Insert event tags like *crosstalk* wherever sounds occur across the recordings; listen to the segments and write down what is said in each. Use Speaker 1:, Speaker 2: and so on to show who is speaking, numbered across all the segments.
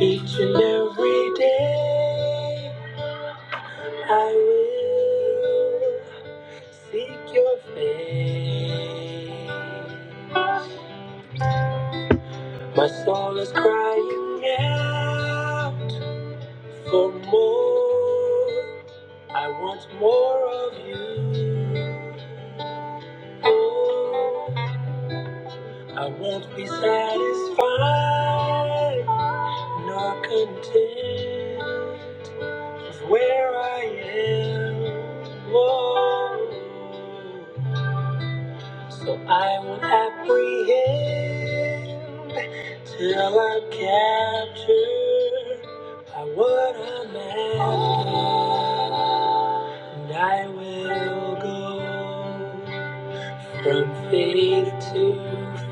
Speaker 1: Each and every day I will seek your face. My soul is crying out for more. I want more of you. Oh, I won't be satisfied nor content is where I am. Whoa. So I will apprehend till I'm captured by what I'm after. And I will go. From faith to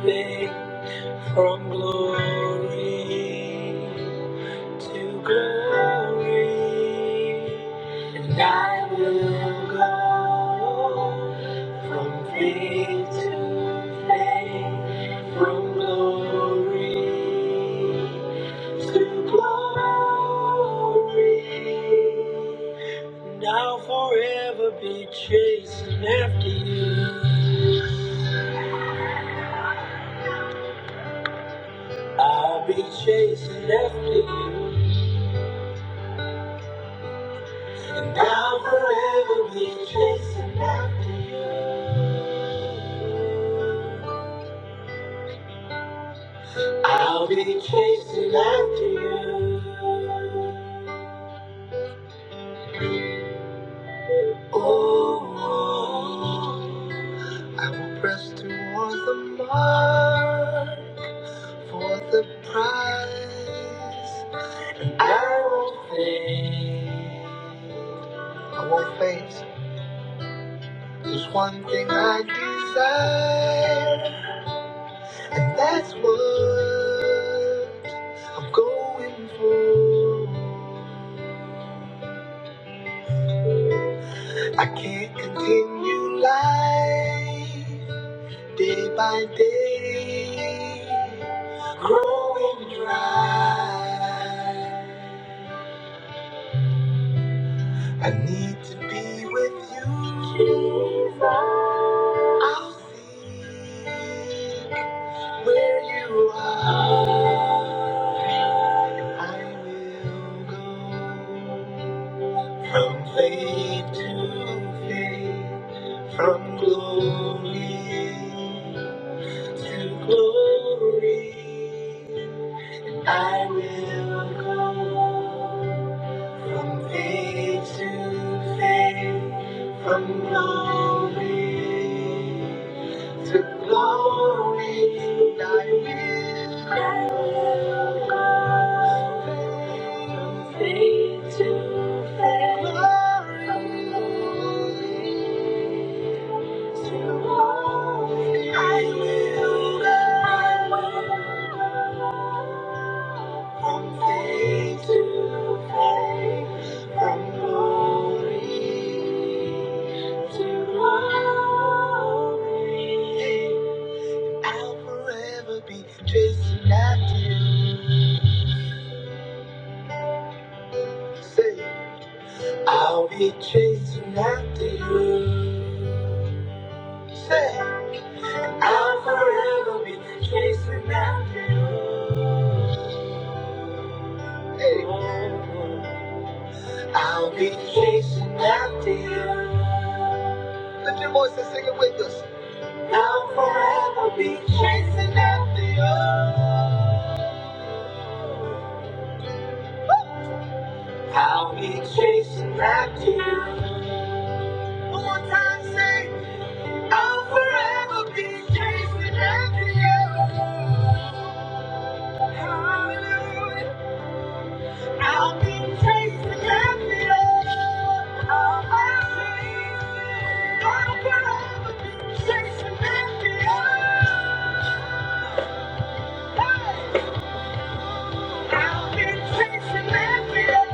Speaker 1: faith, from glory to glory. And I will go from faith to faith, from glory to glory. Now forever be chasing after you. I'll be chasing after you. And I'll forever be chasing after you. I'll be chasing after you. Oh, oh. I will press towards the mark for the prize. I won't fade. I won't fade. There's one thing I desire, and that's what I'm going for. I can't continue life day by day, growing dry. I need to be with you. Jesus. I'll sing where you are. I will go from faith to faith, from glory to glory. I will go. From faith to faith, from glory to glory, thy will go. From faith to faith, from glory to glory, I will go. From faith to faith, from glory to glory, I'll forever be chasing after you. Say, I'll be chasing after you. Say, I'll forever be chasing after you. Hey, I'll be chasing after you. I'll forever be chasing after you. I'll be chasing after you. One more time, say, I'll forever be chasing after you. Hallelujah. I'll be chasing after you. I'll be chasing. I'll forever be chasing after you. Hey! I've been chasing happiness.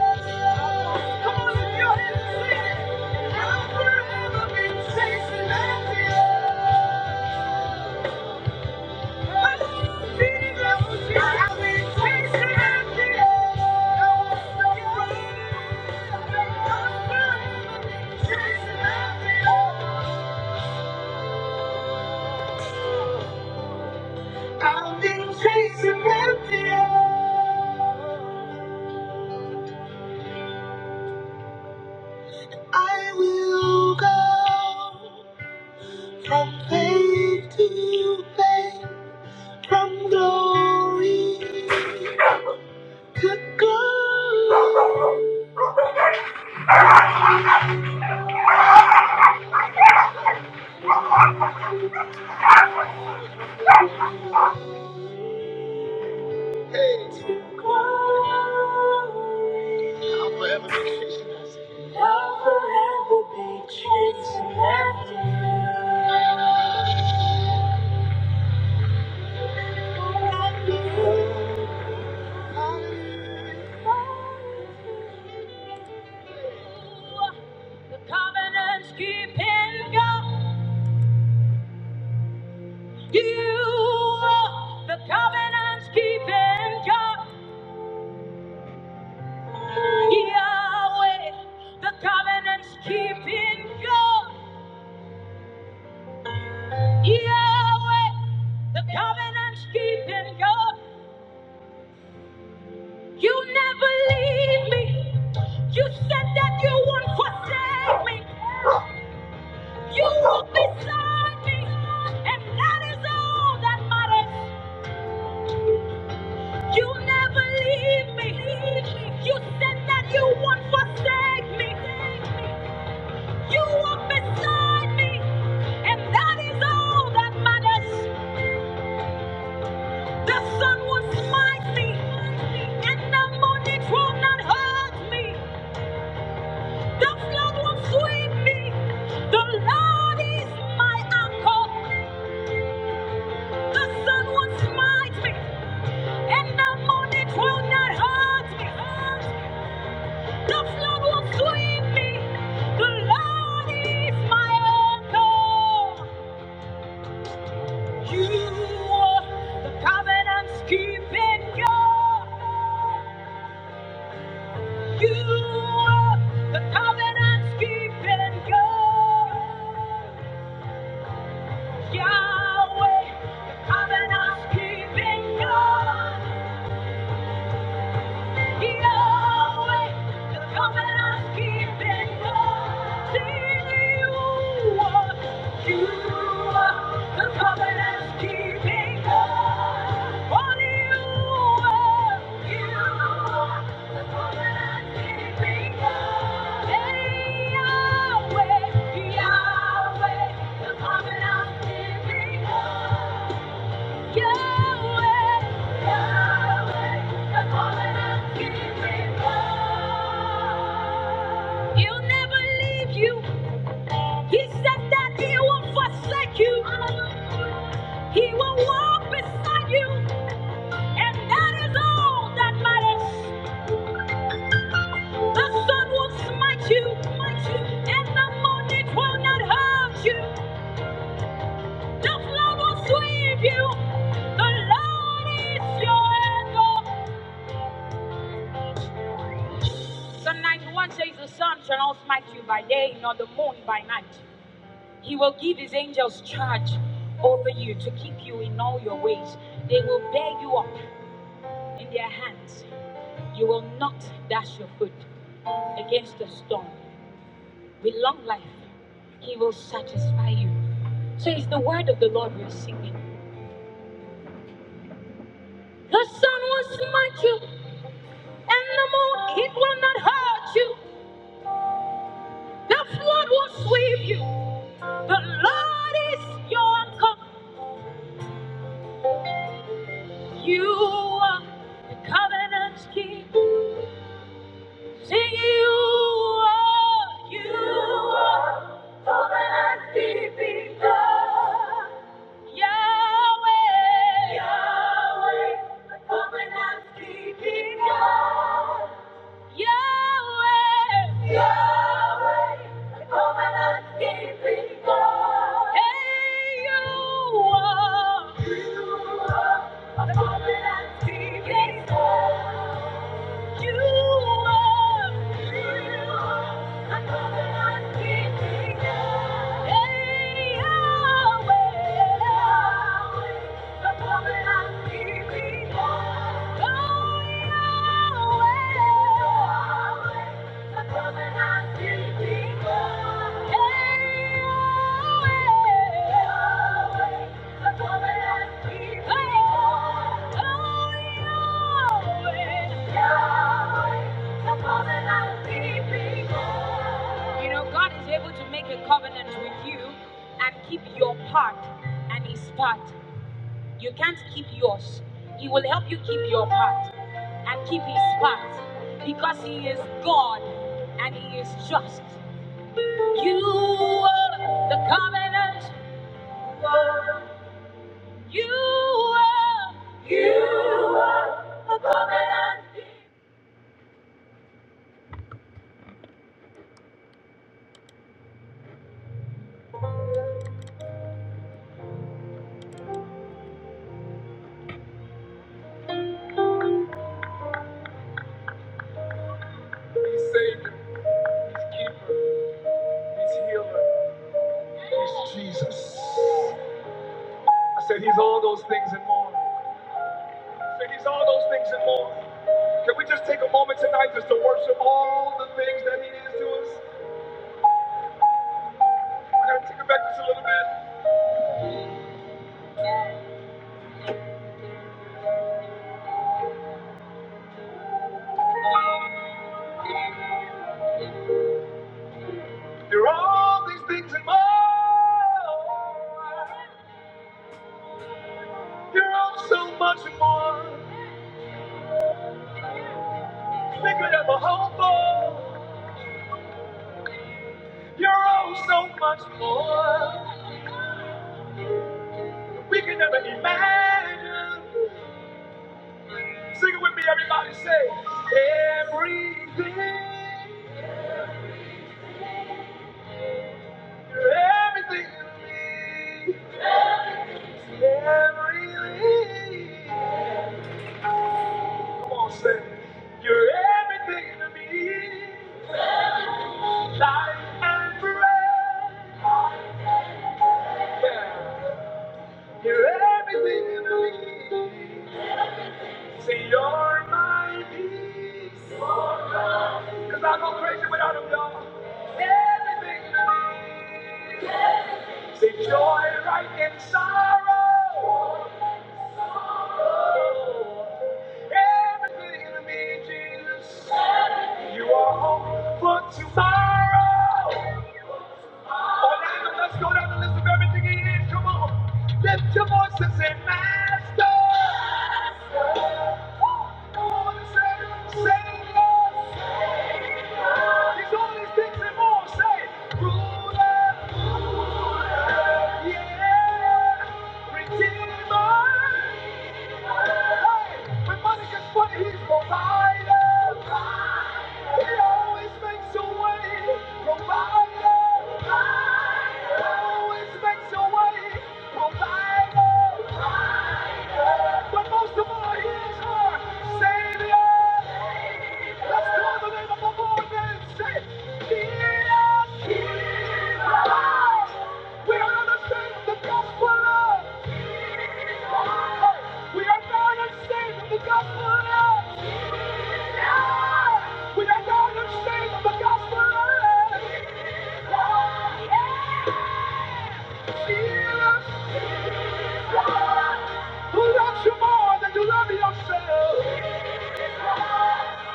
Speaker 1: Come on, lift your hands and sing it. I've forever been chasing happiness. Oh, I've been chasing happiness. I've forever been chasing happiness. I've been chasing happiness. I will go from faith to faith, from glory to glory. Hey. To glory. I'll forever be chasing after you. The covenant's keeping God. You are the covenant keeping God, Yahweh, the covenant keeping God, Yahweh, the covenant keeping God. You never leave me. You said that you won't forsake me. You will beside me, and that is all that matters. You never leave me. You said that you won't forsake me. You walk beside me, and that is all that matters. The sun will smite me, and the moon it will not hurt me. The flood will sweep me. The Lord is my anchor. The sun will smite me, and the moon it will not hurt me. The flood will sweep me. The Lord is my anchor. You are the covenant keeping God. You are the covenant keeping God. Yahweh, the covenant keeping God. Yahweh, Yahweh, the covenant keeping God. He'll never leave you. He said that he will forsake you. He will walk beside you. And that is all that matters. The sun will smite you. smite you, And the moon it will not hurt you. The flood will sweep you. The Lord is your anchor. Psalm 91 says, The sun shall not smite you by day, nor the moon by night. He will give his angels charge over you to keep you in all your ways. They will bear you up in their hands. You will not dash your foot against a stone. With long life, he will satisfy you. So it's the word of the Lord we are singing. The sun will smite you, and the moon, it will not hurt you. The flood will sweep you. The Lord is your anchor. You are the covenant keep. Sing you are. You are covenant keeping God. Yahweh. Yahweh. The covenant keeping God. Yahweh. Yahweh. The covenant keeping God. Hey, you are. You are the covenant keeping God. Yahweh, Yahweh, Yahweh. You know, God is able to make a covenant with you and keep your part and his part. You can't keep yours. He will help you keep your part and keep his part because he is God and he is just. You are the covenant. You are. It's Jesus. I said he's all those things and more. I said he's all those things and more. Can we just take a moment tonight just to worship all the things that he is to us? gonna take it back just a little bit. There are all these things in my life. You're all so much more than we could ever hope for. You're all so much more than we could never imagine. Sing it with me, everybody. Say everything. You're everything to me. Everything. Come on, say you're everything to me. Life and breath. You're everything I need. Say you're my peace. Cause I go crazy without them, y'all. Everything I need. Say joy right in sorrow. Everything I need, Jesus. You are hope for tomorrow. All right, let's go down the list of everything he is. Come on. Lift your voice and say, Master. Come on and say, Savior. He's all these things and more. Say, Ruler. Yeah. Redeemer. Hey, when money gets funny, he's provider. We are not ashamed of the gospel of Jesus. We are not ashamed of the gospel we are not ashamed the gospel. Who loves you more than you love yourself?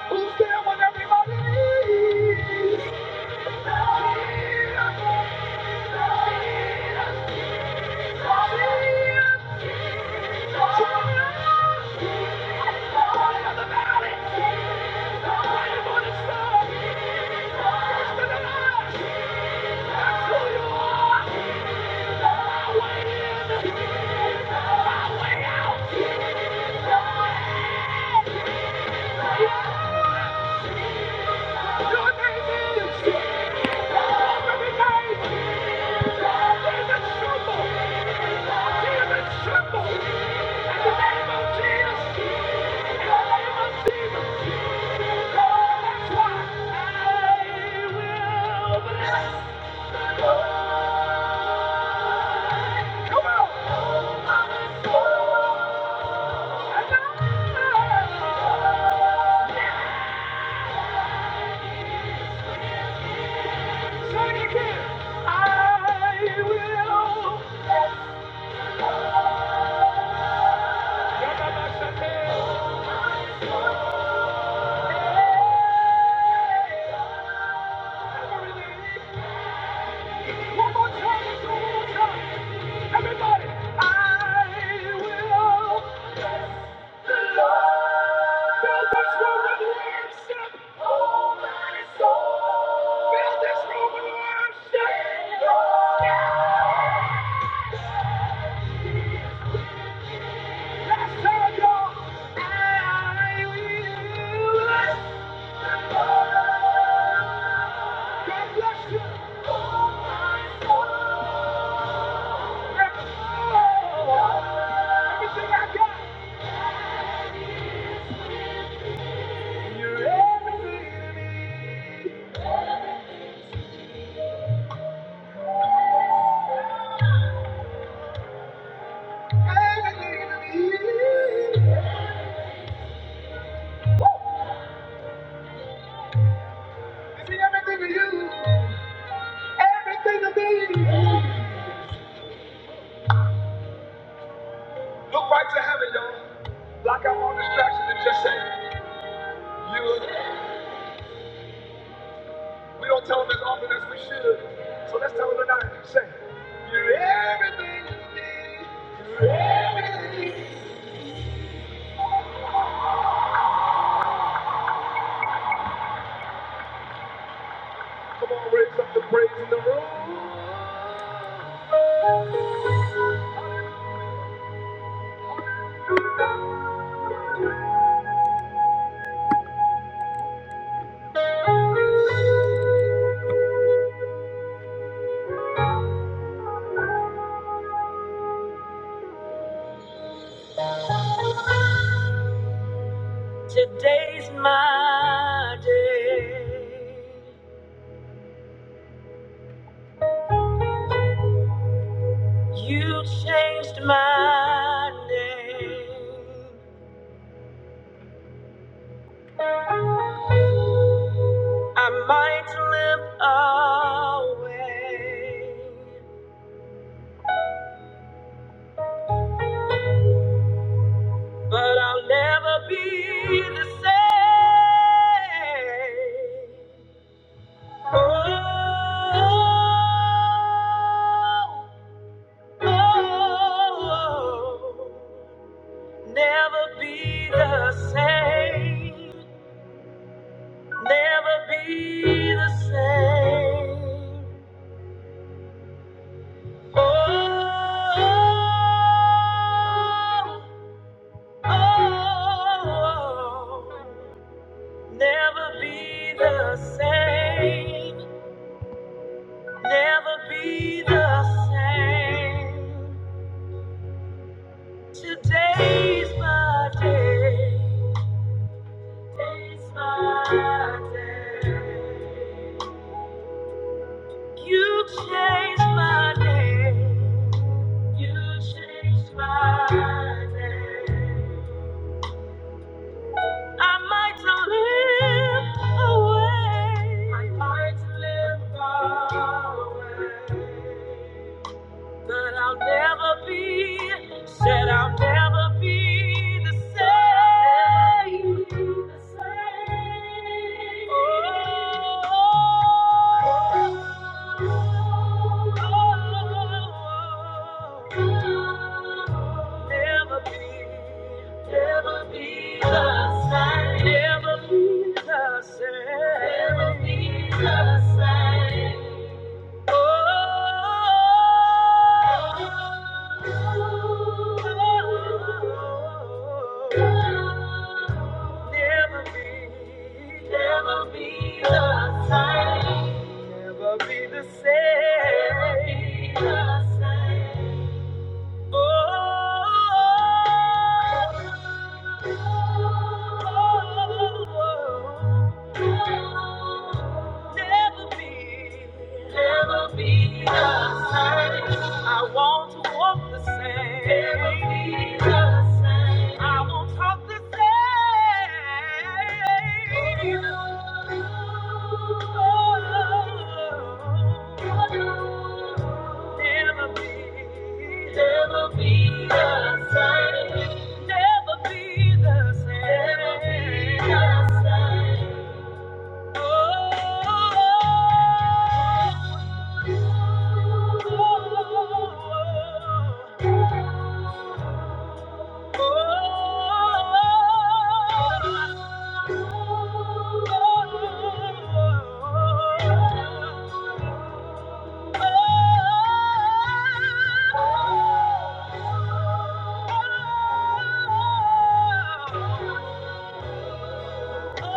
Speaker 1: Who's there when everybody needs tremble? Give tremble. In the name of Jesus, in the name of Jesus. One more time, one more Everybody, I will. Look right to heaven, y'all. Block out all distractions and just say, You. We don't tell them as often as we should. So let's tell them tonight. Say, You're everything you need. Come on, raise up the praise in the room. Today's my day. You changed my name. I might limp away, but I'll never be the same. Oh, oh, oh, never be the same. never be the same. Oh, oh, oh, never be the same. Never be the same. Today's my day. Today's my day. You changed my name. You changed my name. I might not live away. I might live away. But I'll never be, said I'll never be the same. Oh, never be, never be the same. Never be the same. Never be the same. Oh Never be, never be the same. I want to walk the same. Never be the same. I won't talk the same. Oh, never be, never be the same. Never be the same. Never be the same. Oh Oh,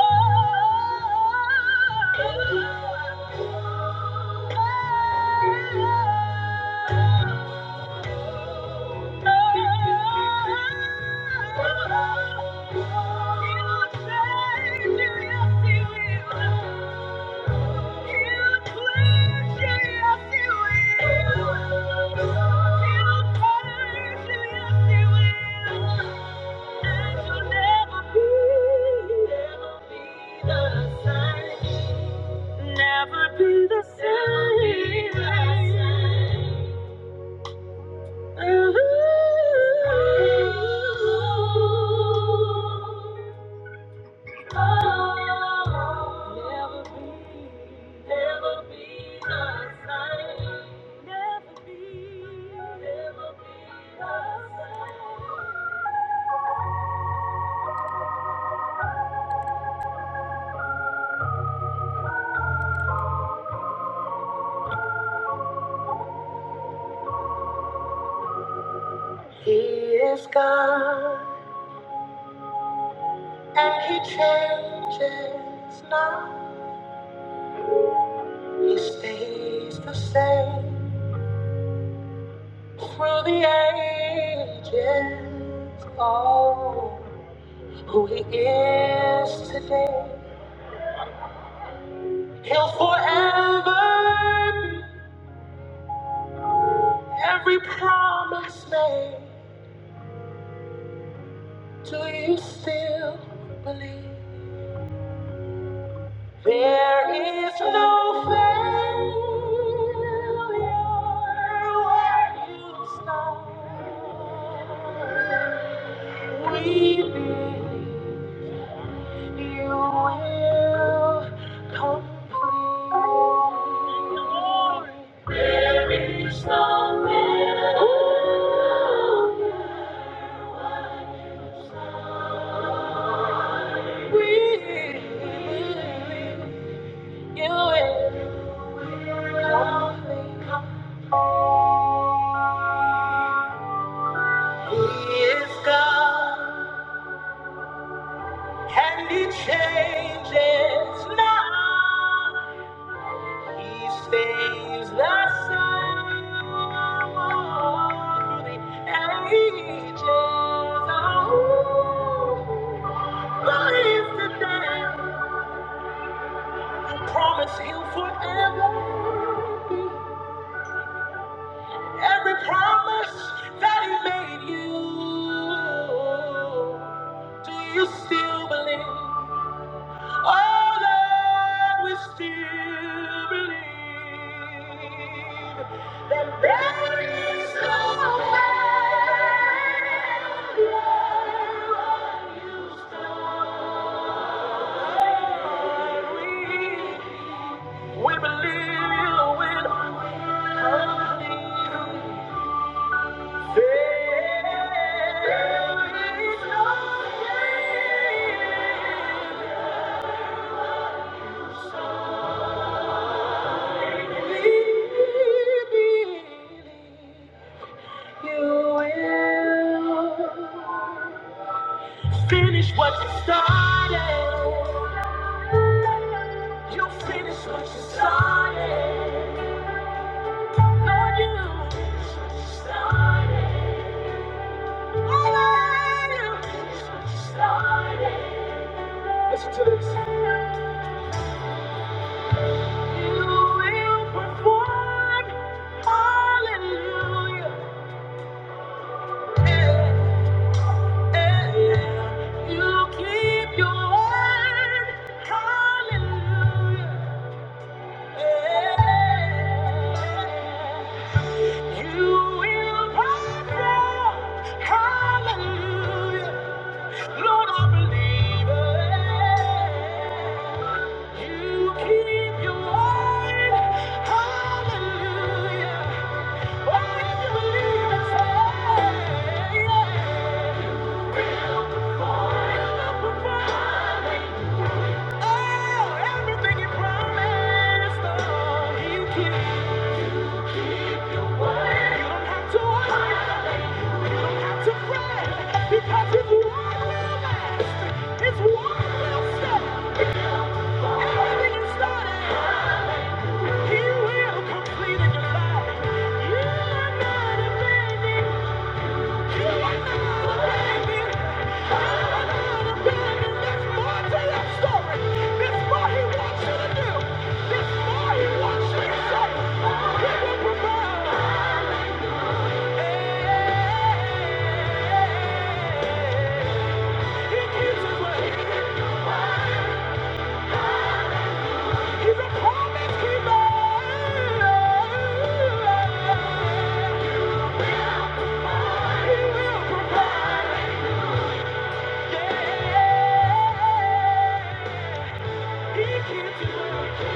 Speaker 1: Never be the same. Ooh. Never be, never be the same. Never be, never be the same. He is God, and He changes not. He stays the same through the ages. Oh, who He is today, He'll forever be. Every promise made, do you still believe? There's no failure where you start. We believe you will complete. There is no failure. There is no he'll forever every promise that he made you. Do you still believe? Oh Lord, we still believe that there is no failure when you start. We we believe you'll win completely. There is no failure. when you start. Finish what you started. You finish what you started. Lord, you finish what you started. Oh, Lord, you finish what you started. You will perform. Hallelujah. Yeah. You keep your word. Hallelujah. You will prosper. Hallelujah. Lord, I believe it. You keep your word. Hallelujah. Oh, if you believe it, say, yeah. Will perform. Will perform. Oh, everything you promised, oh, you keep. You don't have to worry. You don't have to fret, because His word will last. His word will stand. Everything you started, He will complete in your life. You are not abandoned. He's a promise keeper. He will provide. Yeah. Hallelujah.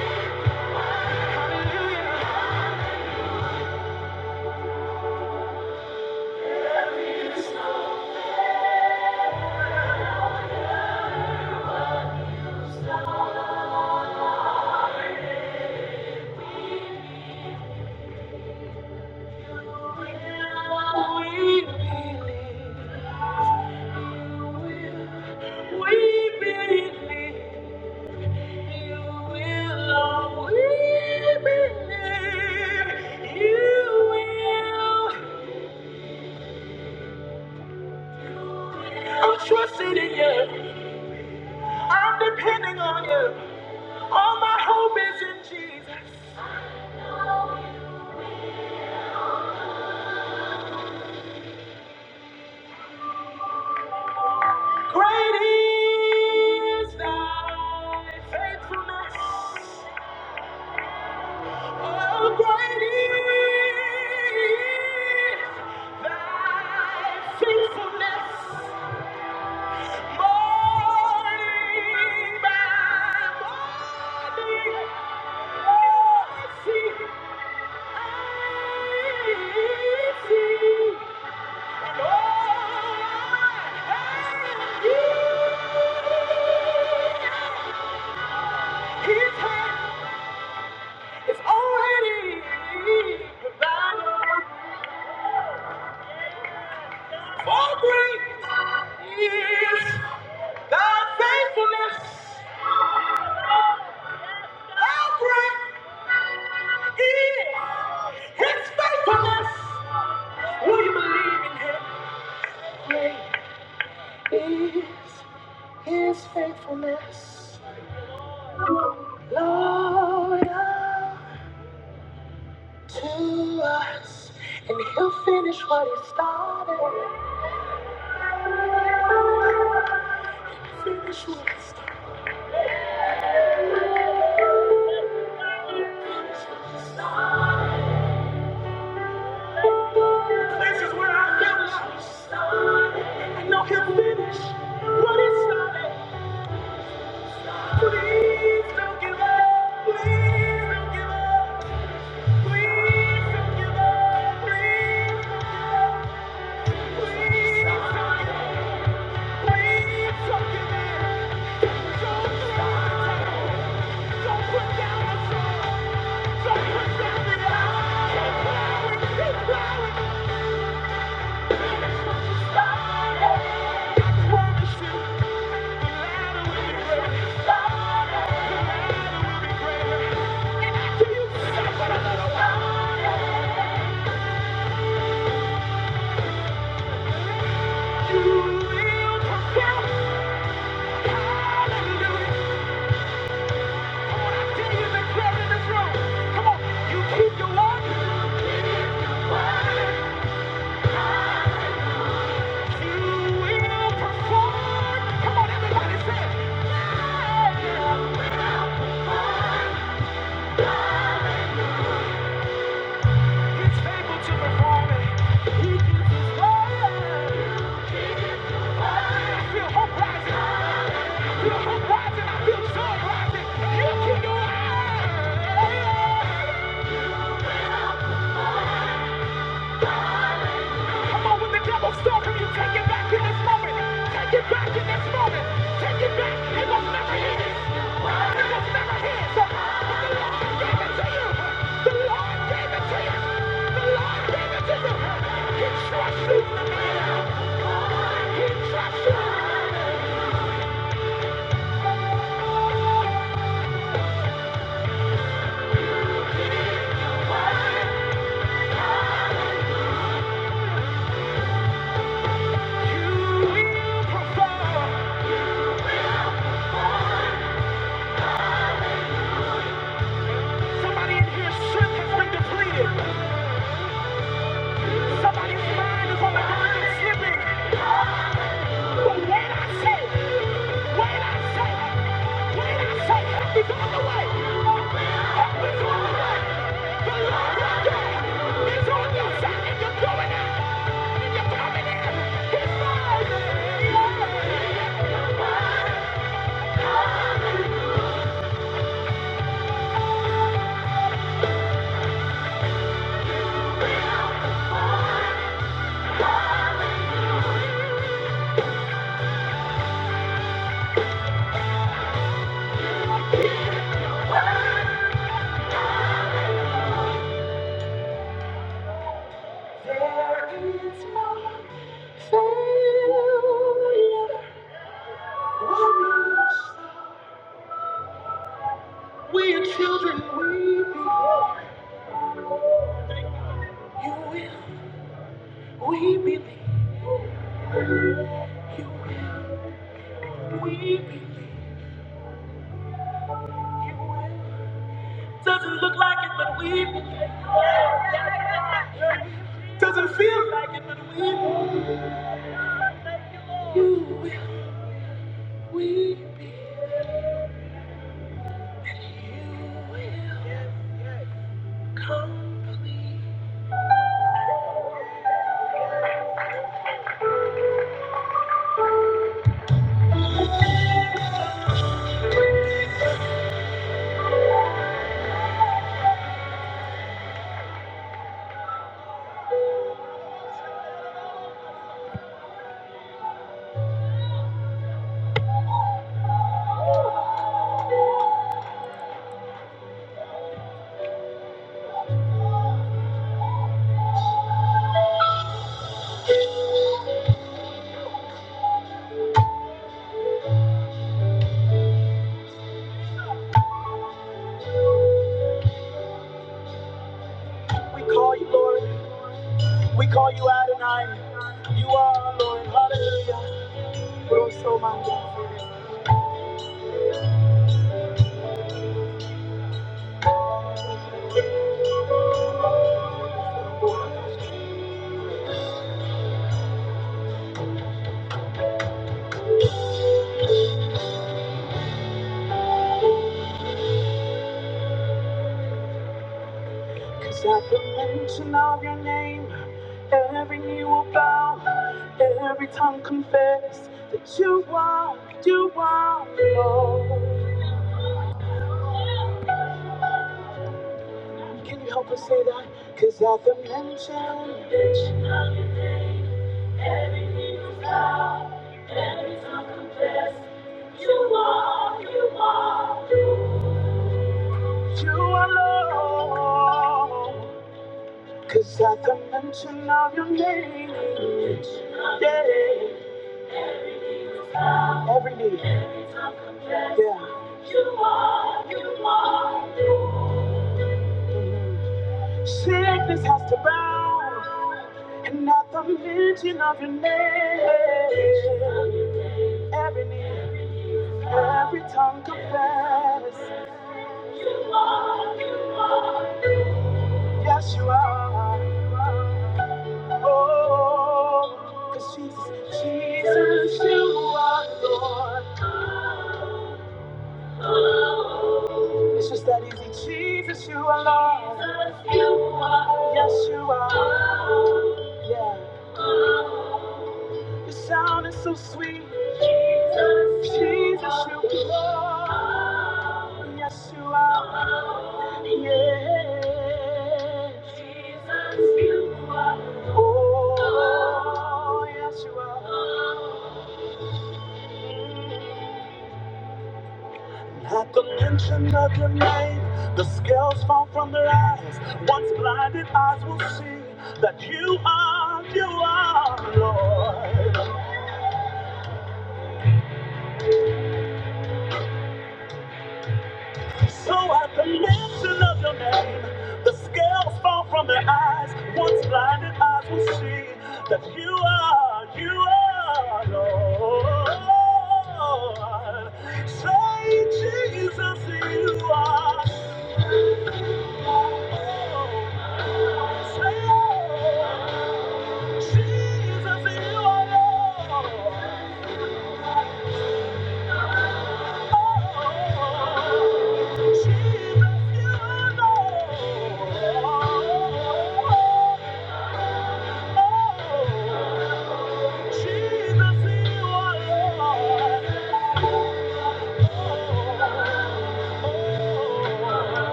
Speaker 1: We We believe you will. We believe you will. I'm trusting in you. I'm depending on you. All my hope is in Jesus. Great is thy faithfulness. His hand is already provided. For great is thy faithfulness. How great is his faithfulness. Will you believe in him? Great is his faithfulness. Lord, to us. And he'll finish what he started. Finish what he started. Finish what he started. This is where I feel lost. And know he'll finish what he started. Please don't give up. Please don't give up. Please don't give up. Please don't give up. Please don't give up. Please don't give in. Don't throw in the towel. Don't put down the sword. Don't put down the iron. Keep plowing. Keep plowing. Finish what you started. Promise you. He's faithful perform it. He keeps his word. Somebody in you're We call you Lord. We call you Adonai. You are Lord. Hallelujah. Rosso Mango. It's at the mention of your name, every knee will bow, every tongue confess that you are, you are Lord. Can you help us say that? Cause at the mention, you are Lord. Cause at the mention of your name, yeah, every knee, yeah. Sickness has to bow, and at the mention of your name. Every knee, every tongue confess, yes you are. Oh, 'cause Jesus, Jesus, you are Lord. It's just that easy, Jesus, you are Lord. Yes you are. Yeah, your sound is so sweet, Jesus, you are. Yes you are. Oh, yes you are. That's-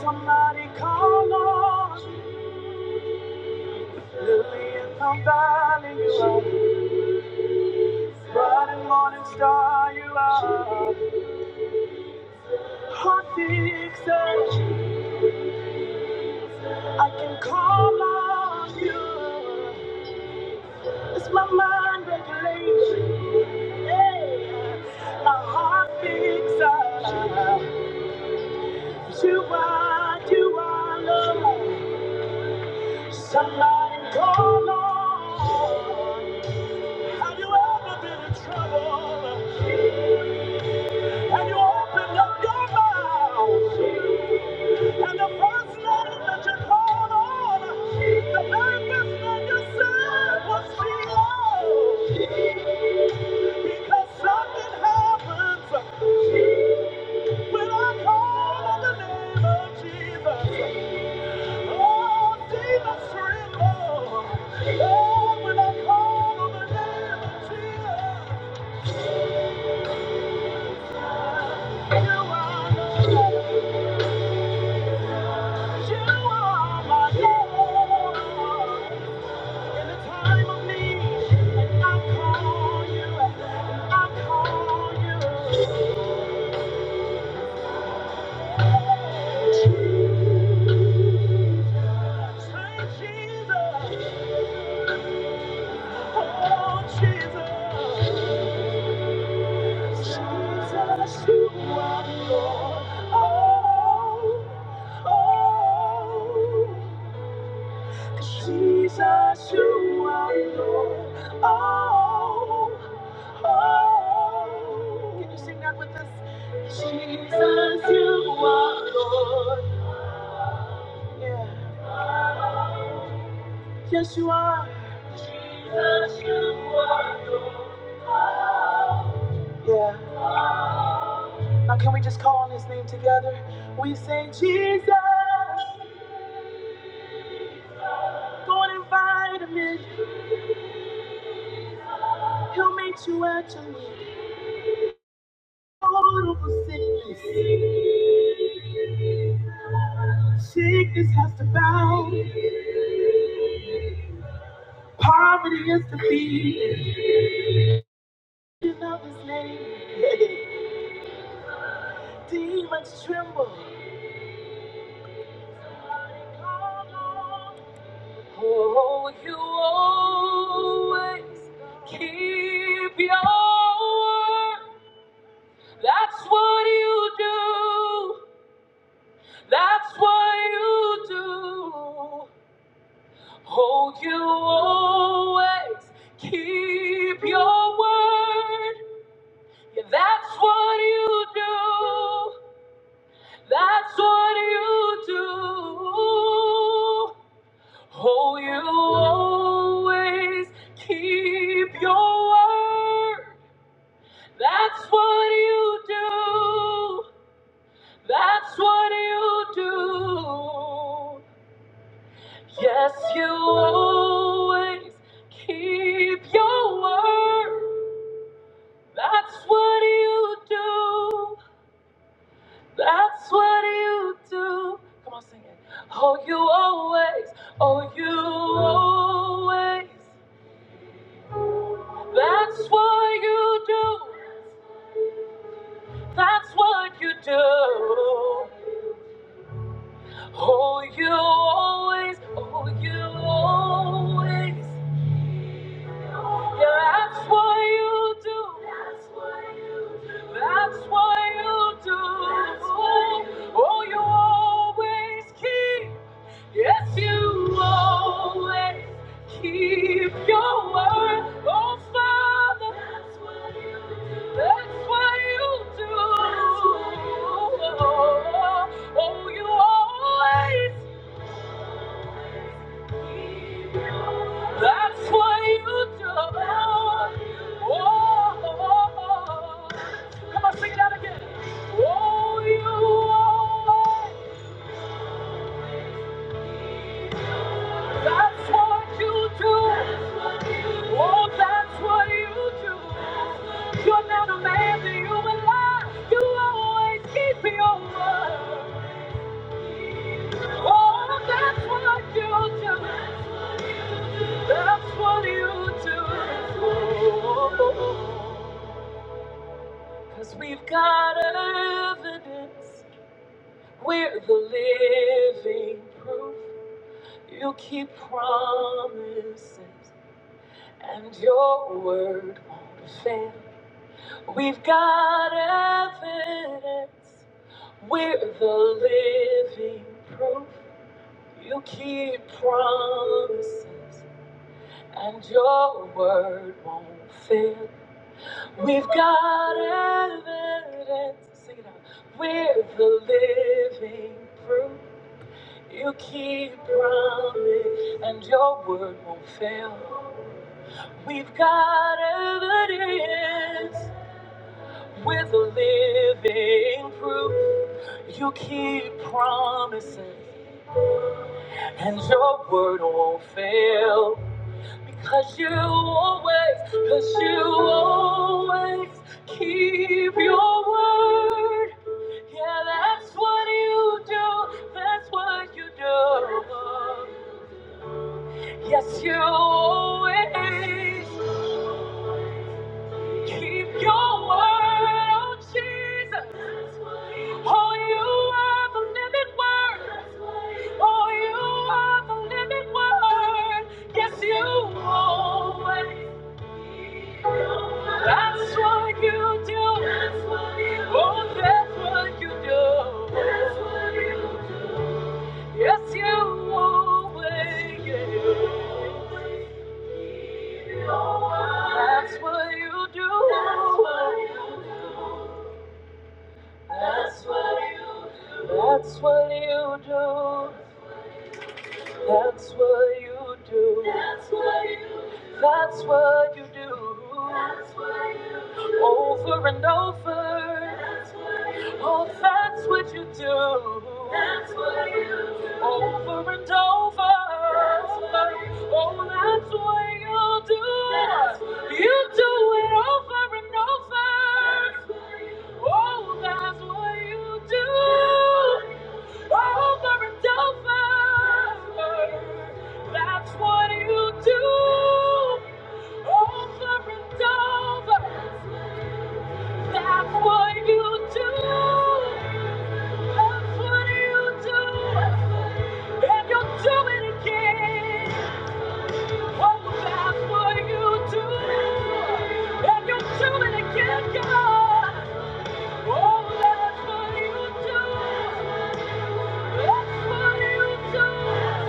Speaker 1: Somebody call on Lily in the valley. Bright and morning star, you are hot fixer. I can call on you. It's my mind regulation, a heart fixer. You are, you are love. Somebody call on. Have you ever been in trouble? Open up your mouth. The first Lord, and yourself was free. Because something happens when I call on the name of Jesus. Oh, demons Oh, when I call on the name of Jesus. You are Lord. You are. Oh. oh. Jesus, you are Lord. Oh, oh. Can you sing that with us? Jesus, you are Lord. Yeah. Yes, you are. Yeah. Now, can we just call on his name together? We say, Jesus, go and invite him in. He'll meet you at your need. Total sickness. Sickness has to bow. Poverty is defeated. You love his name. *laughs* Demons tremble. Oh, you always keep your word. That's what you do. That's what you do. Oh, you always. That's what you do is keep your word. That's what you do. That's what you do. Yes, you always keep your word. That's what you do. That's what you do. Come on, sing it. Oh, you always. Oh, you always. That's what you do. That's what you do. Oh, you always. Oh, you always. Yeah, that's what you do. That's what you do. That's what you do. Oh, you always keep. Yes, you always keep your word. Oh, Father, that's what you do. That's what you do. Oh, you always. That's what you do. Oh, oh, oh, oh. come on, sing it out again. Oh, you always. That's what you do. Oh, that's what you do. You're not a man that you would lie. You always keep your word. Oh, that's what you do. That's what you do. Cause we've got evidence. We're the living proof. You keep promises, and your word won't fail. We've got evidence. We're the living proof. You keep promises, and your word won't fail. We've got evidence. Sing it out. We're the living proof. You keep promise, and your word won't fail. We've got evidence. We're the living proof. You keep promises, and your word won't fail. Because you always, because you always keep your word. Yeah, that's what you do, that's what you do. Yes, you always, Keep your word, oh Jesus. Oh, you are the living word. Oh, you are the living word. Yes, you always. That's what you do. Oh, that's what you do. Yes, you always. That's what you do. That's what you do. That's what you do. That's what you do. That's what you do. That's what you do. That's what you do. Over and over. That's what you do. Oh, that's what you do. That's what you do. Over and over. That's what you do. Oh, that's what you do. That's what you, do. you do it over and over. That's what you do. Oh, that's what you do. Over and over. That's what you do. Over and over. That's what you do. That's what you do. And you'll do it again. Oh, that's what you do. And you'll do it again, God. Oh, that's what you do. That's what you do.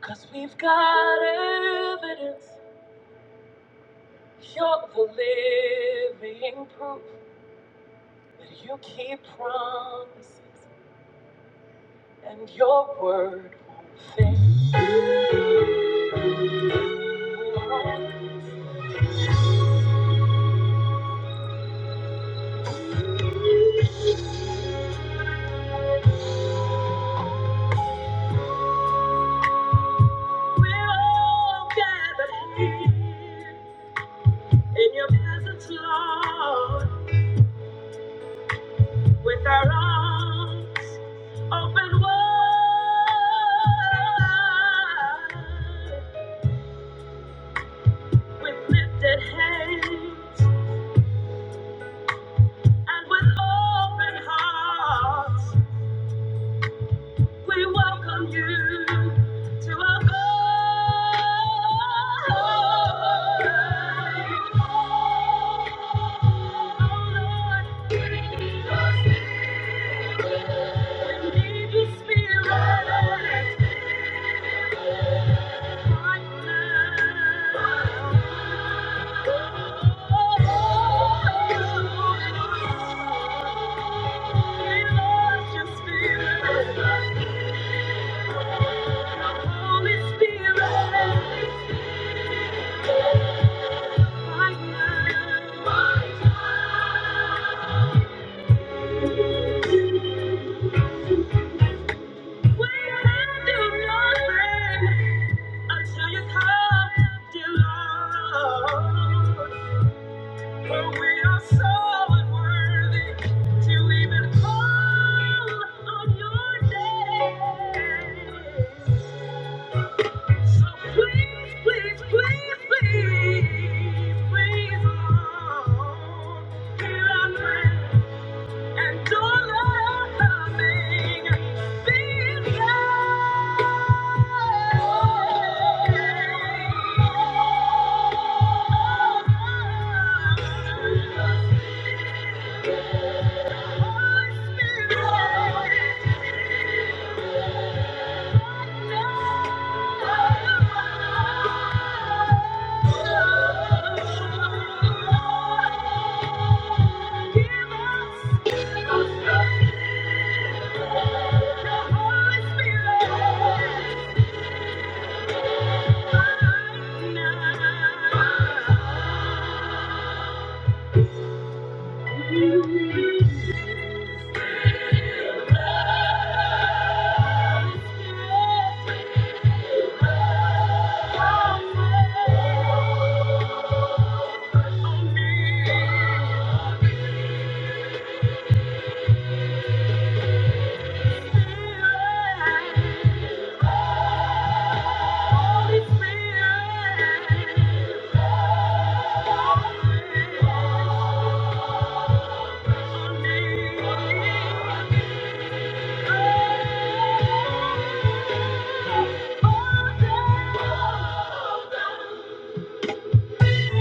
Speaker 1: Cause we've got evidence, you're the living proof that you keep promises and your word won't fail. we all gather here in your presence, Lord, with lifted hands and with open hearts. Spirit, right now. Please, please, please, oh, hear our prayer and to loving thee. Holy Spirit, Give us, give us, Thank you.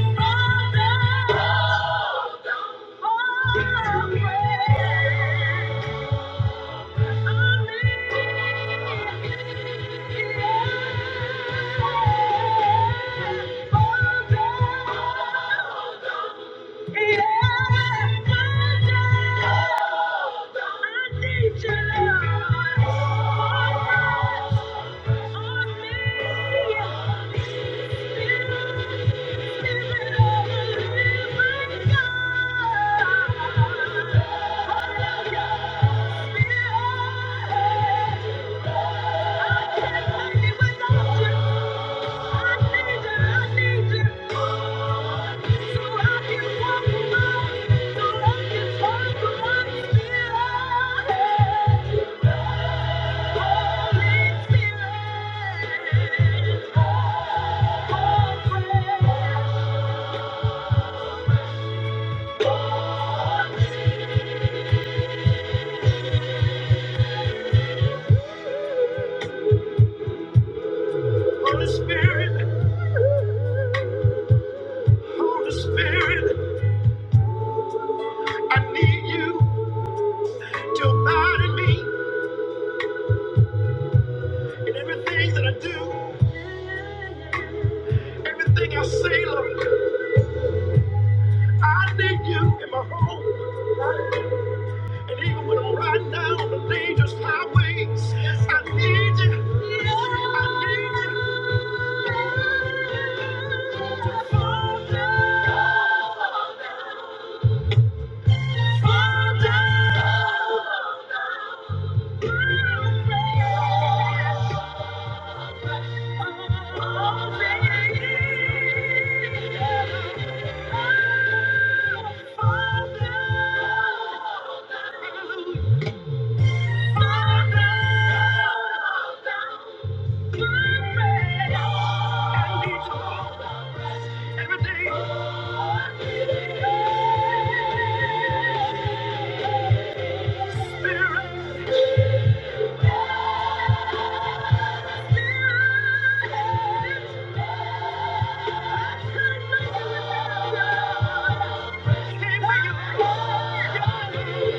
Speaker 1: Yeah. Thank you. Holy Spirit, Holy Spirit, I need you to abide in me in everything that I do, everything I say, Lord. I need you in my home, and even when I'm riding down on the dangerous highways, I need you. I need you. Father, Father, Thank you.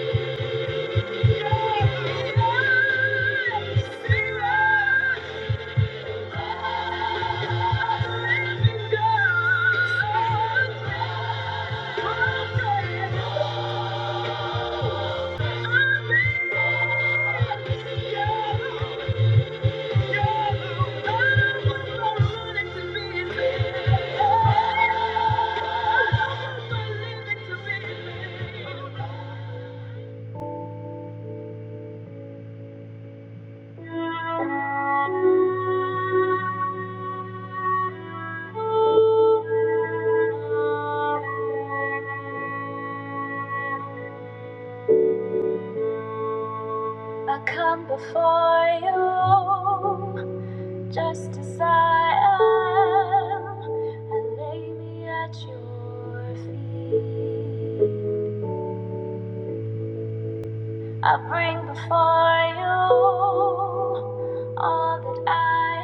Speaker 1: For you. Just as I am, I lay me at your feet. I bring before you all that I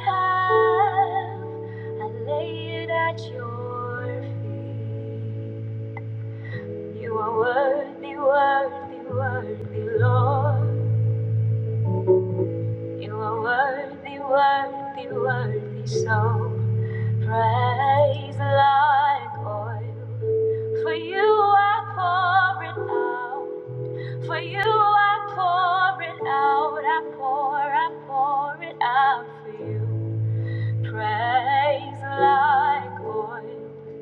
Speaker 1: have. I lay it at your feet. You are worthy, worthy, worthy, Lord. You are worthy, worthy, worthy, so praise like oil. For you I pour it out. For you I pour it out. I pour, I pour it out for you. Praise like oil.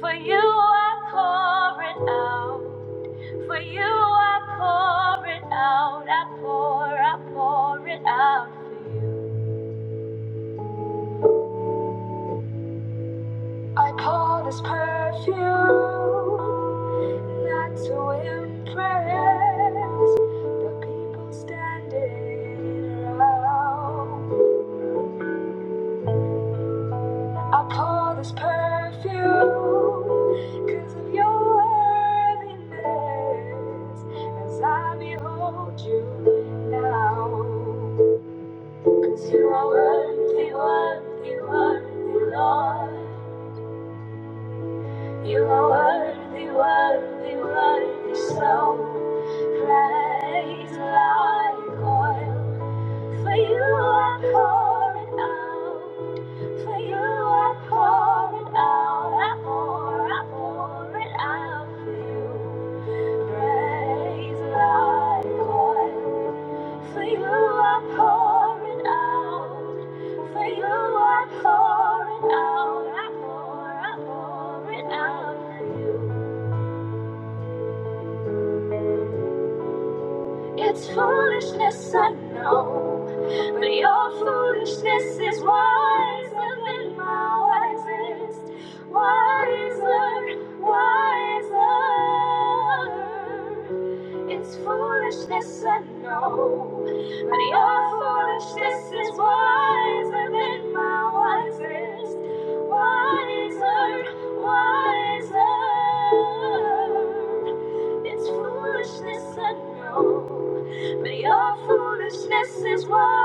Speaker 1: For you I pour it out. For you I pour it out, I pour, I pour it out for you. I pour this perfume not to impress the people standing around. I pour this perfume, 'cause because of you. Out, I pour, I pour it out for you. Praise like oil. For you are pouring out. For you are pouring out. I pour, I pour it out for you. It's foolishness, I know. But your foolishness is wisest. Is wiser. It's foolishness, I know. But your foolishness is wisest. It's foolishness, I know, but your foolishness is what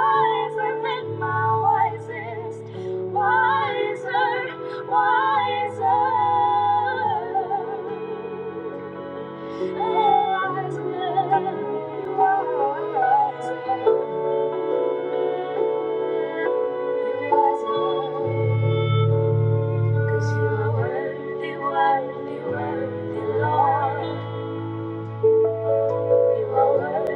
Speaker 1: you are. Cause you are worthy, worthy, worthy, Lord. You are worthy.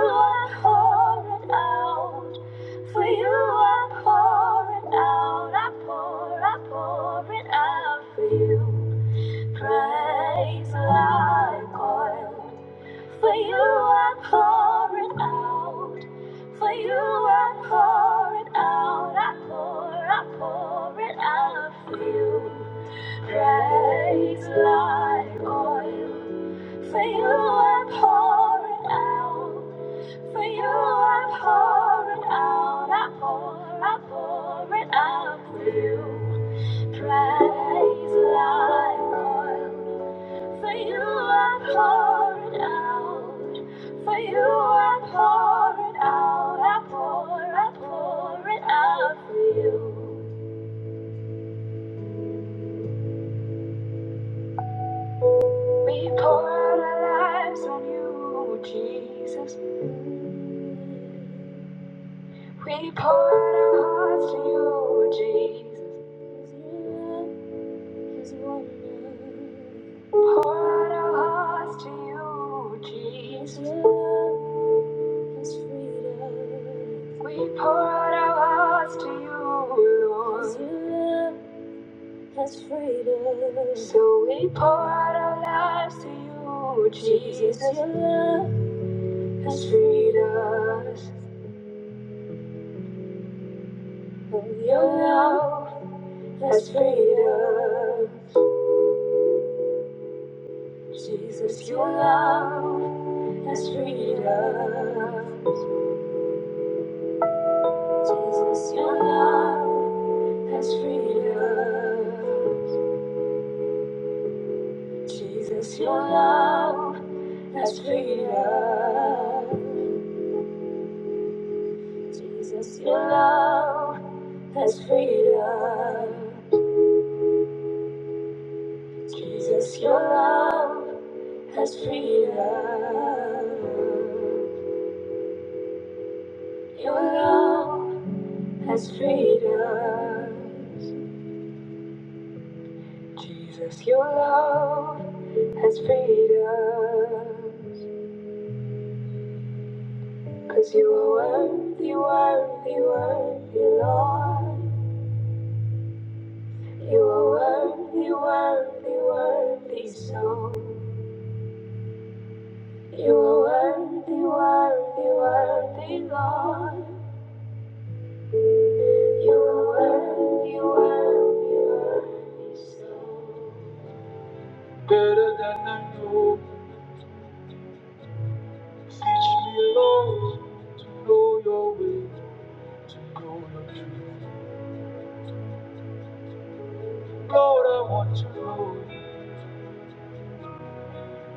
Speaker 1: You are poured out, for you are poured out. You praise like oil, for you are poured out. For you, I pour it out, I pour, I pour it out for you. Praise like oil. For you, I pour it out. For you, I pour it out, I pour, I pour it out, pour it out. His love, His wonder, His love, His freedom. His love, His freedom. Jesus, your love has freed us. Your love has freed us. Jesus, your love has freed us. Jesus, your love has freed us. Jesus, your love has freed us. Jesus, your love has freed us. Jesus, your love has freedom. Your love has freedom. Jesus, your love freedom. Your you are worthy, worthy, worthy. So you are worthy, worthy, worthy, Lord. You are worthy. worthy. Better than I know, teach me, Lord, to know your way, to know your truth. Lord, I want to know. you.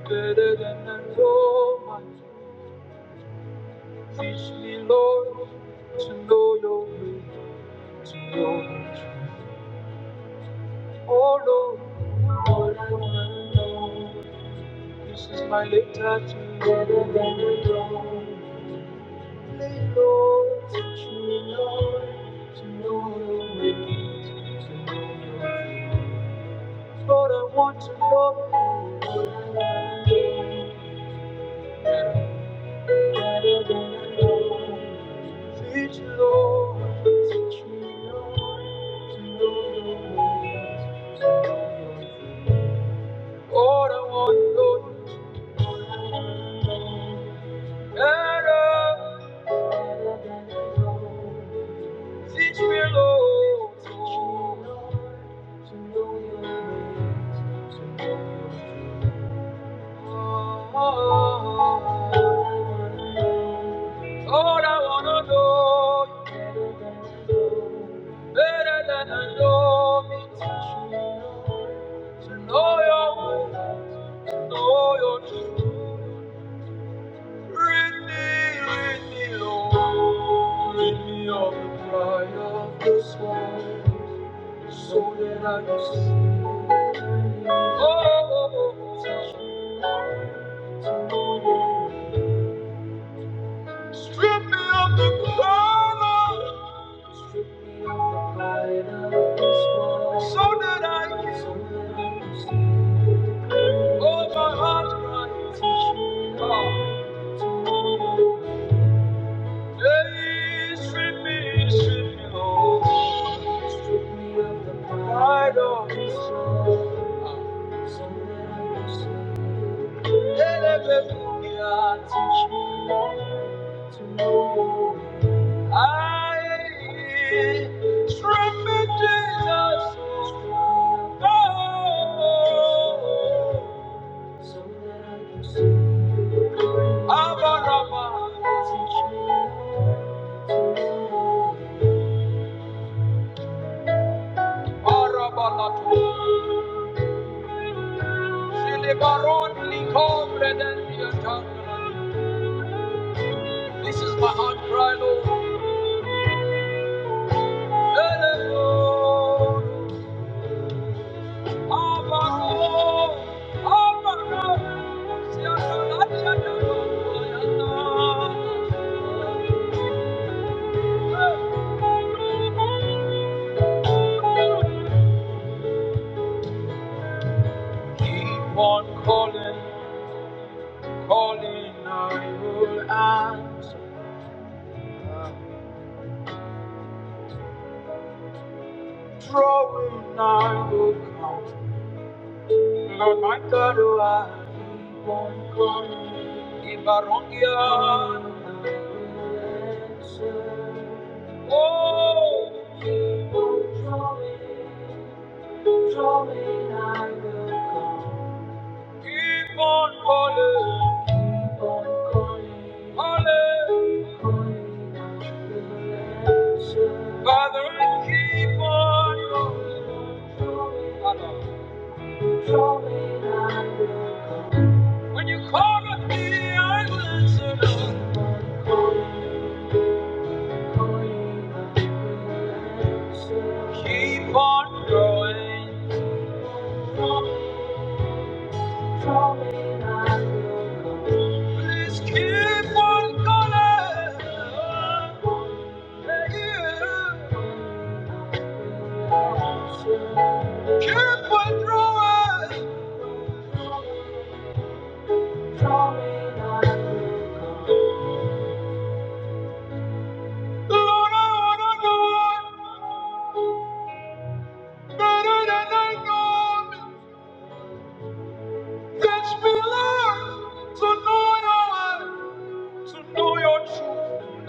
Speaker 1: better than I told myself. Teach me, Lord, to know your will, to know your truth. Oh, Lord, Lord, I wanna know. This is my letter touch. better than I told. Lay, Lord, teach me, Lord, to know your will, to know your truth. Lord, I want to know you better than I know, to know your will. Lord, I wanna know you better than I know me. To know your ways, to know your truth. Don't rid me of the pride of this world, so that I can see. Oh, oh, oh, oh. strip me of the crown. So that I can hold my heart cry. Oh, please strip me, strip me, oh. I don't elevate me, I teach you. I strip me, Jesus. Oh, Abaraba, Arabalatu, Zilibaron, Likovre, This is my heart cry, Lord. Keep on calling, calling, I will answer. Drawing, I will come. Lord, my God, oh, I keep on calling. Keep on, calling. keep on calling. Father, I keep on calling. When you call on me, I listen. Oh, keep on going. Please keep on going. Yeah. Keep on Lord, I wanna know better than I know. Fetch me, Lord, to know your word, to know your truth.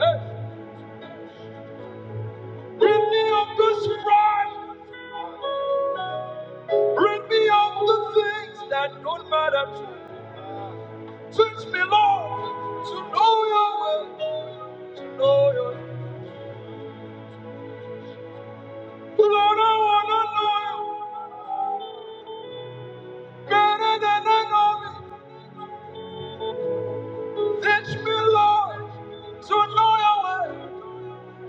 Speaker 1: Hey, Rid me up this pride. bring me up the things that don't matter to me. Teach me, Lord, to know your way. know Lord, I wanna know you better than I know me. Teach me, Lord, to know your way,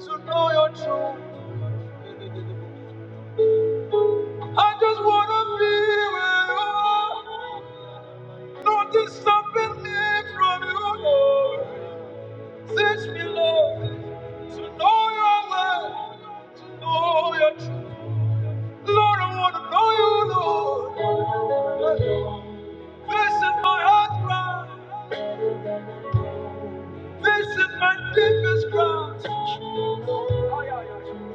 Speaker 1: to know your truth. I just wanna be with you. Nothing stopping me from you, Lord. Teach me, Lord, to know your way, to know your truth. Lord, I wanna know you, Lord. Place in my heart, cry.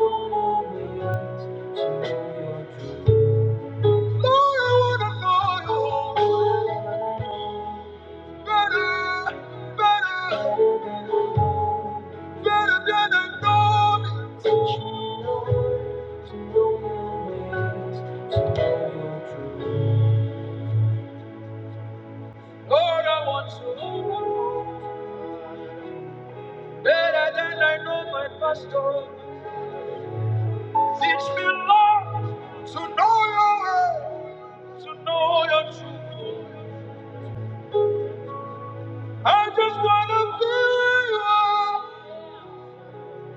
Speaker 1: Lord, I want to know you better than I know my pastor. Teach me, Lord, to know your way, to know your truth. I just want to feel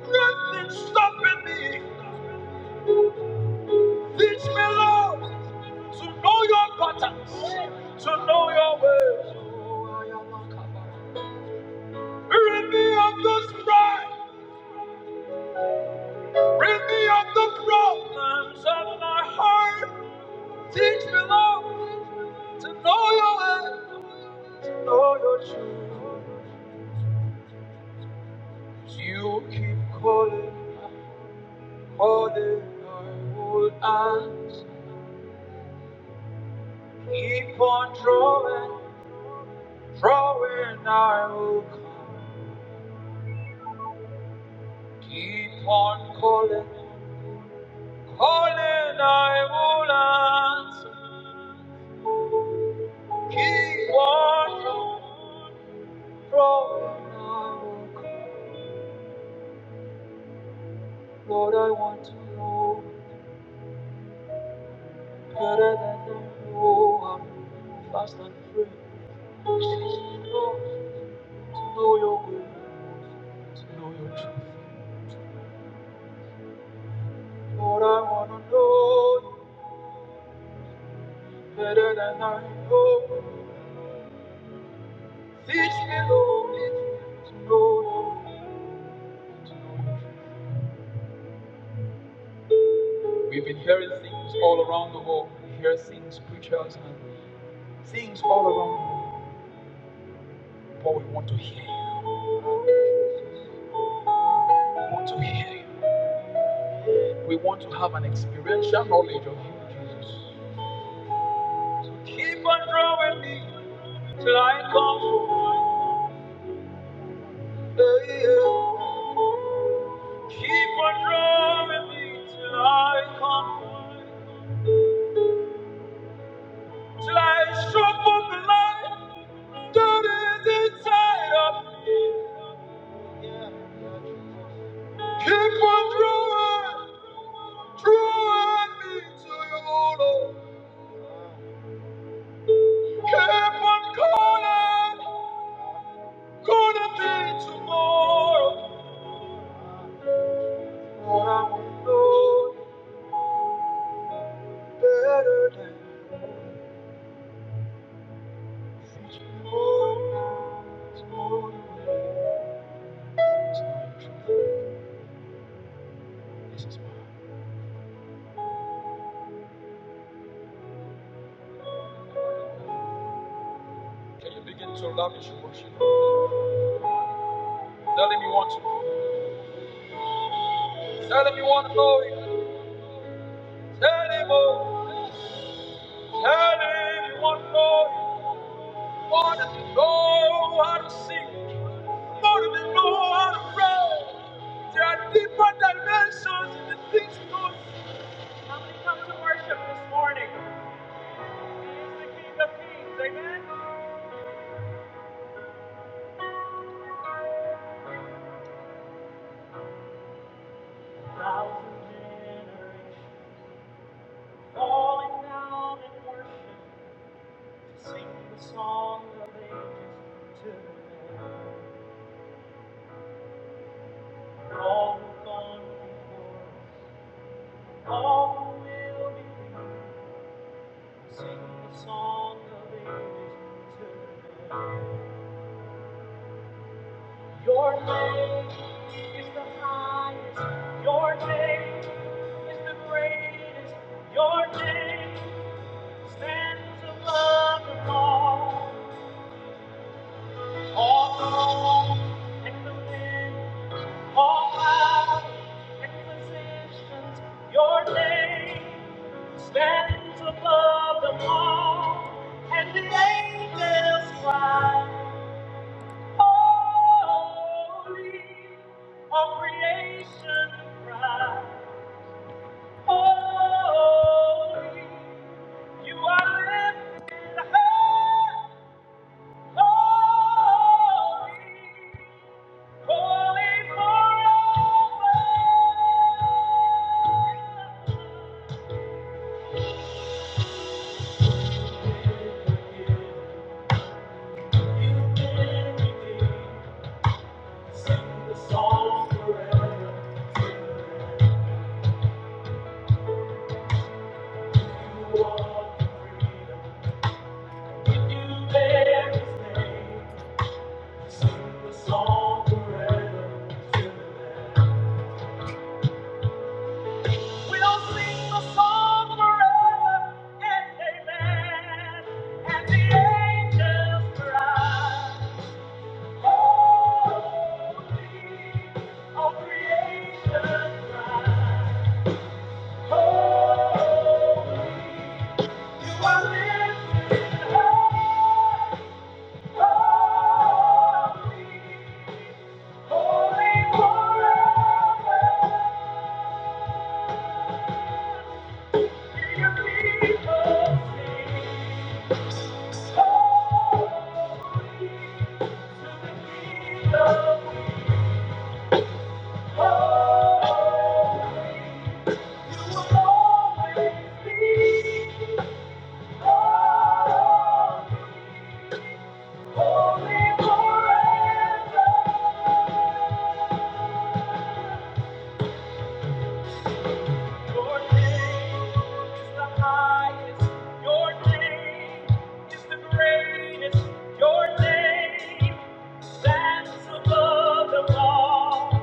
Speaker 1: you. Nothing stopping me. Teach me, Lord, to know your patterns, to know your ways. Rid me of the strife, rid me of the problems of my heart. Teach me, Lord. to know your way, to know your truth. You keep calling, I'm calling, I will answer. Keep on drawing, drawing, I will come. Keep on calling, calling, I will answer. Keep on drawing, drawing, I will come. Lord, I want to know. Better than the war, fast and free. Season long to know your will, to know your truth. Lord, I wanna know you better than I know. Teach me, Lord, teach me to know your will. to know your truth. We've been hearing things all around the world. We hear things, preachers, and things all around. But we want to hear you. We want to hear you. We want to have an experiential knowledge of you, Jesus. Keep on drawing me till I come home. Yeah, yeah. Keep on drawing me till I come home. Till I show for the light that is inside of me. Yeah, yeah. Keep on drawing, drawing me to you, Lord. Keep on calling, calling me tomorrow. When I will know you better Can you begin to lavish worship? Tell him you want to. Tell him you want to know him. Tell him, oh. Tell him you want to know him. More than you know how to sing. More than know how to pray. There are deeper dimensions in the things we don't see. How many come to worship this morning? He is the King of Kings. Amen. Thousand generations. falling down in worship to sing the song of ages to the Lamb. All who've gone before all will believe, sing the song of ages to the Your name is the highest, your name is the greatest, your name stands above them all. All the in the wind, all clouds and positions, your name stands above them all, and the angels cry, Holy, all creation cry, Holy, you are lifted high, holy. freedom. We'll sing the the song forever, and amen, and the angels cry. holy, all creation cry, holy, you will always be. Holy forever. Your name is the highest. Your name is the greatest. Your name stands above them all.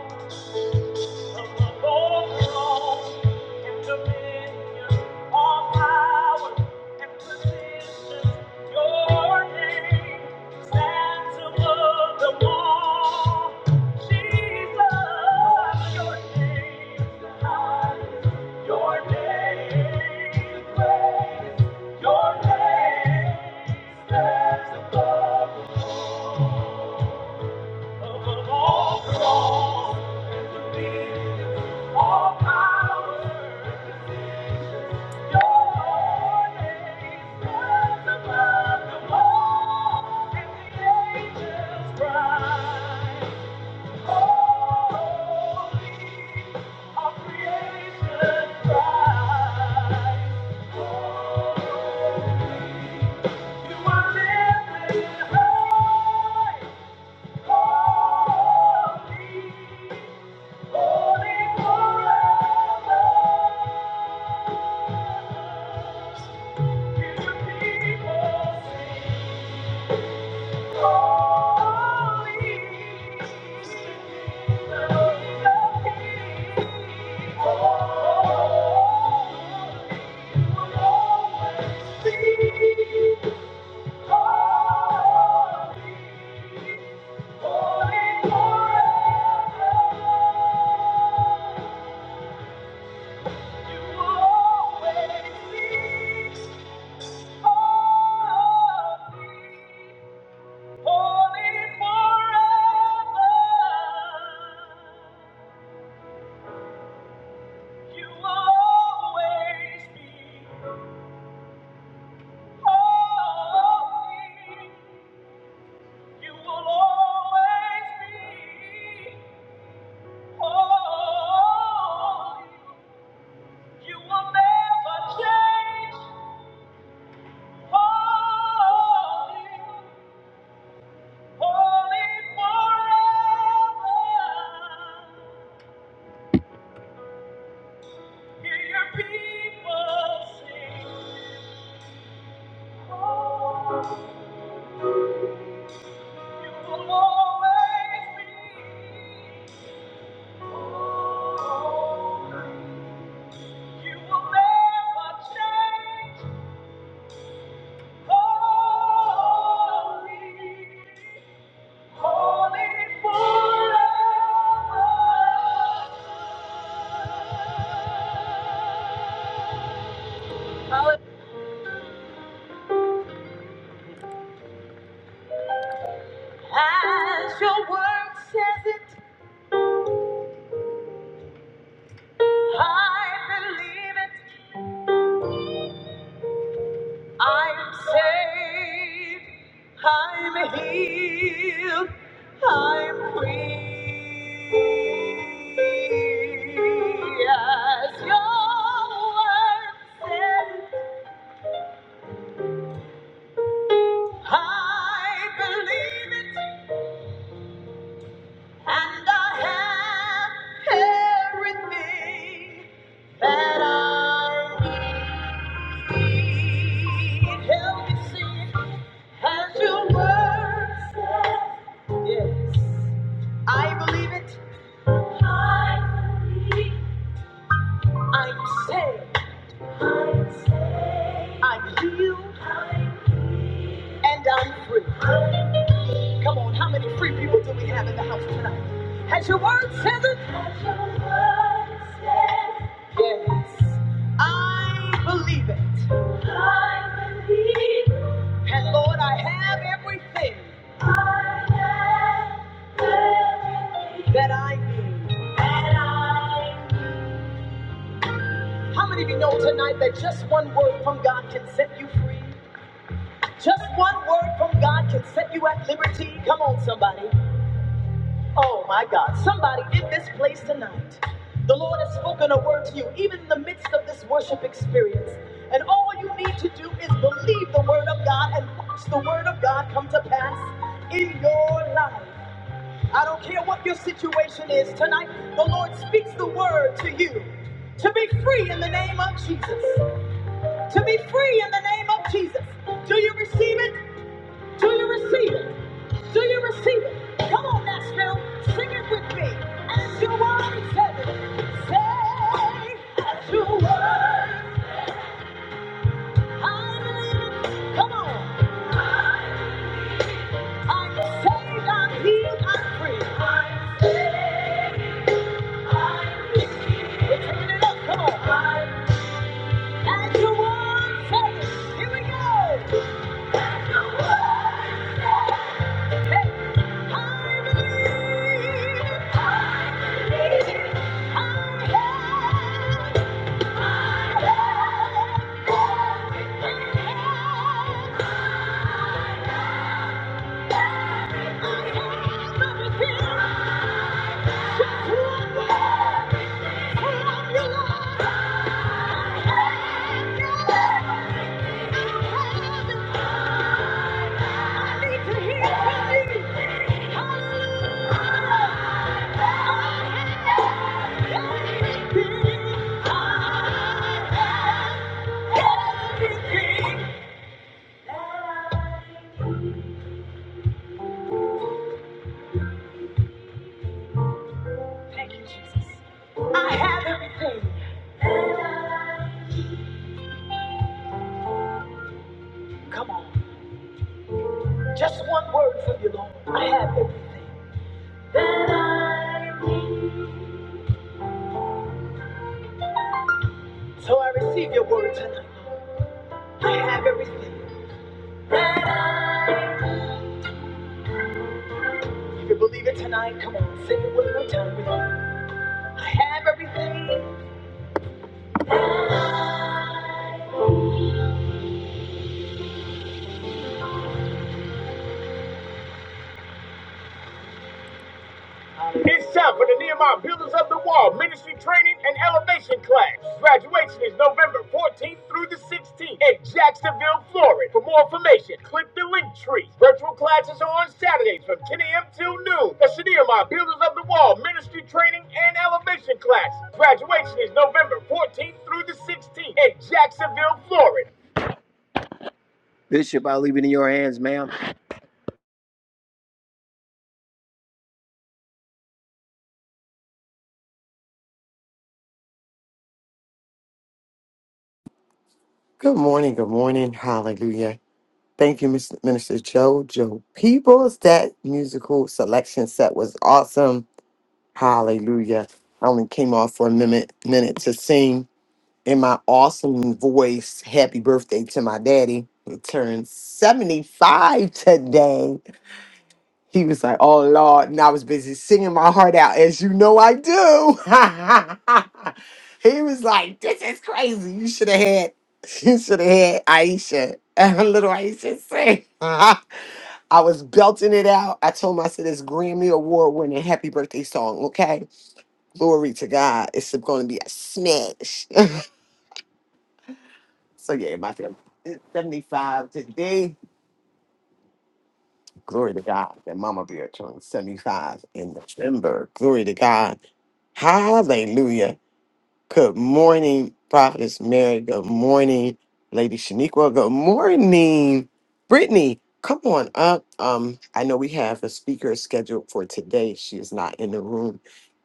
Speaker 1: Your name stands above. You always speak for me. Holy forever. You always be holy. You will always be holy. You will never change. Holy, holy forever. Hear your people sing. I'm healed. I'm free. As your word says, I believe it. And I have everything that I need. Help me see as your word says. Yeah. I believe it. I believe. I'm saved. I'm saved. I'm healed. I'm healed. And I'm free. Come on, how many free people do we have in the house tonight? Has your word said it? Has your word said it? Yes. I believe it. I believe it. And Lord, I have everything I have everything that I need. That I need. How many of you know tonight that just one word from God can set you free? Just one word from God can set you at liberty. Come on, somebody. Oh my God, somebody in this place tonight. The Lord has spoken a word to you, even in the midst of this worship experience. And all you need to do is believe the word of God and watch the word of God come to pass in your life. I don't care what your situation is tonight, the Lord speaks the word to you. To be free in the name of Jesus. To be free in the name of Jesus. Do you receive it? Do you receive it? Do you receive it? Come on, Nashville. Sing it with me. As your word says it. Say, as your word. I believe it. Come on. I'm saved, I'm healed, I'm free. I'm saved, I'm healed. We're taking it up. Come on. I'm as your word says it. Here we go. As your word. I have everything to want from your life. I You can Bishop, i leave it in your hands, ma'am.
Speaker 2: Good morning. Good morning. Hallelujah. Thank you, Mr. Minister Joe. Joe Peoples. That musical selection set was awesome. Hallelujah. I only came off for a minute, minute to sing in my awesome voice. Happy birthday to my daddy. He turned 75 today. He was like, Oh Lord. And I was busy singing my heart out, as you know I do. *laughs* he was like, This is crazy. You should have had *laughs* you should have had Aisha. *laughs* little Aisha sing. *laughs* I was belting it out. I told him I said this Grammy Award winning happy birthday song, okay? Glory to God. It's gonna be a smash. *laughs* so yeah, my family. It's 75 today. Glory to God. And Mama Bear turned 75 in November. Glory to God. Hallelujah. Good morning, Prophetess Mary. Good morning, Lady Shaniqua. Good morning, Brittany. Come on up. Um, I know we have a speaker scheduled for today. She is not in the room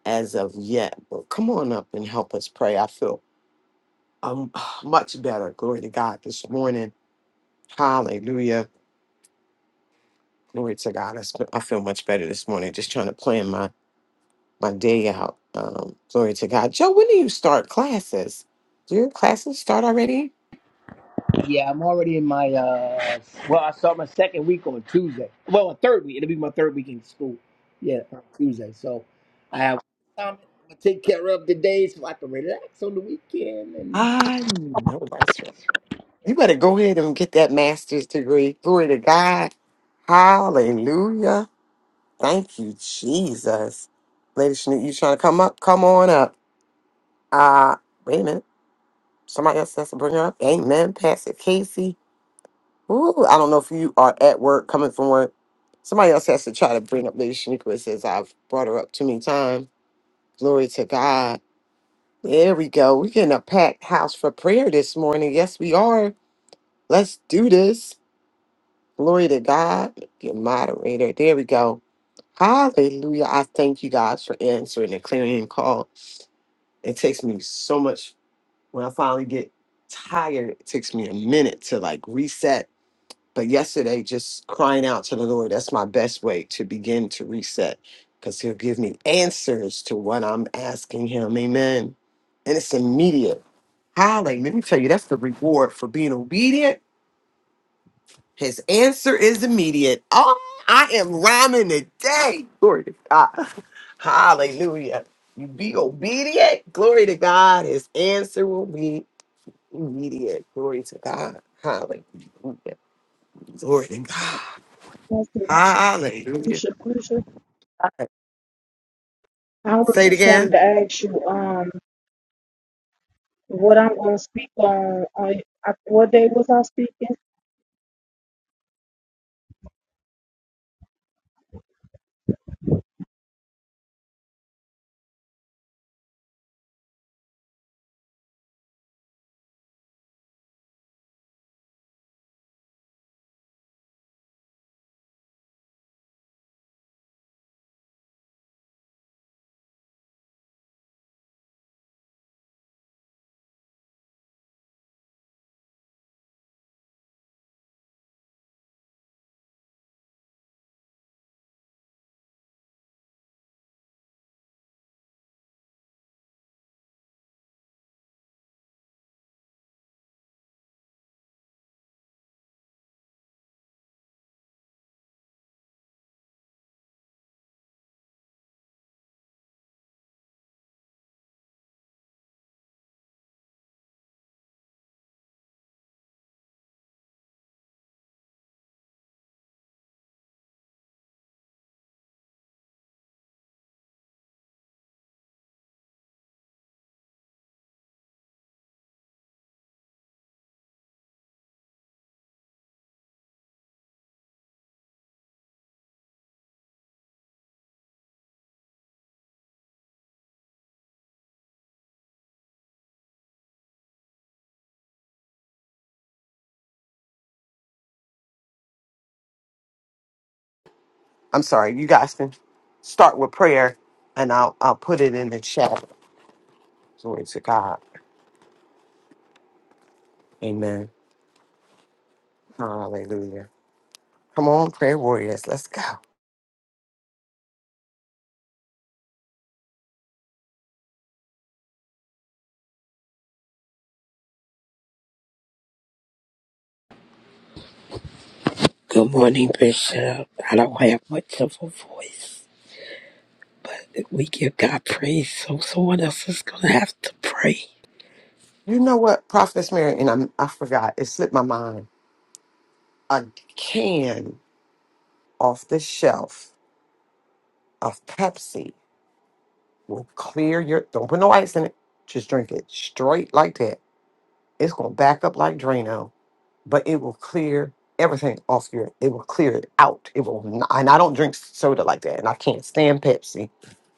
Speaker 2: as of yet, but come on up and help us pray. I feel um *sighs* much better. Glory to God this morning. Hallelujah. Glory to God. I s- I feel much better this morning. Just trying to plan my my day out. Um, glory to God. Joe, when do you start classes? Do your classes start already? I know that's right. You better go ahead and get that master's degree. Glory to God. Hallelujah. Thank you, Jesus. Lady Shanique, you trying to come up? Come on up. Uh, wait a minute. Somebody else has to bring her up. Amen. Pastor Casey. Ooh, I don't know if you are at work, coming from work. Somebody else has to try to bring up Lady Shaniqua. It says I've brought her up too many times. Glory to God. There we go. We're in a packed house for prayer this morning. Yes, we are. Let's do this. Glory to God. Your moderator. There we go. Hallelujah. I thank you guys for answering the clarion call. It takes me so much when I finally get tired. It takes me a minute to like reset But yesterday, just crying out to the Lord, that's my best way to begin to reset because He'll give me answers to what I'm asking Him. Amen. And it's immediate. Holly, let me tell you, that's the reward for being obedient. His answer is immediate. Oh, I am rhyming today. Glory to God. *laughs* Hallelujah. You be obedient. Glory to God. His answer will be immediate. Glory to God. Hallelujah. Glory to God.
Speaker 3: Yes, you should,
Speaker 2: Hallelujah.
Speaker 3: you should, you should. I was
Speaker 2: Say it
Speaker 3: just wanting
Speaker 2: again.
Speaker 3: to ask you, um, what I'm gonna speak on, on, I- what day was I speaking?
Speaker 2: I'm sorry, you guys can start with prayer and I'll I'll put it in the chat. Glory to God. Amen. Hallelujah. Come on, prayer warriors. Let's go.
Speaker 4: Good morning, Bishop. I don't have much of a voice. We give God praise, so someone else is going to have to pray.
Speaker 2: You know what, Prophetess Mary, and I'm, I forgot, it slipped my mind. A can off the shelf of Pepsi will clear your, don't put no ice in it. Just drink it straight like that. It's going to back up like Drano but it will clear everything off your. It will clear it out. It will, n- and I don't drink soda like that, and I can't stand Pepsi,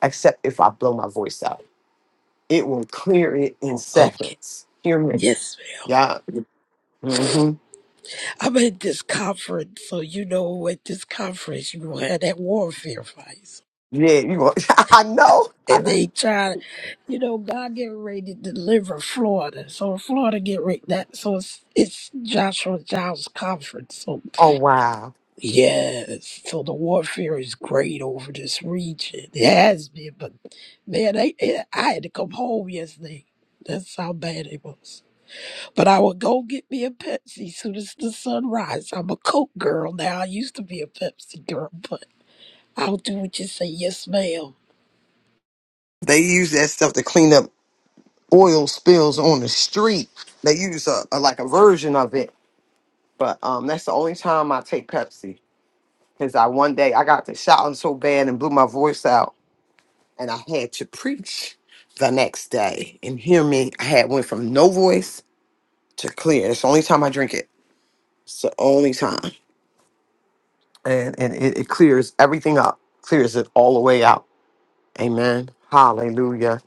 Speaker 2: except if I blow my voice out. It will clear it in
Speaker 4: Okay.
Speaker 2: seconds. Hear me?
Speaker 4: Yes, ma'am.
Speaker 2: Yeah. Mm-hmm.
Speaker 4: I'm at this conference, so you know at this conference, you gonna have that warfare fight.
Speaker 2: Yeah. You. Will, *laughs* I know. I
Speaker 4: And
Speaker 2: know.
Speaker 4: they try, you know, God getting ready to deliver Florida. So Florida get ready, that, so it's, it's Joshua Giles' conference. so.
Speaker 2: Oh wow.
Speaker 4: Yes, so the warfare is great over this region. It has been, but man, they, it, I had to come home yesterday. That's how bad it was. But I would go get me a Pepsi soon as the sun rises. I'm a Coke girl now. I used to be a Pepsi girl, but I'll do what you say. Yes, ma'am.
Speaker 2: They use that stuff to clean up oil spills on the street. They use a, a like a version of it, but um, that's the only time I take Pepsi. Cause I one day I got to shouting so bad and blew my voice out and I had to preach the next day. And hear me, I had went from no voice to clear. It's the only time I drink it. It's the only time. And and it, it clears everything up. Clears it all the way out. Amen. Hallelujah.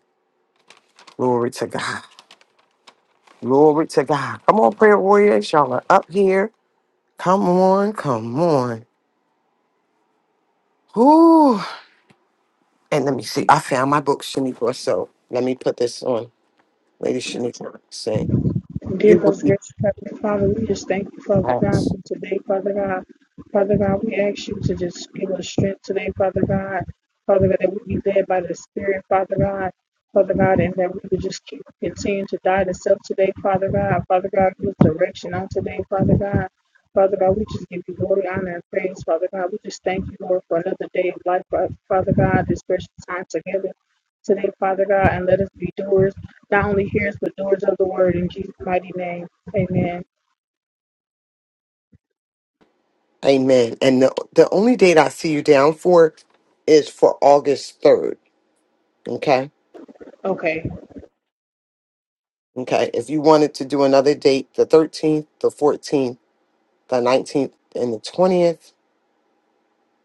Speaker 2: Glory to God. Glory to God. Come on, prayer warriors. Y'all are up here. Come on, come on. Whoo. And let me see. I found my book, Shaniqua. So let me put this on. Lady Shaniqua, say,
Speaker 3: Give
Speaker 2: you will
Speaker 3: us
Speaker 2: be
Speaker 3: grace, Heavenly Father. We just thank you, Father God,
Speaker 2: blessed.
Speaker 3: for today, Father God. Father God, we ask you to just give us strength today, Father God. Father God, that we be led by the Spirit, Father God. Father God, and that we would just keep continuing to die to self today, Father God. Father God, give us direction on today, Father God. Father God, we just give you glory, honor, and praise, Father God. We just thank you, Lord, for another day of life, Father God, this precious time together today, Father God, and let us be doers not only hearers but doers of the word in Jesus' mighty name. Amen.
Speaker 2: Amen. And the, the only date I see you down for is for August 3rd. Okay.
Speaker 3: Okay.
Speaker 2: Okay. If you wanted to do another date, the 13th, the 14th, the 19th, and the 20th,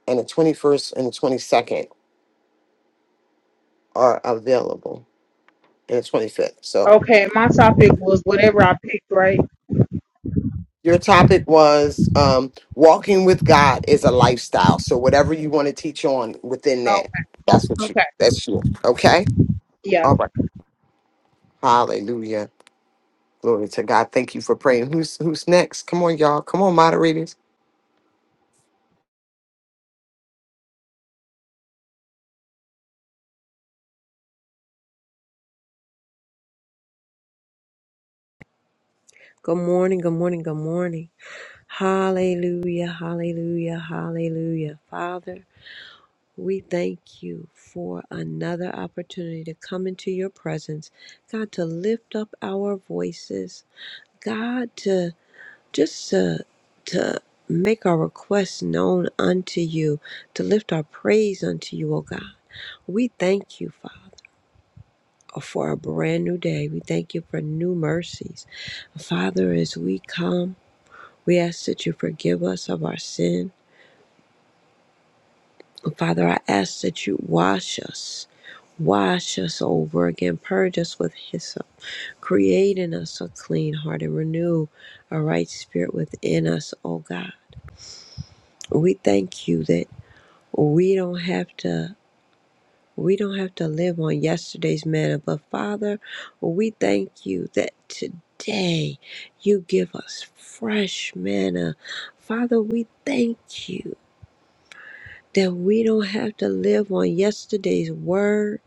Speaker 2: and the 21st and the 22nd are available, and the 25th. So
Speaker 3: Okay. My topic was whatever I picked, right?
Speaker 2: your topic was um, walking with God is a lifestyle. So whatever you want to teach on within
Speaker 3: Oh,
Speaker 2: that, that's what you,
Speaker 3: okay.
Speaker 2: that's you. Okay.
Speaker 3: Yeah.
Speaker 2: All right. Hallelujah. Glory to God. Thank you for praying. Who's who's next? Come on, y'all. Come on, moderators.
Speaker 5: Good morning, good morning, good morning. Hallelujah, hallelujah, hallelujah. Father, we thank you for another opportunity to come into your presence. God, to lift up our voices. God, to just to, to make our requests known unto you, to lift our praise unto you, O God. We thank you, Father. For a brand new day. We thank you for new mercies. Father, as we come We ask that you forgive us of our sin. And Father, I ask that you wash us, wash us over again, purge us with hyssop, create in us a clean heart and renew a right spirit within us, oh God. We thank you that we don't have to we don't have to live on yesterday's manna, but Father, we thank you that today you give us fresh manna. Father, we thank you that we don't have to live on yesterday's word,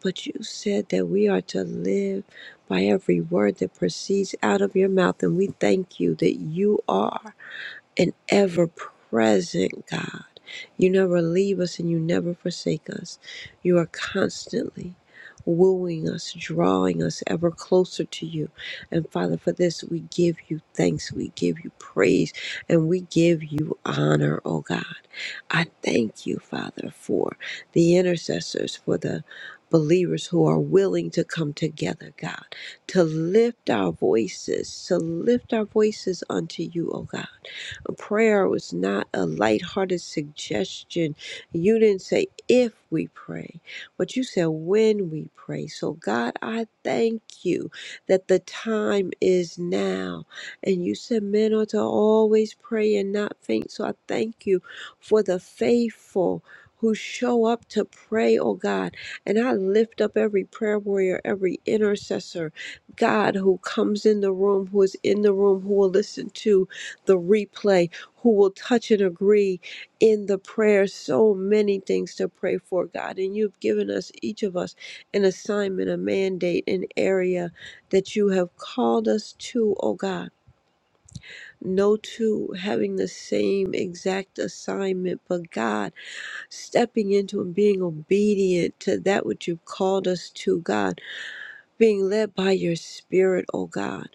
Speaker 5: but you said that we are to live by every word that proceeds out of your mouth. And we thank you that you are an ever present God. You never leave us and you never forsake us. You are constantly wooing us, drawing us ever closer to you. And Father, for this we give you thanks, we give you praise, and we give you honor, oh God. I thank you, Father, for the intercessors, for the believers who are willing to come together, God, to lift our voices, to lift our voices unto you, oh God Prayer was not a lighthearted suggestion. You didn't say if we pray, but you said when we pray. So, God, I thank you that the time is now. And you said men ought to always pray and not faint. So, I thank you for the faithful. Who show up to pray, oh God. And I lift up every prayer warrior, every intercessor, God, who comes in the room, who is in the room, who will listen to, the replay who will touch and agree in the prayer. So many things to pray for, God. And you've given us, each of us, an assignment, a mandate, an area that you have called us to, oh God. No two having the same exact assignment, but God, stepping into and being obedient to that which you've called us to, God, being led by your Spirit, oh God.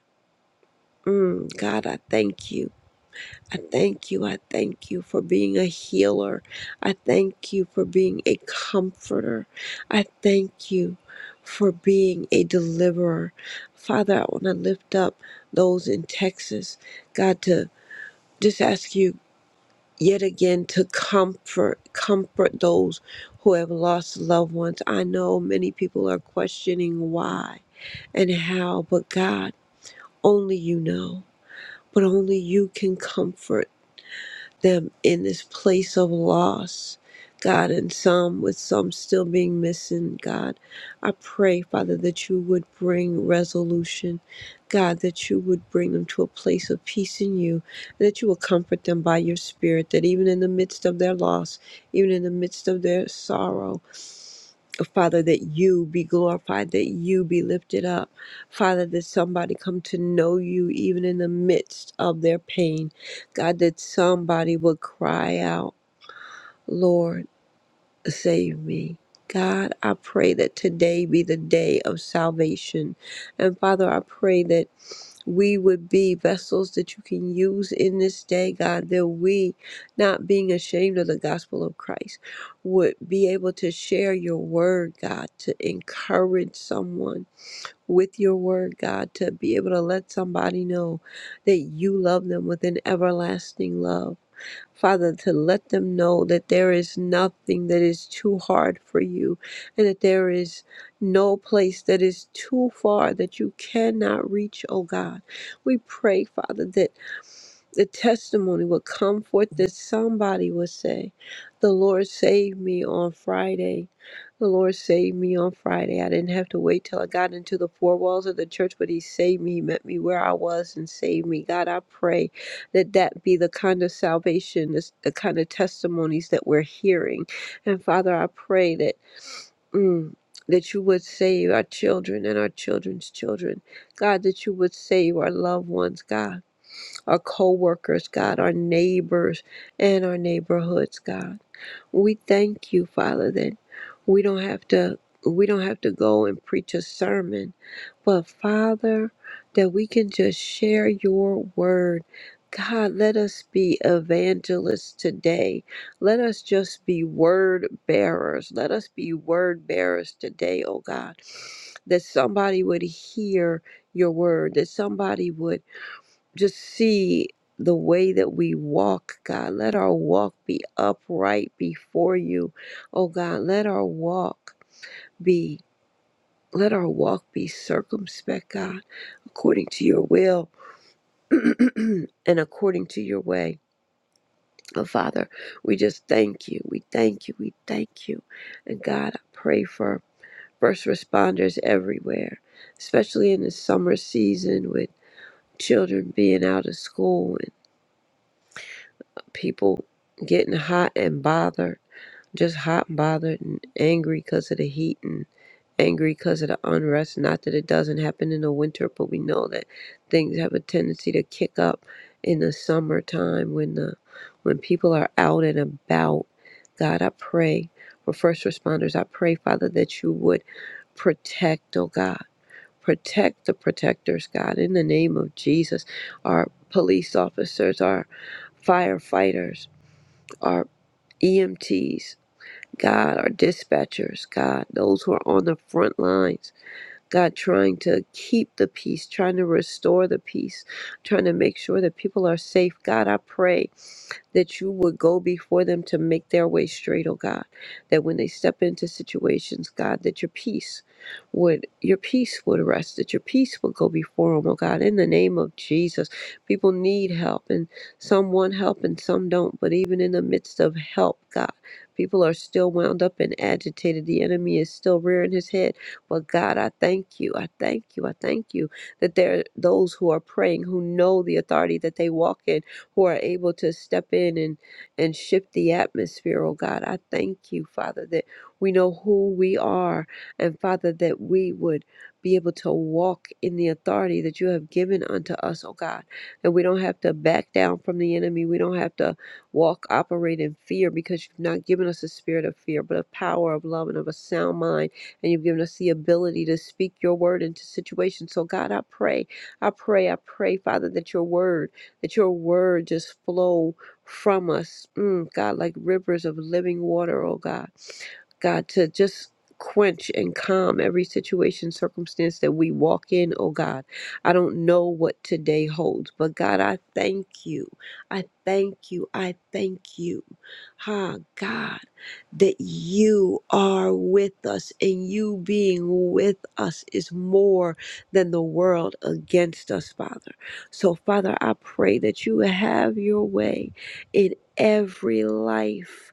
Speaker 5: Mm, God, I thank you. I thank you. I thank you for being a healer. I thank you for being a comforter. I thank you for being a deliverer. Father, I want to lift up those in Texas. God, to just ask you yet again to comfort, comfort those who have lost loved ones. I know many people are questioning why and how, but God, only you know. But only you can comfort them in this place of loss, God, and some with some still being missing, God. I pray, Father, that you would bring resolution, God, that you would bring them to a place of peace in you, and that you will comfort them by your Spirit, that even in the midst of their loss, even in the midst of their sorrow, Father, that you be glorified, that you be lifted up. Father, that somebody come to know you even in the midst of their pain. God, that somebody would cry out, Lord, save me. God, I pray that today be the day of salvation. And Father, I pray that we would be vessels that you can use in this day, God, that we, not being ashamed of the gospel of Christ, would be able to share your word, God, to encourage someone with your word, God, to be able to let somebody know that you love them with an everlasting love Father, to let them know that there is nothing that is too hard for you and that there is no place that is too far that you cannot reach, oh God. We pray, Father, that the testimony will come forth that somebody will say, The Lord saved me on Friday. The Lord saved me on Friday. I didn't have to wait till I got into the four walls of the church, but He saved me. He met me where I was and saved me. God, I pray that that be the kind of salvation, this, the kind of testimonies that we're hearing. And Father, I pray that. Mm, that you would save our children and our children's children. God, that you would save our loved ones, God our co-workers, God, our neighbors and our neighborhoods, God. We thank you, Father, that we don't have to we don't have to go and preach a sermon, but Father, that we can just share your word. God, let us be evangelists today. Let us just be word bearers. Let us be word bearers today, oh God. That somebody would hear your word, that somebody would just see the way that we walk, God. Let our walk be upright before you. Oh God, let our walk be let our walk be circumspect, God, according to your will *clears throat* and according to your way. Oh Father, we just thank you. We thank you. We thank you. And God, I pray for first responders everywhere, especially in the summer season with children being out of school people getting hot and bothered, just hot and bothered and angry because of the heat and angry because of the unrest. Not that it doesn't happen in the winter, but we know that things have a tendency to kick up in the summertime when the when people are out and about. God, I pray for first responders. I pray, Father, that you would protect, oh God. Protect the protectors, God, in the name of Jesus. Our police officers, our firefighters, our EMTs, God, our dispatchers, God, those who are on the front lines. God, trying to keep the peace, trying to restore the peace, trying to make sure that people are safe. God, I pray that you would go before them to make their way straight, oh God. That when they step into situations, God, that your peace would your peace would rest, that your peace would go before them, oh God. In the name of Jesus. People need help and some want help and some don't. But even in the midst of help, God, people are still wound up and agitated. The enemy is still rearing his head but God, I thank you. I thank you. I thank you that there are those who are praying, who know the authority that they walk in, who are able to step in and, and shift the atmosphere, oh God. I thank you, Father, that we know who we are, and Father, that we would be able to walk in the authority that you have given unto us, oh God. That we don't have to back down from the enemy. We don't have to walk, operate in fear because you've not given us a spirit of fear, but a power of love and of a sound mind and you've given us the ability to speak your word into situations. So, God, I pray, I pray, I pray, Father, that your word, that your word just flow from us, mm, God, like rivers of living water, oh God. God, to just quench and calm every situation, circumstance that we walk in, oh God. I don't know what today holds, but God, I thank you. I thank you. I thank you. Ha, God, that you are with us and you being with us is more than the world against us, Father. So, Father, I pray that you have your way in every life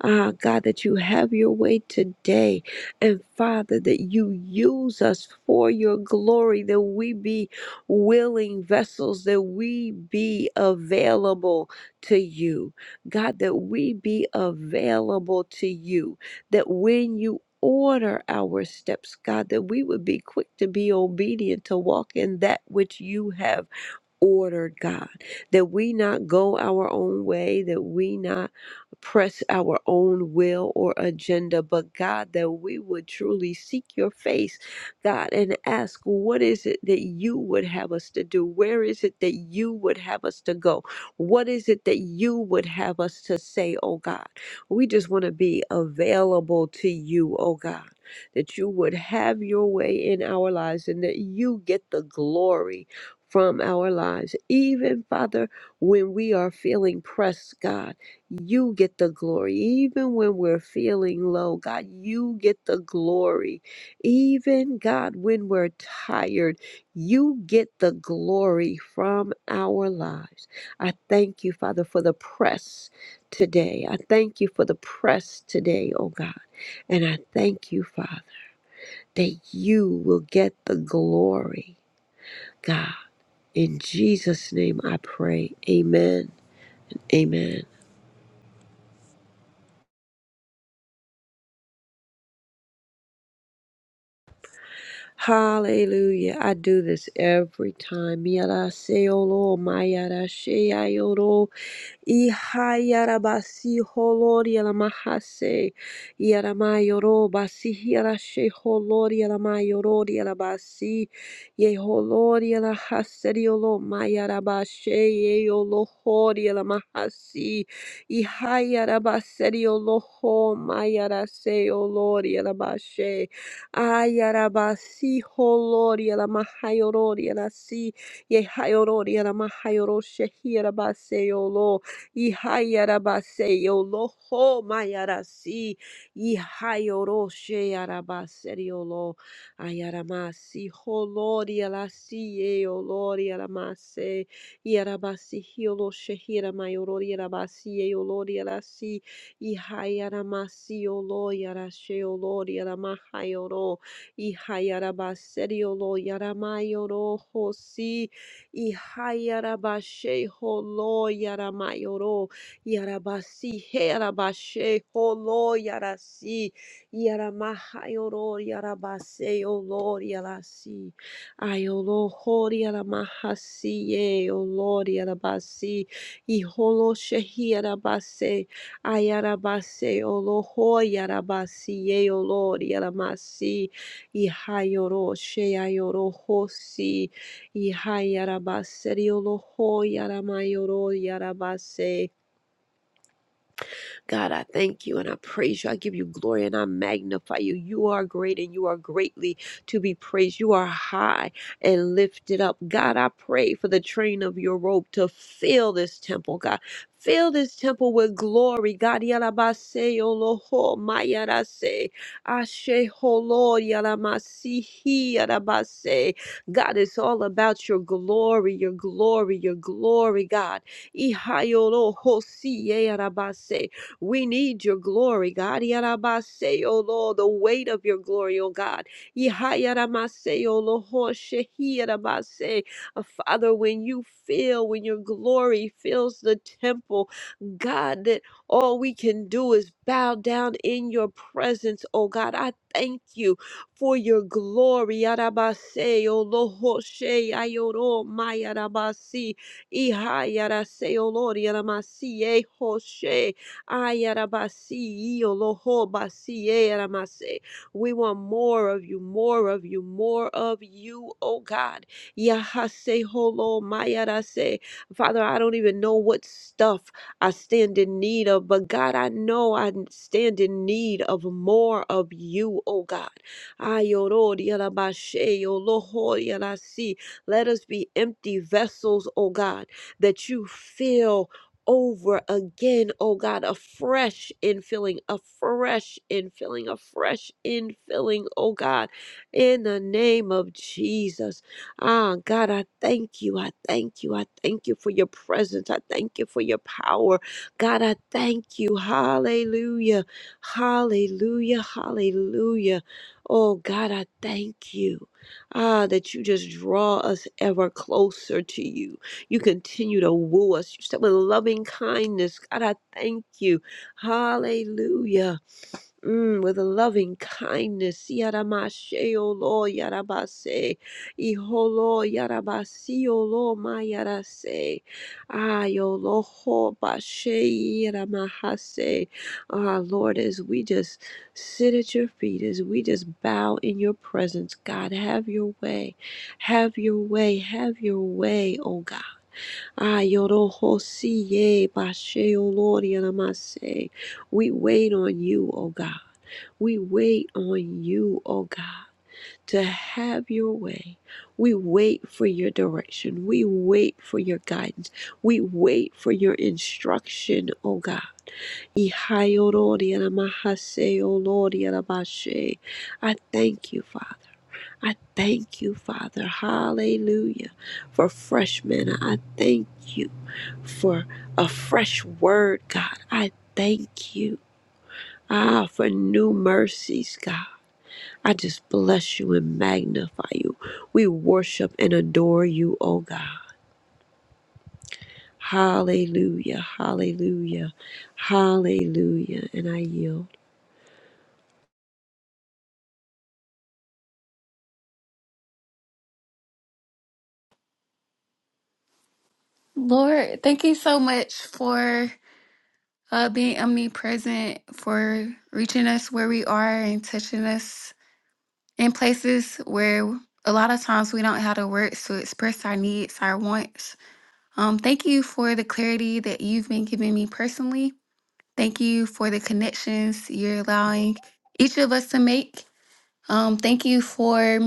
Speaker 5: Ah, God, that you have your way today. And Father, that you use us for your glory, that we be willing vessels, that we be available to you. God, that we be available to you, that when you Order our steps, God, that we would be quick to be obedient to walk in that which you have ordered, God, that we not go our own way, that we not press our own will or agenda, but God, that we would truly seek your face, God, and ask, what is it that you would have us to do? Where is it that you would have us to go? What is it that you would have us to say, oh God? We just want to be available to you, oh God. That you would have your way in our lives and that you get the glory from our lives. Even, Father, when we are feeling pressed, God, you get the glory. Even when we're feeling low, God, you get the glory. Even, God, when we're tired, you get the glory from our lives. I thank you, Father, for the press today. I thank you for the press today, oh God. And I thank you, Father, that you will get the glory, God. In Jesus' name I pray. Amen. Amen. Hallelujah. I do this every time. Yaraseolo, mayarasheayoro, ihayarabasi holori alamahase, yaramayoro basi hirashe holori alamayori alabasi, yeholori alahaseriolo, mayarabashe yeolo hori alamahasi, ihayarabaseriolo ho, mayaraseolori alabashe. Ayarabasi holori la mahayorori la si ye hayorori la mahayoro shehirabase yolo i yolo ho mayarasi i hayoro sheyarabase yolo ayaramasi holori la si ye olori la mase yarabasi hiolo shehira mayorori la basi ye olori la si Ihayara masiolo yara sheolo yara Ihayaramasiyolo yarasheolo yaramahayoro. Ihayarabaseriolo yaramayoro hosi. yara yara mayoro. yara basi Ihayarabasheholo yara Yarabasiherabasheholo yarasi. Yaramahayoro yarabaseolo yarasi. Ayolo hori yara mahasi yaramahasiye olori yara basi Iholo shehi yarabase. Ayarabase oloho yarabasi ye olor yaramasi ihayoro sheyayoro hosi ihayarabase oloho yaramayoro yarabase God, I thank you and I praise you. I give you glory and I magnify you. You are great and you are greatly to be praised. You are high and lifted up. God, I pray for the train of your robe to fill this temple, God. Fill this temple with glory. God, yarabase oloho mayarase. Ashe holo yaramasihi yarabase. God, it's all about your glory, your glory, your glory, God. Ihayolo hosi yarabase. We need your glory, God. Yarabase, O Lord, the weight of your glory, O God. Yihayaramase, O Lord, shehiyarabase. Uh, Father, when you feel, when your glory fills the temple, God, that all we can do is bow down in your presence, O God. I thank you for your glory. Yarabase, O Lord, she ayoro mayarabasi. Iha yarase, O Lord, yaramasi, eh, hoshe. Ayarabasi, Olohobasi, Eramase. We want more of you, more of you, more of you, oh God. Yahase holo mayarase. Father, I don't even know what stuff I stand in need of, but God, I know I stand in need of more of you, oh God. Ayoro yarabashe, Oloho yarasi. Let us be empty vessels, oh God, that you fill over again, oh God, a fresh infilling, a fresh infilling, a fresh infilling, oh God, in the name of Jesus. Ah, God, I thank you. I thank you. I thank you for your presence. I thank you for your power. God, I thank you. Hallelujah. Hallelujah. Hallelujah. Oh God, I thank you. Ah, that you just draw us ever closer to you. You continue to woo us. You said with loving kindness. God, I thank you. Hallelujah. Mm, with loving kindness. Yaramashe, O Lord, Yarabase. Iholo, Yarabasi, O Lord, my Yarase. Ay, O Lord, ho, bashe, Yaramahase. Ah, Lord, as we just sit at your feet, as we just bow in your presence, God, have your way. Have your way. Have your way, oh God. Ayorohosie basheolorianamase. We wait on you, O God. We wait on you, O God, to have your way. We wait for your direction. We wait for your guidance. We wait for your instruction, O God. Ihayolorianamahaseolorianabashe. I thank you, Father. I thank you, Father. Hallelujah. For fresh manna, I thank you for a fresh word, God. I thank you. Ah, for new mercies, God. I just bless you and magnify you. We worship and adore you, oh God. Hallelujah, hallelujah, hallelujah. And I yield.
Speaker 6: Lord, thank you so much for uh, being omnipresent, for reaching us where we are and touching us in places where a lot of times we don't have the words to express our needs, our wants. Um, thank you for the clarity that you've been giving me personally. Thank you for the connections you're allowing each of us to make. Um, thank you for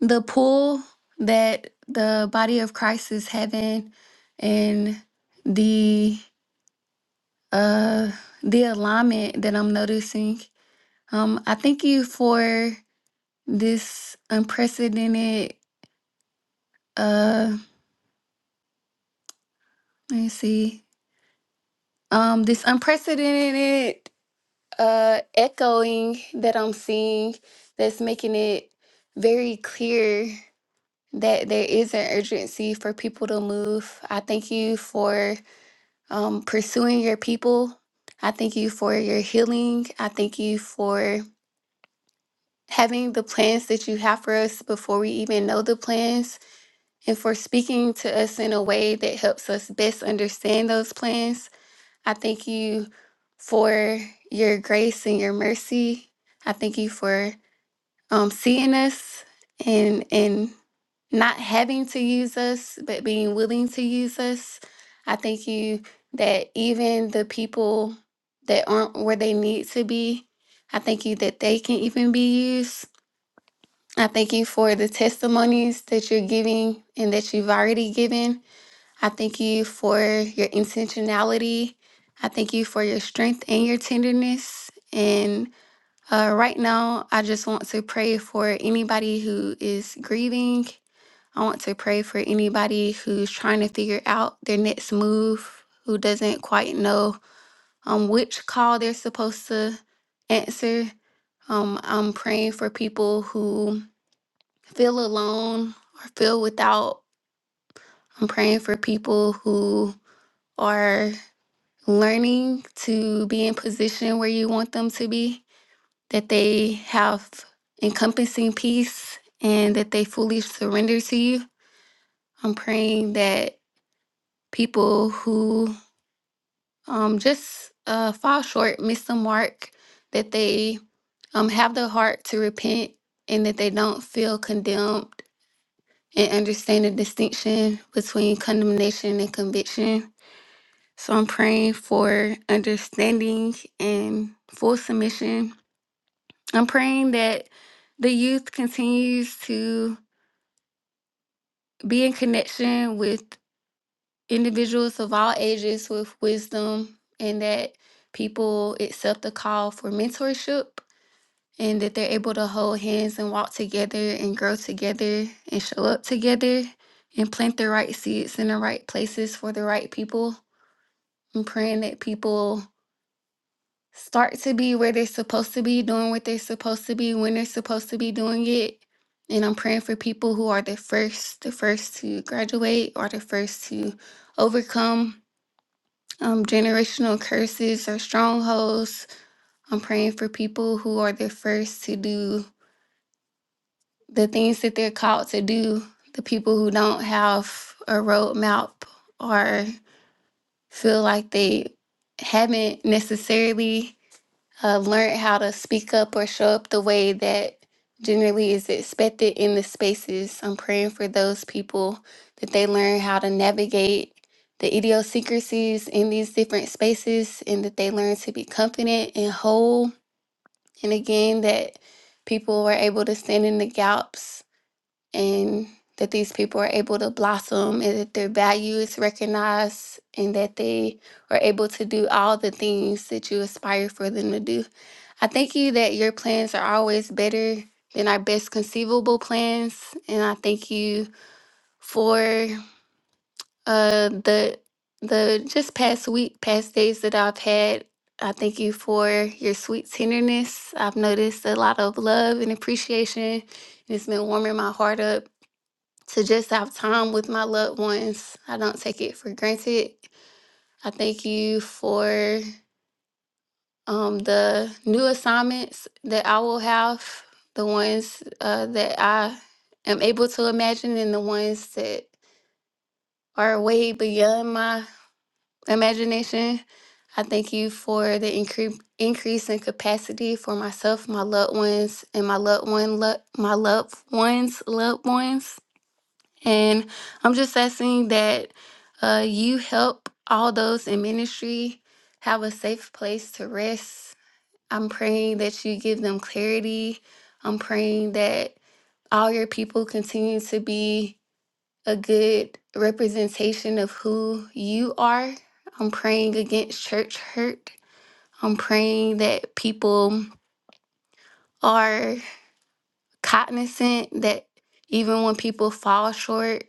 Speaker 6: the pull that the body of Christ is having and the Uh, the alignment that I'm noticing. Um, I thank you for this unprecedented. Uh, let me see. Um, this unprecedented uh echoing that I'm seeing that's making it very clear that there is an urgency for people to move. I thank you for um pursuing your people. I thank you for your healing. I thank you for having the plans that you have for us before we even know the plans, and for speaking to us in a way that helps us best understand those plans. I thank you for your grace and your mercy. I thank you for um, seeing us and and not having to use us, but being willing to use us. I thank you that even the people that aren't where they need to be, I thank you that they can even be used. I thank you for the testimonies that you're giving and that you've already given. I thank you for your intentionality. I thank you for your strength and your tenderness. And uh, right now, I just want to pray for anybody who is grieving. I want to pray for anybody who's trying to figure out their next move, who doesn't quite know um, which call they're supposed to answer. Um, I'm praying for people who feel alone or feel without. I'm praying for people who are learning to be in position where you want them to be, that they have encompassing peace and that they fully surrender to you. I'm praying that people who um, just uh, fall short, miss the mark, that they um, have the heart to repent and that they don't feel condemned and understand the distinction between condemnation and conviction. So I'm praying for understanding and full submission. I'm praying that the youth continues to be in connection with individuals of all ages with wisdom and that people accept the call for mentorship and that they're able to hold hands and walk together and grow together and show up together and plant the right seeds in the right places for the right people. I'm praying that people start to be where they're supposed to be, doing what they're supposed to be, when they're supposed to be doing it. And I'm praying for people who are the first, the first to graduate or the first to overcome um, generational curses or strongholds. I'm praying for people who are the first to do the things that they're called to do, the people who don't have a roadmap or feel like they haven't necessarily uh, learned how to speak up or show up the way that generally is expected in the spaces. I'm praying for those people that they learn how to navigate the idiosyncrasies in these different spaces and that they learn to be confident and whole. And again, that people were able to stand in the gaps and that these people are able to blossom and that their value is recognized and that they are able to do all the things that you aspire for them to do. I thank you that your plans are always better than our best conceivable plans. And I thank you for uh the the just past week, past days that I've had. I thank you for your sweet tenderness. I've noticed a lot of love and appreciation. and It's been warming my heart up to just have time with my loved ones. I don't take it for granted. I thank you for um, the new assignments that I will have, the ones uh, that I am able to imagine, and the ones that are way beyond my imagination. I thank you for the incre- increase in capacity for myself, my loved ones, and my loved one, lo- my loved ones, loved ones. And I'm just asking that uh, you help all those in ministry have a safe place to rest. I'm praying that you give them clarity. I'm praying that all your people continue to be a good representation of who you are. I'm praying against church hurt. I'm praying that people are cognizant that even when people fall short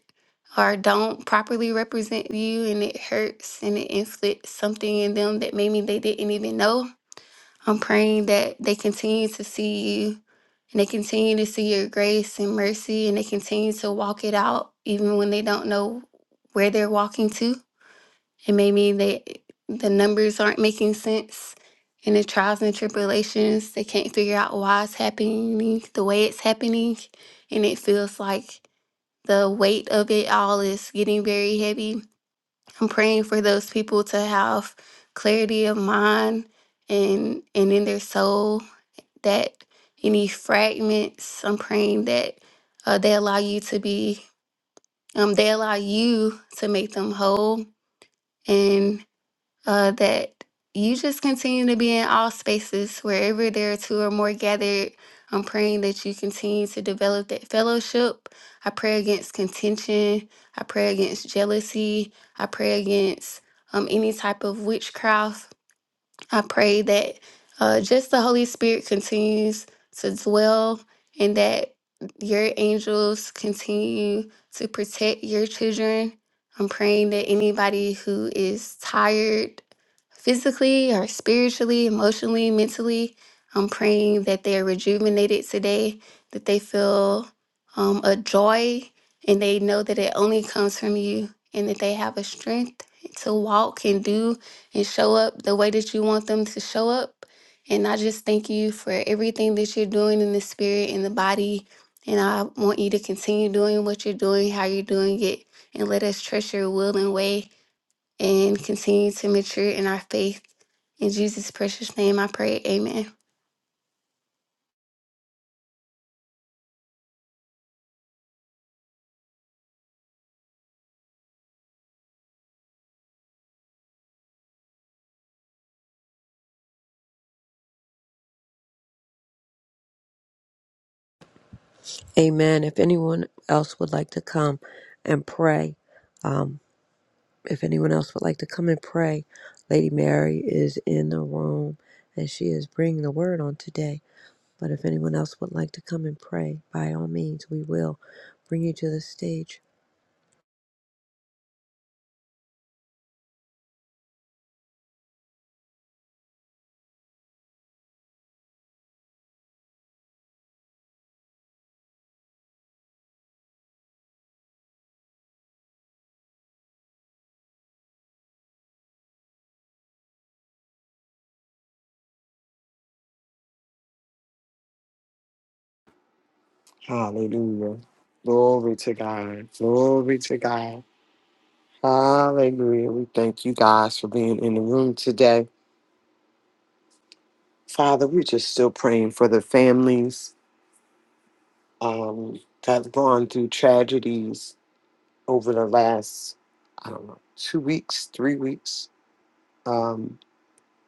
Speaker 6: or don't properly represent you and it hurts and it inflicts something in them that maybe they didn't even know, I'm praying that they continue to see you and they continue to see your grace and mercy and they continue to walk it out even when they don't know where they're walking to. It may mean that the numbers aren't making sense in the trials and tribulations. They can't figure out why it's happening the way it's happening. And it feels like the weight of it all is getting very heavy. I'm praying for those people to have clarity of mind and and in their soul that any fragments, I'm praying that uh, they allow you to be um, they allow you to make them whole and uh, that you just continue to be in all spaces, wherever there are two or more gathered. I'm praying that you continue to develop that fellowship. I pray against contention. I pray against jealousy. I pray against um, any type of witchcraft. I pray that uh, just the Holy Spirit continues to dwell and that your angels continue to protect your children. I'm praying that anybody who is tired physically or spiritually, emotionally, mentally. I'm praying that they're rejuvenated today, that they feel um, a joy and they know that it only comes from you and that they have a strength to walk and do and show up the way that you want them to show up. And I just thank you for everything that you're doing in the spirit and the body. And I want you to continue doing what you're doing, how you're doing it, and let us trust your will and way and continue to mature in our faith in Jesus' precious name I pray, amen.
Speaker 5: Amen. If anyone else would like to come and pray, um, if anyone else would like to come and pray, Lady Mary is in the room and she is bringing the word on today. But if anyone else would like to come and pray, by all means, we will bring you to the stage.
Speaker 2: Hallelujah. Glory to God. Glory to God. Hallelujah. We thank you guys for being in the room today. Father, we're just still praying for the families um, that have gone through tragedies over the last, I don't know, two weeks, three weeks um,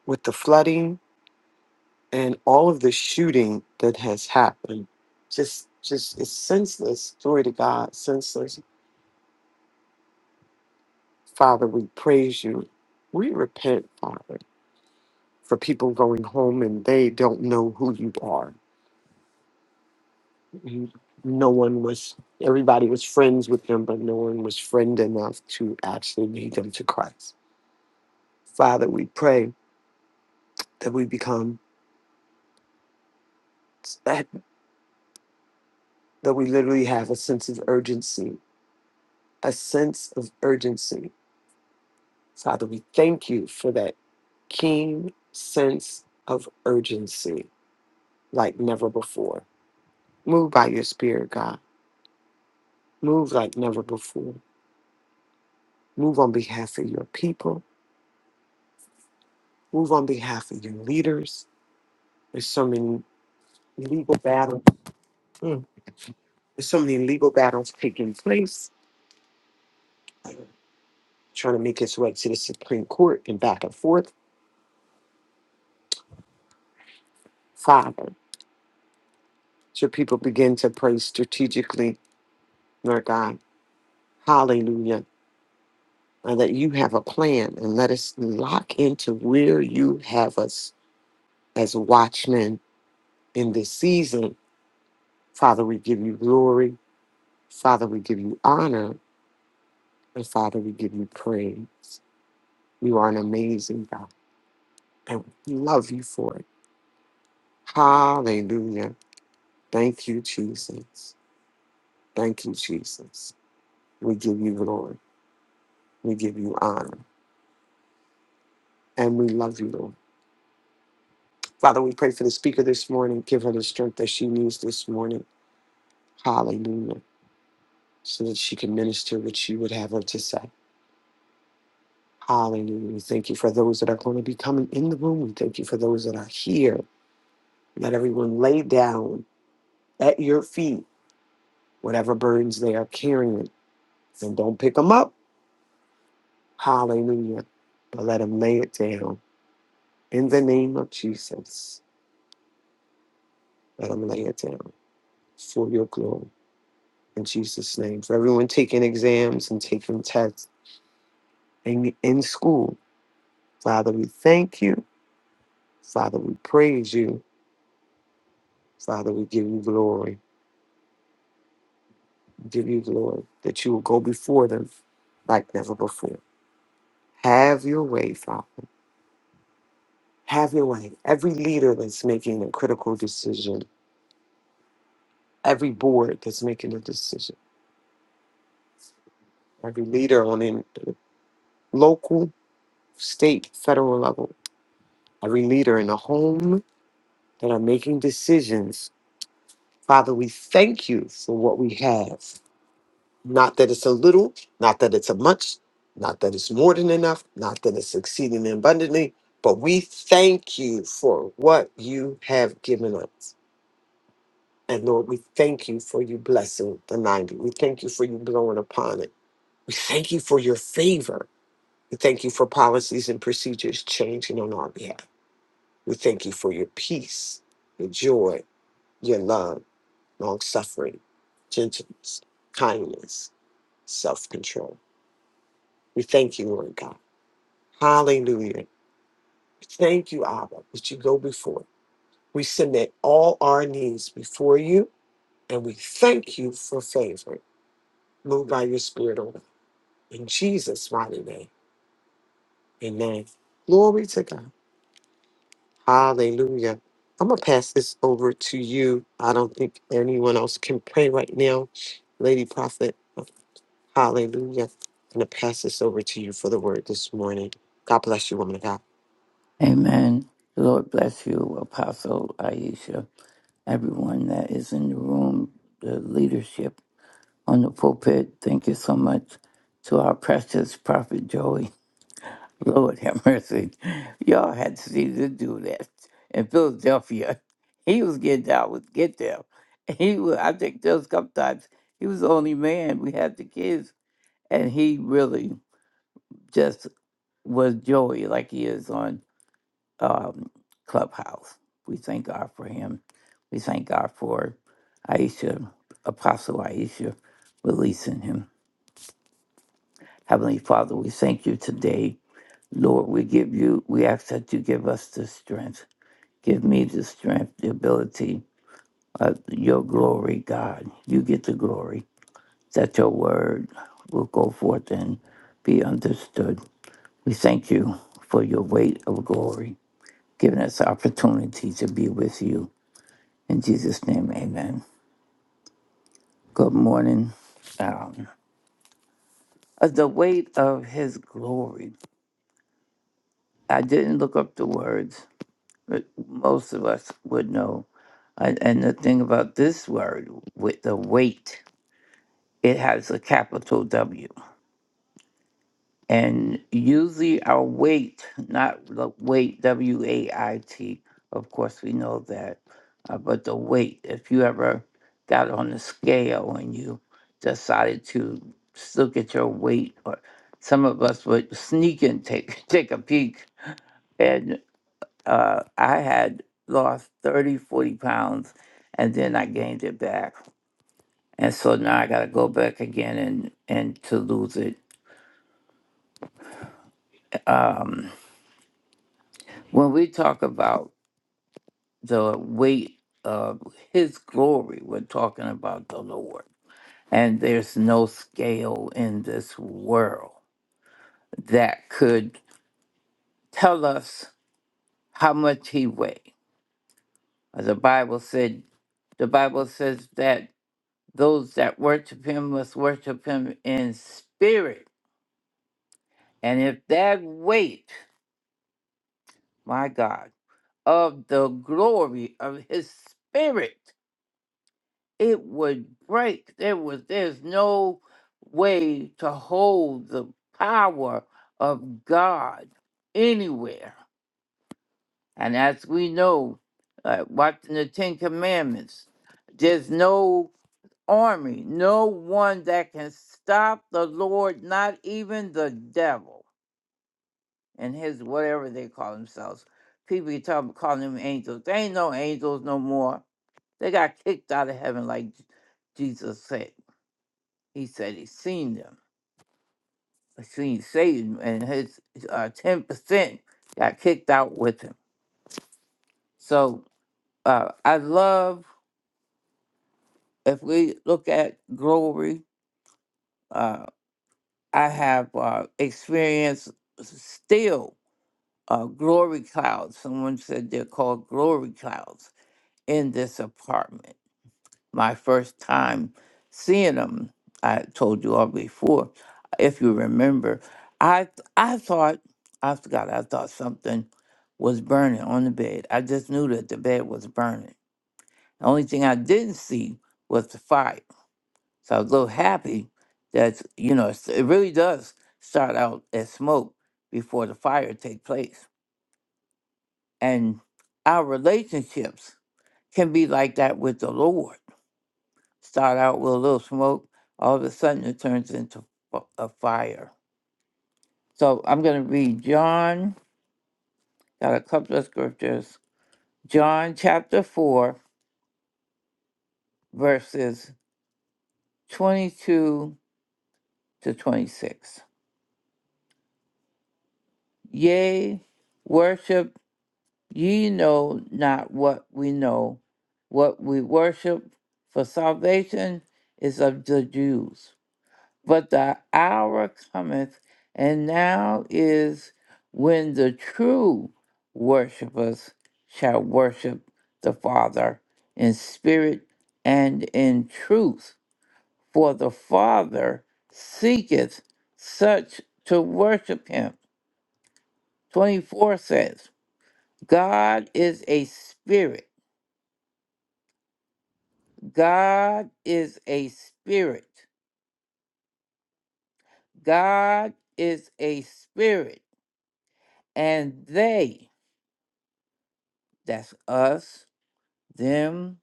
Speaker 2: with the flooding and all of the shooting that has happened just just is senseless glory to god senseless father we praise you we repent father for people going home and they don't know who you are Mhm. no one was everybody was friends with them but no one was friend enough to actually lead them to christ father we pray that we become that, that we literally have a sense of urgency a sense of urgency Father, we thank you for that keen sense of urgency like never before. Move by your spirit, God. Move like never before. Move on behalf of your people. Move on behalf of your leaders. There's so many legal battles. Mm. There's so many legal battles taking place, trying to make its way to the Supreme Court and back and forth. Father, so people begin to pray strategically, Lord God. Hallelujah uh, that you have a plan and let us lock into where you have us as watchmen in this season. Father, we give you glory. Father, we give you honor. And Father, we give you praise. You are an amazing God. And we love you for it. Hallelujah. Thank you, Jesus. Thank you, Jesus. We give you glory. We give you honor. And we love you, Lord. Father, we pray for the speaker this morning. Give her the strength that she needs this morning. Hallelujah. so that she can minister what you would have her to say. Hallelujah. We thank you for those that are going to be coming in the room. We thank you for those that are here. Let everyone lay down at your feet whatever burdens they are carrying and don't pick them up. Hallelujah. But let them lay it down in the name of Jesus. Let them lay it down for your glory in Jesus' name. For everyone taking exams and taking tests in, in school, Father, we thank you. Father, we praise you. Father, we give you glory. We give you glory that you will go before them like never before. Have your way, Father. Have your way. Every leader that's making a critical decision, every board that's making a decision, every leader on in the local, state, federal level, every leader in the home that are making decisions. Father, we thank you for what we have. Not that it's a little, not that it's a much, not that it's more than enough, not that it's exceeding abundantly, but we thank you for what you have given us. And Lord, we thank you for you blessing the 90. We thank you for you blowing upon it. We thank you for your favor. We thank you for policies and procedures changing on our behalf. We thank you for your peace, your joy, your love, long suffering, gentleness, kindness, self control. We thank you, Lord God. Hallelujah. Thank you, Abba, that you go before. We submit all our needs before you, and we thank you for favor. Move by your spirit, O God. In Jesus' mighty name. Amen. Glory to God. Hallelujah. I'm going to pass this over to you. I don't think anyone else can pray right now. Lady Prophet, hallelujah. I'm going to pass this over to you for the word this morning. God bless you, woman of God.
Speaker 7: Amen. The Lord bless you, Apostle Aisha, everyone that is in the room, the leadership on the pulpit. Thank you so much to our precious Prophet Joey. *laughs* Lord have mercy. Y'all had to see this do that in Philadelphia. *laughs* He was getting down with get there. *laughs* He was, I think there was a couple times he was the only man. We had the kids, and he really just was Joey like he is on um, Clubhouse. We thank God for him. We thank God for Aisha, Apostle Aisha, releasing him. Heavenly Father, we thank you today. Lord, we give you, we ask that you give us the strength. Give me the strength, the ability of your glory, God. You get the glory, that your word will go forth and be understood. We thank you for your weight of glory, giving us the opportunity to be with you In Jesus' name, amen. Good morning. Um, uh, the weight of his glory. I didn't look up the words, but most of us would know. And and the thing about this word, with the weight, it has a capital W. And usually our weight, not the weight, W A I T, of course we know that, uh, but the weight, if you ever got on the scale and you decided to s- look at your weight, or some of us would sneak and take, *laughs* take a peek. And uh, I had lost 30, 40 pounds, and then I gained it back. And so now I got to go back again and, and to lose it. Um, when we talk about the weight of his glory. We're talking about the Lord. And there's no scale in this world that could tell us how much he weighed. Uh, The Bible said the Bible says that those that worship him must worship him in spirit. And if that weight, my God, of the glory of his spirit it would break. There was there's no way to hold the power of God anywhere. And as we know, uh, watching the Ten Commandments, there's no army, no one that can stop the Lord, not even the devil and his whatever they call themselves. People you talk about calling them angels. They ain't no angels no more. They got kicked out of heaven like Jesus said. He said he seen them, seen Satan, and his uh, ten percent got kicked out with him. So uh, I love if we look at glory. Uh, I have uh, experienced still uh, glory clouds. Someone said they're called glory clouds in this apartment my first time seeing them. I told you all before, if you remember. I I thought I forgot. I thought something was burning on the bed. I just knew that the bed was burning. The only thing I didn't see was the fire. So I was a little happy that you know it's- it really does start out as smoke before the fire take place, and our relationships can be like that with the Lord start out with a little smoke, all of a sudden it turns into f- a fire. So I'm going to read John, got a couple of scriptures. John chapter 4, verses 22 to 26. Yea, worship, ye know not what we know, what we worship, for salvation is of the Jews. but the hour cometh, and now is when the true worshippers shall worship the Father in spirit and in truth. For the Father seeketh such to worship him. 24 says, God is a spirit. God is a spirit. God is a spirit. And they that's us, them,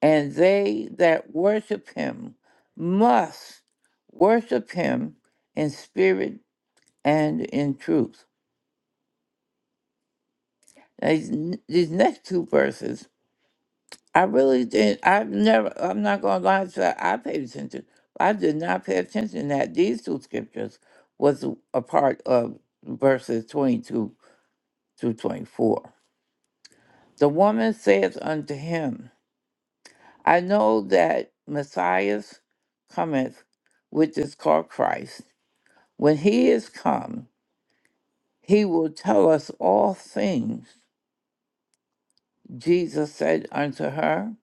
Speaker 7: and they that worship him must worship him in spirit and in truth. Now, These, these next two verses, I really didn't, I've never, I'm not going to lie to you, I paid attention. I did not pay attention that these two scriptures was a part of verses 22 through 24. The woman saith unto him, I know that Messiah cometh, which is called Christ. When he is come, he will tell us all things. Jesus said unto her,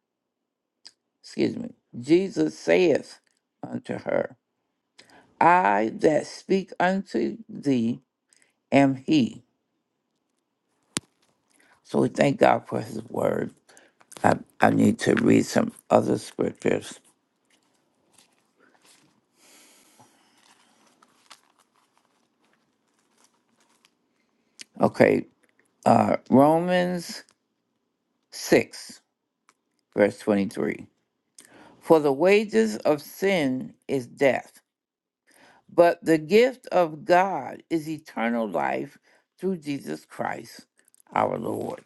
Speaker 7: excuse me, Jesus saith unto her, I that speak unto thee am he. So we thank God for his word. I, I need to read some other scriptures. Okay, uh, Romans 6, verse 23. For the wages of sin is death, but the gift of God is eternal life through Jesus Christ our Lord.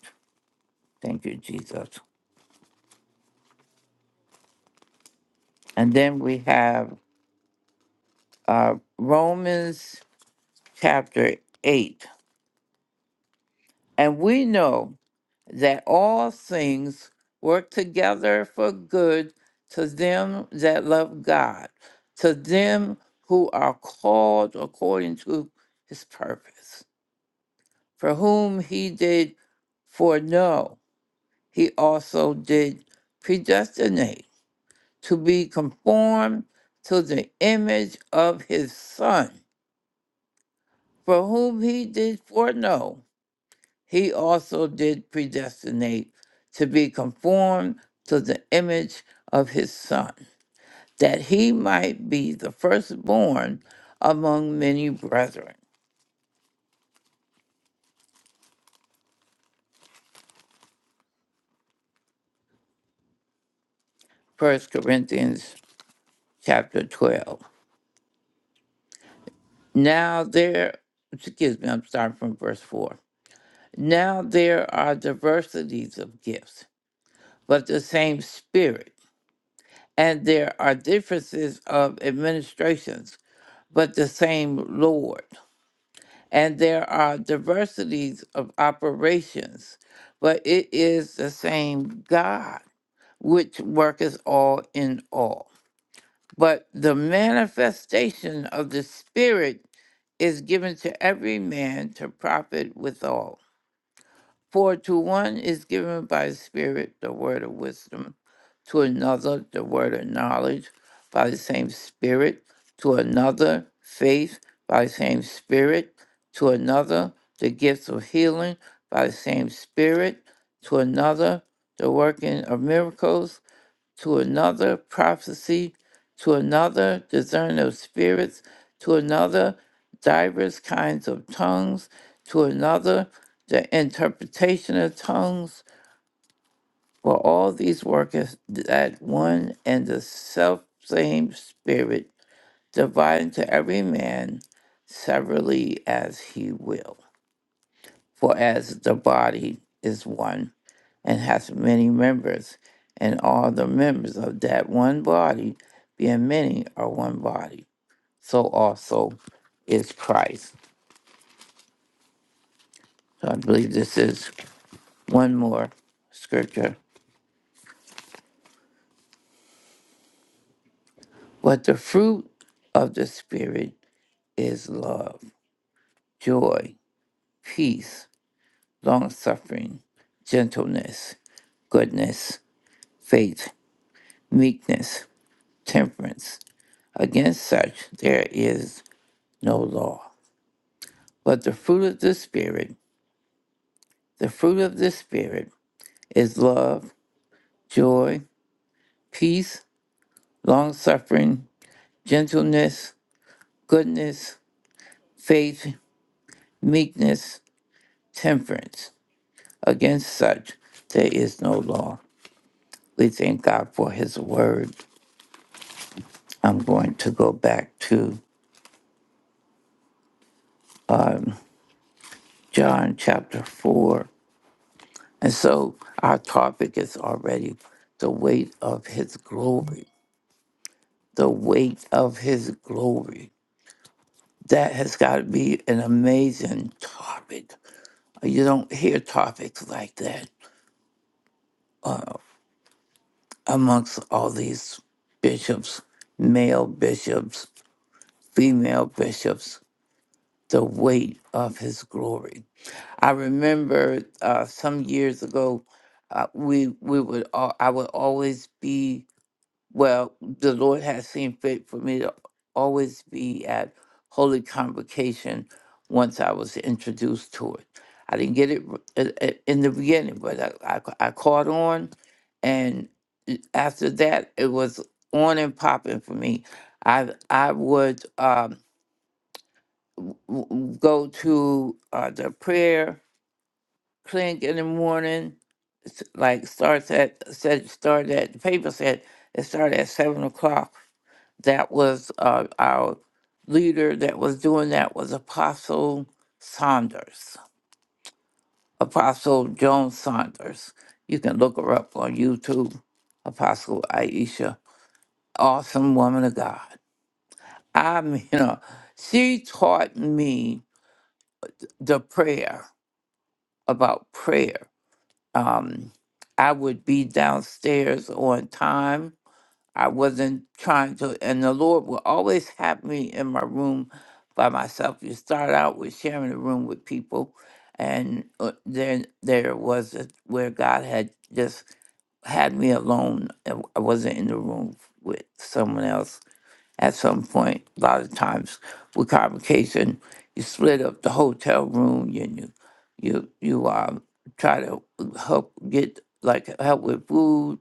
Speaker 7: Thank you, Jesus. And then we have uh, Romans chapter 8. And we know that all things work together for good to them that love God, to them who are called according to his purpose. for whom he did foreknow, he also did predestinate to be conformed to the image of his Son, for whom he did foreknow, he also did predestinate to be conformed to the image of his Son, that he might be the firstborn among many brethren. First Corinthians chapter 12. Now there, excuse me, I'm starting from verse 4. Now there are diversities of gifts, but the same Spirit. And there are differences of administrations, but the same Lord. And there are diversities of operations, but it is the same God, which worketh all in all. But the manifestation of the Spirit is given to every man to profit withal. For to one is given by the Spirit the word of wisdom, to another the word of knowledge by the same Spirit, to another faith by the same Spirit, to another the gifts of healing by the same Spirit, to another the working of miracles to another prophecy, to another discerning of spirits, to another divers kinds of tongues, to another the interpretation of tongues. For all these worketh that one and the self same Spirit, dividing to every man severally as he will. For as the body is one and hath many members, and all the members of that one body, being many, are one body. So also is Christ. So I believe this is one more scripture. But the fruit of the Spirit is love, joy, peace, long suffering, gentleness, goodness, faith, meekness, temperance. Against such there is no law. But the fruit of the Spirit The fruit of the Spirit is love, joy, peace, long suffering, gentleness, goodness, faith, meekness, temperance. Against such there is no law. We thank God for His word. I'm going to go back to John chapter 4. And so our topic is already the weight of His glory. The weight of His glory. That has got to be an amazing topic You don't hear topics like that amongst all these bishops, male bishops, female bishops, the weight of his glory. I remember uh, some years ago, uh, we we would all, I would always be Well, the Lord has seen fit for me to always be at Holy Convocation once I was introduced to it. I didn't get it r- i- i- in the beginning, but I, I, I caught on. And after that, it was on and popping for me. I, I would um, w- w- go to uh, the prayer clinic in the morning. s- Like starts at said started at the paper said it started at seven o'clock that was uh, our leader that was doing that was Apostle Saunders, Apostle Joan Saunders. You can look her up on YouTube, Apostle Aisha, awesome woman of God. I mean, *laughs* uh, she taught me the prayer about prayer. Um, I would be downstairs on time I wasn't trying to, and the Lord will always have me in my room by myself. You start out with sharing a room with people, and uh, then there was a, where God had just had me alone. I I wasn't in the room with someone else at some point. A lot of times with convocation, you split up the hotel room and you you you um, try to help get like help with food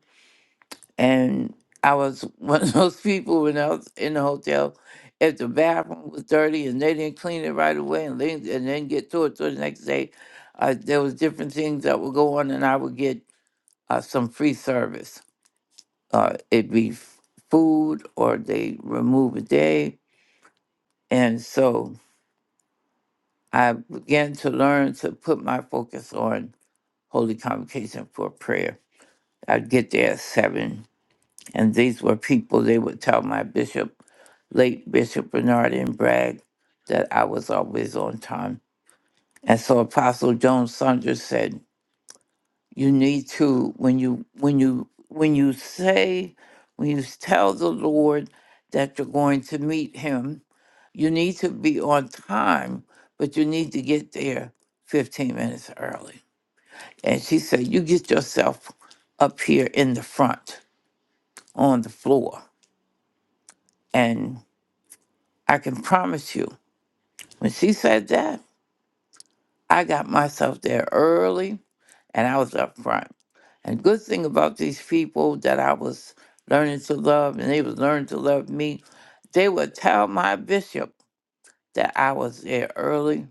Speaker 7: and I was *laughs* one of those people when I was in the hotel, if the bathroom was dirty and they didn't clean it right away and they and then get to it till the next day, uh, there was different things that would go on and I would get uh, some free service. Uh, it'd be f- food or they remove a day. And so I began to learn to put my focus on Holy Convocation for prayer. I'd get there at 7 And these were people they would tell my bishop, late Bishop Bernard and Bragg, that I was always on time. And so Apostle Joan Saunders said, You need to when you when you when you say when you tell the Lord that you're going to meet him, you need to be on time, but you need to get there 15 minutes early. And she said, You get yourself up here in the front on the floor. And I can promise you, when she said that, I got myself there early and I was up front. And good thing about these people that I was learning to love and they was learning to love me, they would tell my bishop that I was there early,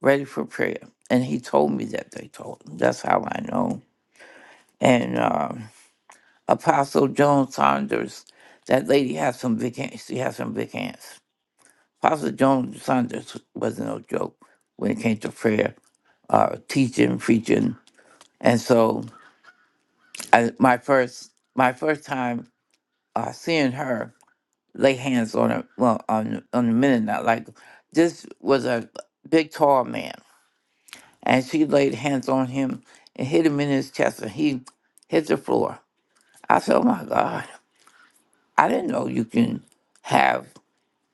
Speaker 7: ready for prayer. And he told me that they told him. That's how I know. And um, Apostle Joan Saunders, that lady has some big hands. She has some big hands. Pastor John Saunders wasn't no joke when it came to prayer, uh, teaching, preaching, and so I, my first my first time uh, seeing her lay hands on her well on on the Mennonite like this was a big tall man, and she laid hands on him and hit him in his chest, and he hit the floor. I said, "Oh my God, I didn't know you can have."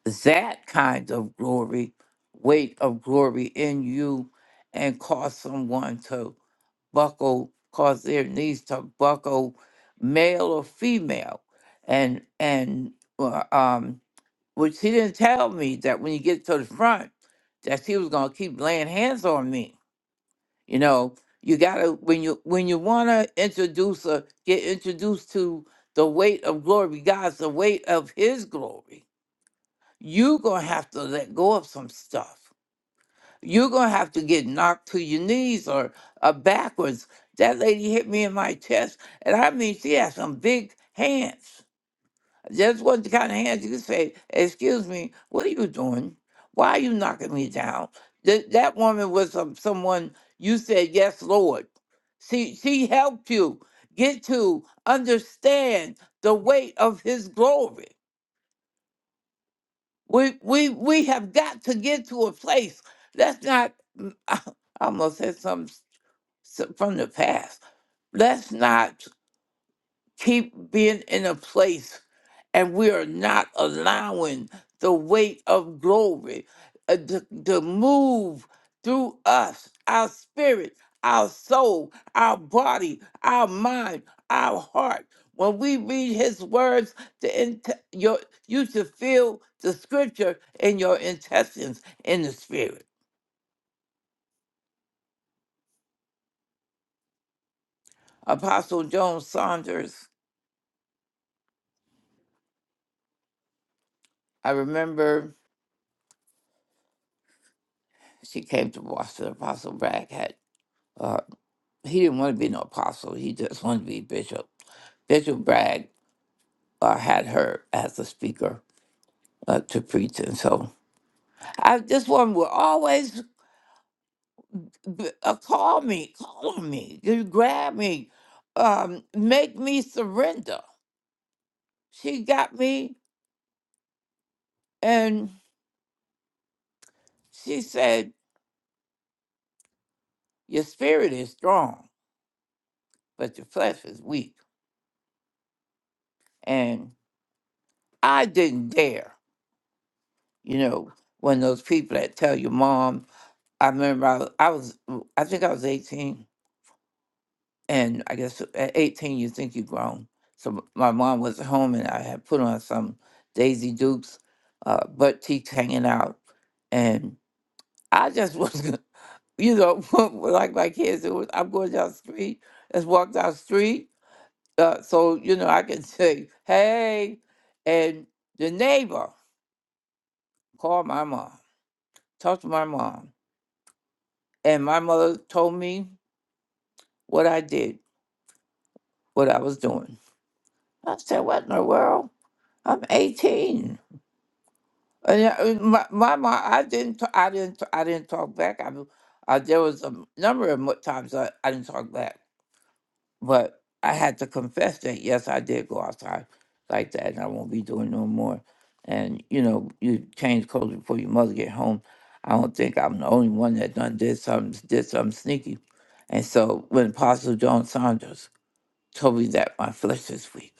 Speaker 7: that kind of glory, weight of glory in you, and cause someone to buckle, cause their knees to buckle, male or female, and and uh, um, which he didn't tell me that when you get to the front, that he was gonna keep laying hands on me. You know, you gotta when you when you wanna introduce a get introduced to the weight of glory, God's the weight of His glory you're going to have to let go of some stuff. You're going to have to get knocked to your knees or, or backwards. That lady hit me in my chest, and I mean, she had some big hands. Just wasn't the kind of hands you could say, Excuse me, what are you doing? Why are you knocking me down? That that woman was some, someone you said, Yes, Lord. She, she helped you get to understand the weight of His glory. We we we have got to get to a place. Let's not. *laughs* I almost said something s- from the past. Let's not keep being in a place and we are not allowing the weight of glory uh, to, to move through us, our spirit, our soul, our body, our mind, our heart. When we read his words, the int- your, you should feel the scripture in your intestines, in the spirit. Apostle Joan Saunders, I remember she came to Boston, Apostle Bragg had. uh, he didn't want to be no apostle. He just wanted to be bishop. Bishop Bragg uh, had her as a speaker uh, to preach, and so I, this woman would always b- uh, call me, call on me, you grab me, um, make me surrender. She got me, and she said, "Your spirit is strong, but your flesh is weak." And I didn't dare, you know, when those people that tell your mom. I remember I, was, I was, I think I was eighteen and I guess at 18 you think you've grown. So m- my mom was at home and I had put on some Daisy Dukes, uh, butt cheeks hanging out, and I just was, *laughs* you know, *laughs* like my kids. It was I'm going down the street. Let's walk down the street, uh, so you know I can *laughs* say hey, and the neighbor called my mom, talked to my mom, and my mother told me what I did, what I was doing. I said, what in the world? I'm 18. Uh, Yeah, uh, my, my, my I didn't, t- I didn't, t- I didn't talk back. I, mean, uh, there was a number of mo- times I, I didn't talk back, but I had to confess that yes, I did go outside like that, and I won't be doing no more. And you know, you change clothes before your mother get home. I don't think I'm the only one that done did something, did something sneaky. And so when Apostle John Saunders told me that, my flesh was weak.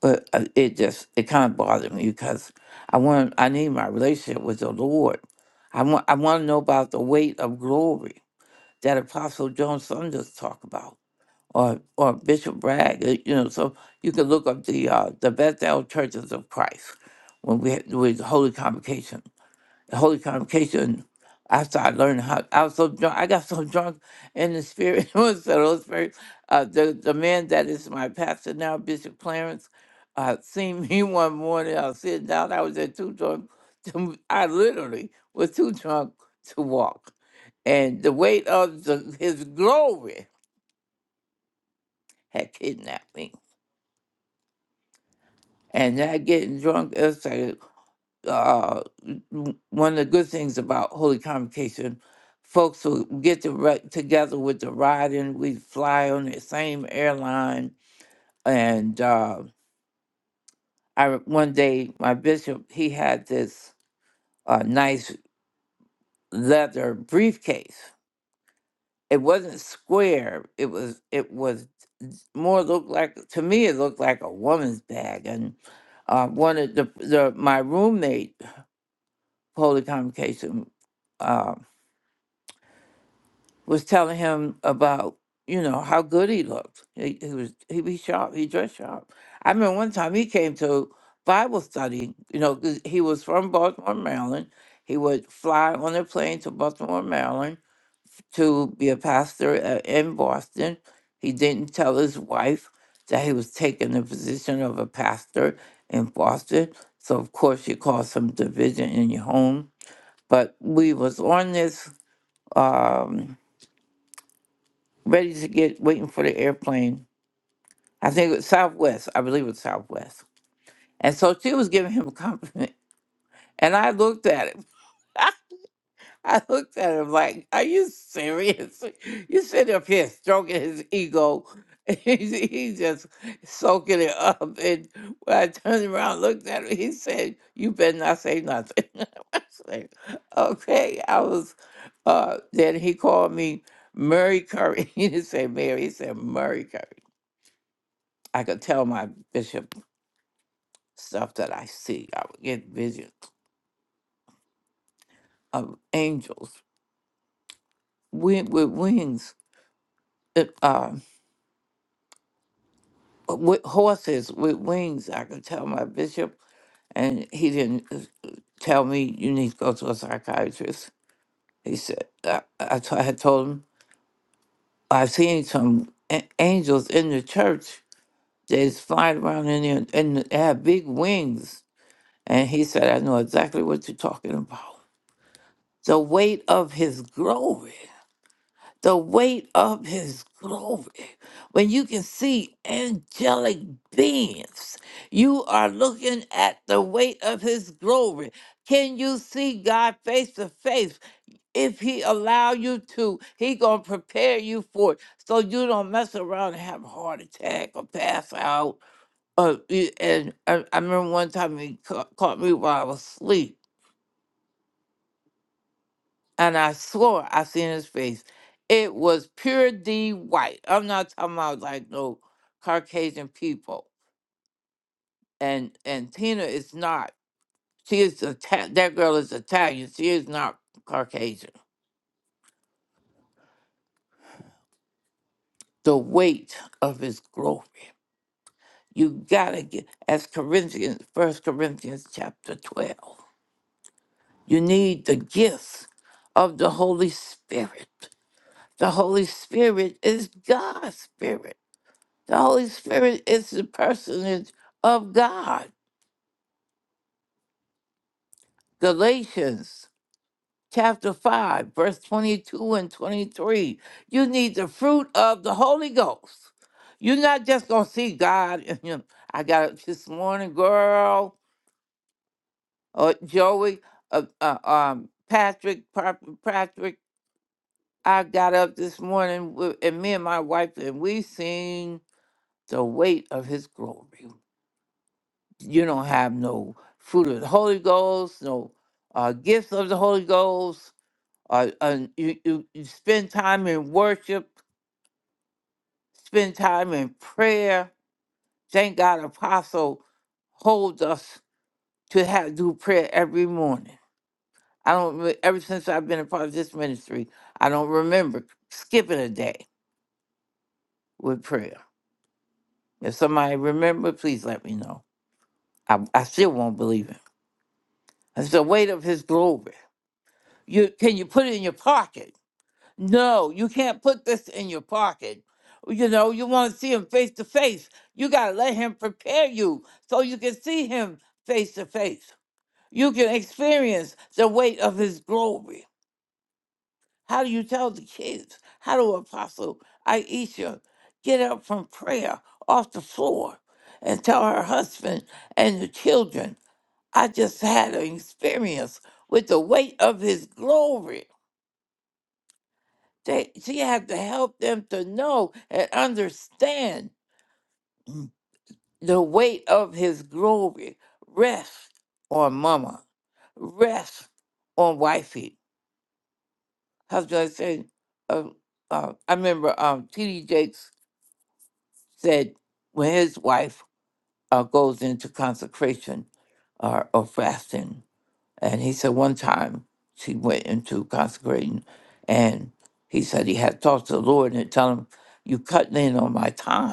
Speaker 7: But uh, it just it kind of bothered me because I want I need my relationship with the Lord. I want I want to know about the weight of glory that Apostle John Sunders talk about, or or Bishop Bragg. uh, You know, so you can look up the uh, the Bethel Churches of Christ when we had, with the Holy Convocation. Holy Convocation after I learned how I was so drunk I got *laughs* so drunk in the spirit *laughs* it was the Holy Spirit. Uh, the the man that is my pastor now, Bishop Clarence, uh, seen me *laughs* one morning. I was sitting down. I was at too drunk. To, I literally was too drunk to walk, and the weight of the, his glory had kidnapped me. And that getting drunk, uh, w- one of the good things about Holy Convocation, folks will get to ri- together with the riding. We fly on the same airline, and uh, I re- one day my bishop he had this uh, nice leather briefcase. It wasn't square. It was it was more looked like to me it looked like a woman's bag, and uh, one of the, the my roommate Holy Convocation. uh, was telling him about you know how good he looked. He, he was he be sharp. He dressed sharp. I remember one time he came to Bible study. You know 'cause he was from Baltimore, Maryland. He would fly on a plane to Baltimore, Maryland to be a pastor a- in Boston. He didn't tell his wife that he was taking the position of a pastor in Boston. So of course you caused some division in your home. But we was on this. Um, ready to get waiting for the airplane. I think it was Southwest. I believe it was Southwest. And so she was giving him *laughs* a compliment. And I looked at him. *laughs* I looked at him like, Are you serious? *laughs* You sit up here stroking his ego. *laughs* He's he's just soaking it up. And when I turned around, looked at him, he said, You better not say nothing. *laughs* I said, Okay. I was, uh, then he called me Murray Curry. *laughs* He didn't say Mary, he said Murray Curry. I could tell my bishop stuff that I see. I would get visions of angels wi- with wings, uh, uh, with horses with wings. I could tell my bishop, and he didn't uh, uh, tell me you need to go to a psychiatrist. He said I, I, t- I had told him I've seen some a- angels in the church. They just flying around in there, and they have big wings. And he said, I know exactly what you're talking about. The weight of his glory. the weight of his glory. When you can see angelic beings, you are looking at the weight of his glory. Can you see God face to face? If he allow you to, he gonna prepare you for it so you don't mess around and have a heart attack or pass out. Uh, and I, I remember one time he ca- caught me while I was asleep and I swore I seen his face. It was pure D white. I'm not talking about like no Caucasian people. And and Tina is not. She is Ita- that girl is Italian. She is not Caucasian. The weight of his glory. You gotta get as Corinthians, First Corinthians chapter twelve. You need the gifts of the Holy Spirit. The Holy Spirit is God's spirit. The Holy Spirit is the personage of God. Galatians chapter 5, verse 22 and 23. You need the fruit of the Holy Ghost. You're not just going to see God. *laughs* in him. I got up this morning, girl, or Joey, uh, uh, um, Patrick, Pa- Patrick. I got up this morning, with, and me and my wife, and we seen the weight of his glory. you don't have no fruit of the Holy Ghost, no uh, gifts of the Holy Ghost. Uh, uh, you, you, you spend time in worship, spend time in prayer. Thank God, Apostle holds us to have do prayer every morning. I don't. re- Ever since I've been a part of this ministry, I don't remember skipping a day with prayer. If somebody remember, please let me know. I, I still won't believe it. It's the weight of His glory. You can you put it in your pocket? No, you can't put this in your pocket. You know, you want to see him face to face. You got to let him prepare you so you can see him face to face. You can experience the weight of his glory. How do you tell the kids? How do Apostle Aisha get up from prayer off the floor and tell her husband and the children, I just had an experience with the weight of his glory? They, she had to help them to know and understand the weight of his glory rests on mama, rests on wifey. Husband said, um, uh, I remember um, T.D. Jakes said when his wife uh, goes into consecration uh, or fasting, and he said one time she went into consecrating, and he said he had talked to the Lord and tell him, you cutting in on my time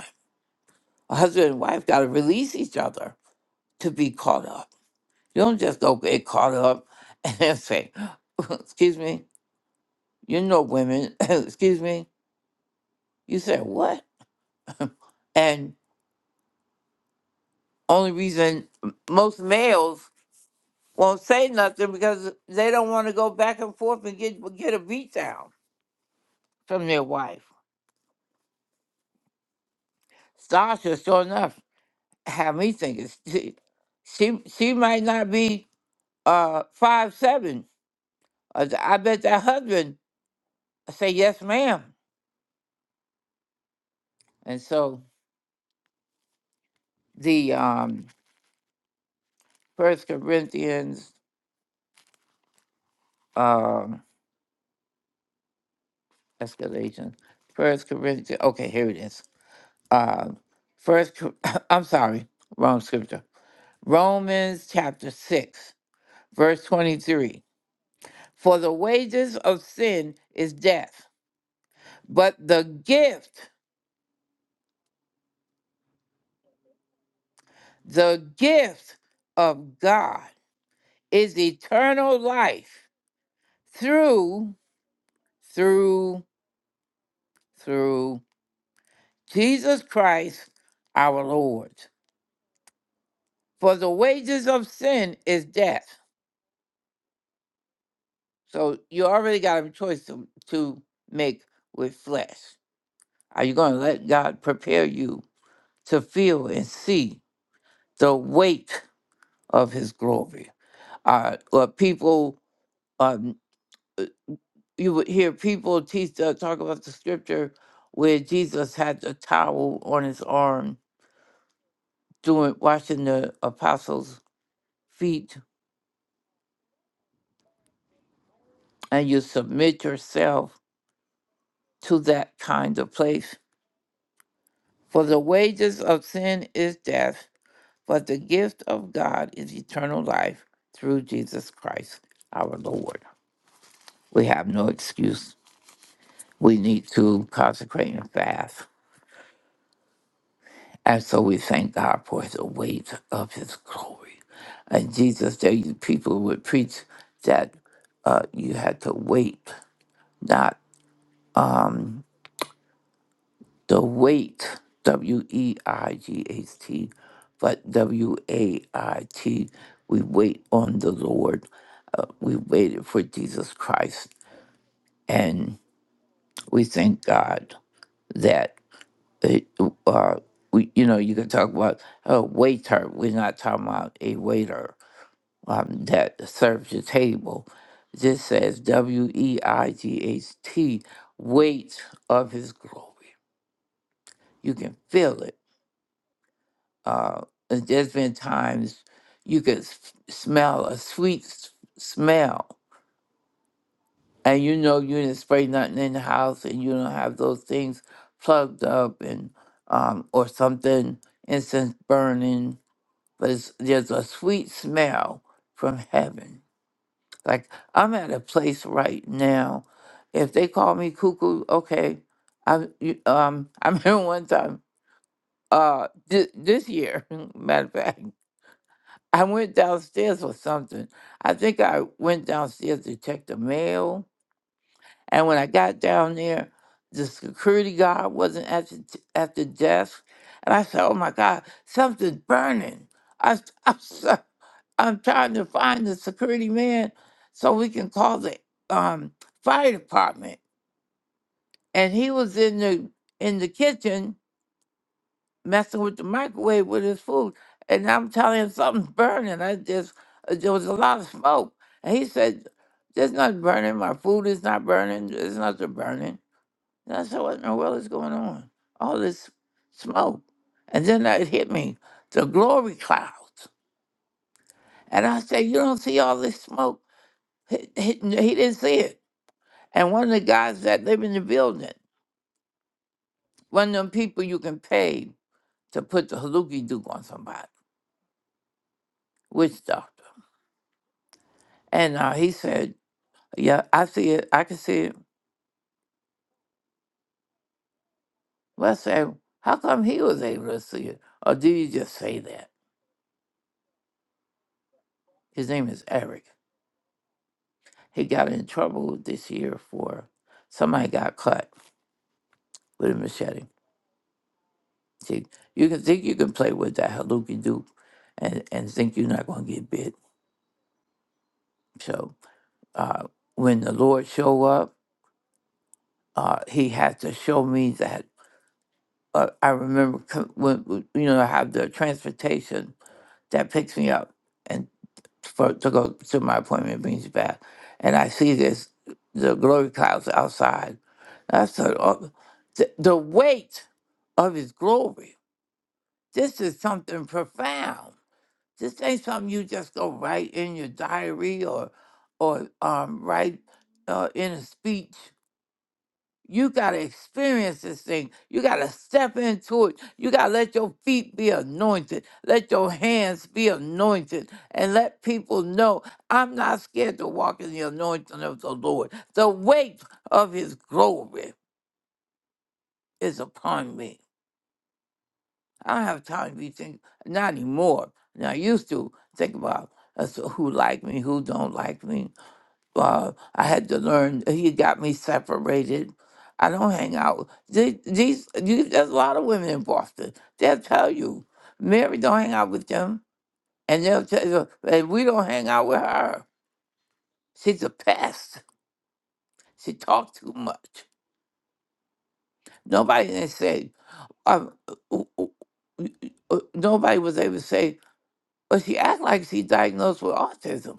Speaker 7: A husband and wife got to release each other to be caught up. You don't just go get caught up *laughs* and then say, *laughs* excuse me, you know women, *laughs* excuse me. You say, what? And only reason most males won't say nothing because they don't want to go back and forth and get get a beat down from their wife. Sasha, sure enough, had me thinking *laughs* she she, she might not be uh five seven. I I bet that husband say yes, ma'am. And so the um First Corinthians, um, that's Galatians. First Corinthians. Okay, here it is. Uh, First, Cor- *coughs* I'm sorry, wrong scripture. Romans chapter six, verse twenty-three. For the wages of sin is death, but the gift, the gift of God is eternal life through, through, through Jesus Christ our Lord. For the wages of sin is death. So you already got a choice to, to make with flesh. Are you going to let God prepare you to feel and see the weight of his glory? Uh, or people, um, you would hear people teach, uh, talk about the scripture where Jesus had the towel on his arm doing washing the apostles' feet, and you submit yourself to that kind of place. For the wages of sin is death, but the gift of God is eternal life through Jesus Christ our Lord. We have no excuse. We need to consecrate and fast. And so we thank God for the weight of his glory. And Jesus, there you people would preach that uh, you had to wait, not. um. The weight, W E I G H T, but W A I T, we wait on the Lord. Uh, we waited for Jesus Christ. And we thank God that, it, uh, we, you know, you can talk about a waiter. We're not talking about a waiter um, that serves the table. This says W E I G H T, weight of his glory. You can feel it Uh, and there's been times you could s- smell a sweet s- smell, and you know you didn't spray nothing in the house, and you don't have those things plugged up, and um, or something incense burning. But it's, there's a sweet smell from heaven. Like I'm at a place right now. If they call me cuckoo, okay. I you- um *laughs* I remember one time uh th- this year, *laughs* matter of fact. I went downstairs for something. I think I went downstairs to check the mail. And when I got down there, the security guard wasn't at the, t- at the desk. And I said, oh my God, something's burning. I, am *laughs* I'm so- I'm trying to find the security man so we can call the um, fire department. And he was in the in the kitchen messing with the microwave with his food. And I'm telling him something's burning. I just, uh, there was a lot of smoke. And he said, There's nothing burning. My food is not burning. There's nothing burning. And I said, What in the world is going on? All this smoke. And then it hit me the glory clouds. And I said, You don't see all this smoke? He, he, he didn't see it. And one of the guys that live in the building, one of them people you can pay to put the haluki duke on somebody, witch doctor. And uh, he said, Yeah, I see it. I can see it. Well, I said, How come he was able to see it? Or do you just say that? His name is Eric. He got in trouble this year for somebody got cut with a machete. See, you can think you can play with that haluki doop and, and think you're not going to get bit. So uh, when the Lord show up, uh, he had to show me that. Uh, I remember co- when, when, you know, I have the transportation that picks me up. and. for to go to my appointment brings you back. And I see this the glory clouds outside. I said, oh, the, the weight of his glory. This is something profound. This ain't something you just go write in your diary or or um, write uh, in a speech. You got to experience this thing. You got to step into it. You got to let your feet be anointed. Let your hands be anointed. And let people know I'm not scared to walk in the anointing of the Lord. The weight of his glory is upon me. I don't have time to be thinking, not anymore. Now, I used to think about as to who like me, who don't like me. uh, I had to learn. He got me separated. I don't hang out. These, these, you- there's a lot of women in Boston. They'll tell you, Mary don't hang out with them, and they'll tell you, and we don't hang out with her. She's a pest. She talks too much. Nobody can say. Um, w- w- w- nobody was able to say. But she act like she's diagnosed with autism.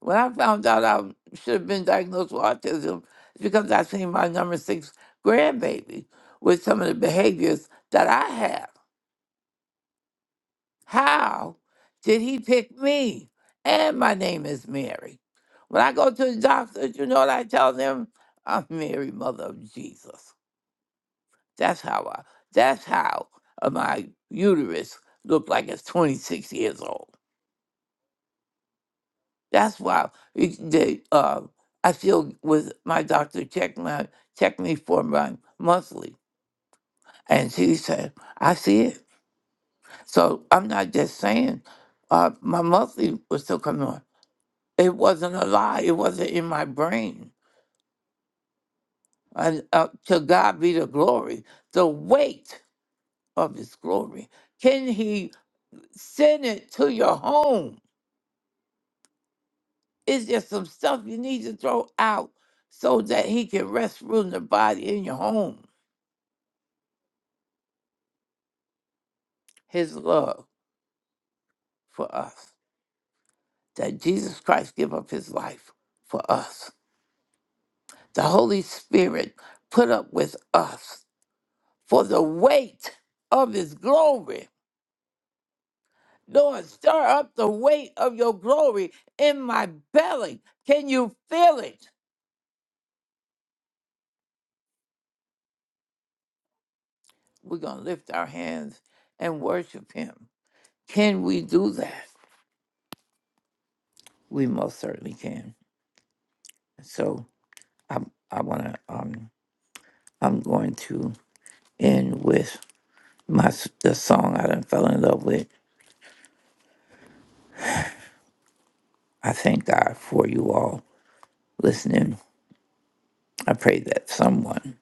Speaker 7: When I found out I should have been diagnosed with autism, it's because I seen my number six grandbaby with some of the behaviors that I have. How did he pick me? And my name is Mary. When I go to the doctor, you know what I tell them? I'm Mary, mother of Jesus. That's how I. That's how uh, my uterus looked like it's 26 years old. That's why we, they, uh, I still with my doctor check my check me for my monthly, and she said I see it. So I'm not just saying uh, my monthly was still coming on. It wasn't a lie. It wasn't in my brain. And uh, to God be the glory, the weight of His glory. Can He send it to your home? It's just some stuff you need to throw out so that He can rest, rule, in the body in your home his love for us, that Jesus Christ give up his life for us. The Holy Spirit put up with us for the weight of his glory. Lord, stir up the weight of your glory in my belly. Can you feel it? We're going to lift our hands and worship him. Can we do that? We most certainly can. So I, I want to, um, I'm going to end with. my s- the song I done fell in love with. I thank God for you all listening. I pray that someone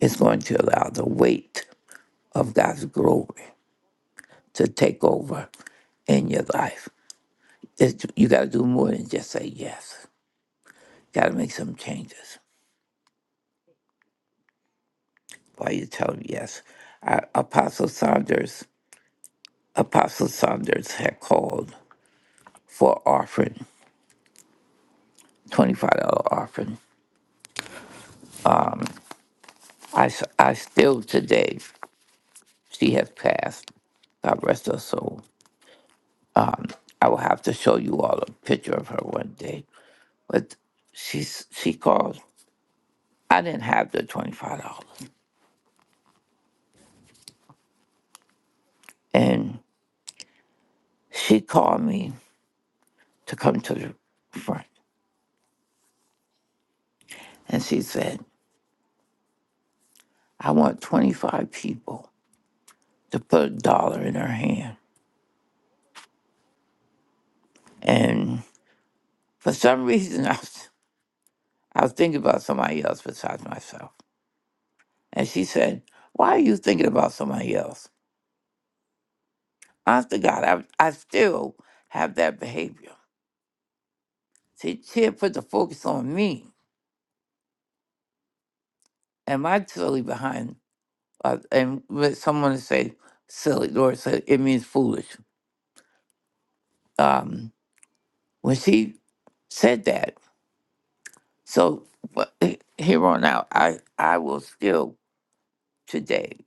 Speaker 7: is going to allow the weight of God's glory to take over in your life. It's, you got to do more than just say yes. Got to make some changes while you tell them yes. I, Apostle Saunders, Apostle Saunders had called for offering, $25 offering. I, s- I still today, she has passed. God rest her soul. I will have to show you all a picture of her one day. But she's she called. I didn't have the twenty five dollars, and she called me to come to the front, and she said, "I want twenty five people to put a dollar in her hand." And for some reason, *laughs* I was, I was thinking about somebody else besides myself, and she said, "Why are you thinking about somebody else?" Honest to God, I I still have that behavior. She she had put the focus on me am I silly behind? Uh, and when someone say silly, Laura said it means foolish. Um, when she said that, so but he- here on out, I I will still today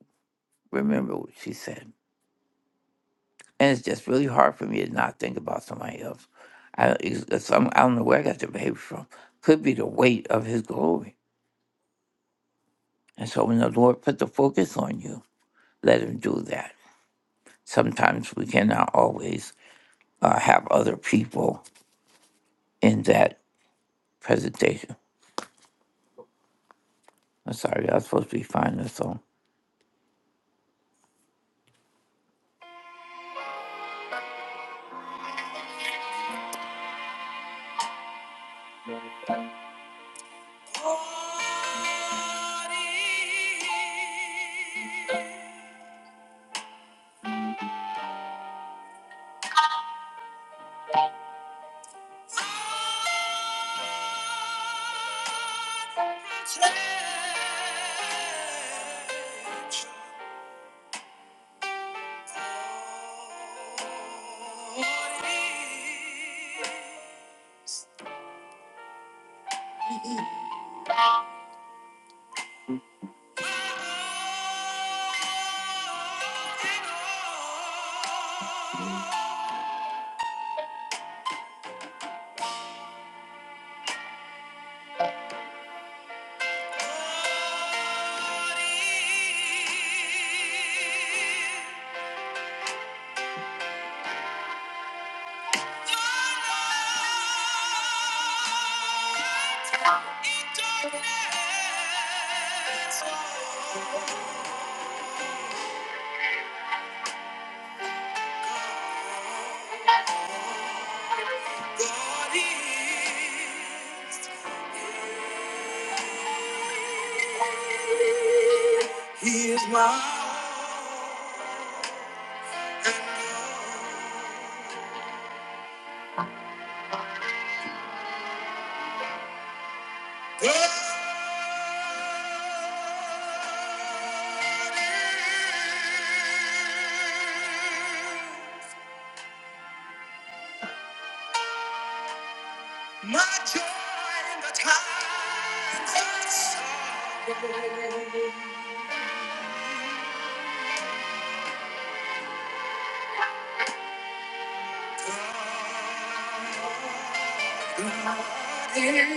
Speaker 7: remember what she said, and it's just really hard for me to not think about somebody else. I it's, it's- I'm- I don't know where I got the behavior from. Could be the weight of His glory, and so when the Lord put the focus on you, let Him do that. Sometimes we cannot always uh, have other people in that presentation. I'm sorry, I was supposed to be finding this song. *laughs* He is my all and all. God. is. My joy in the times of sorrow.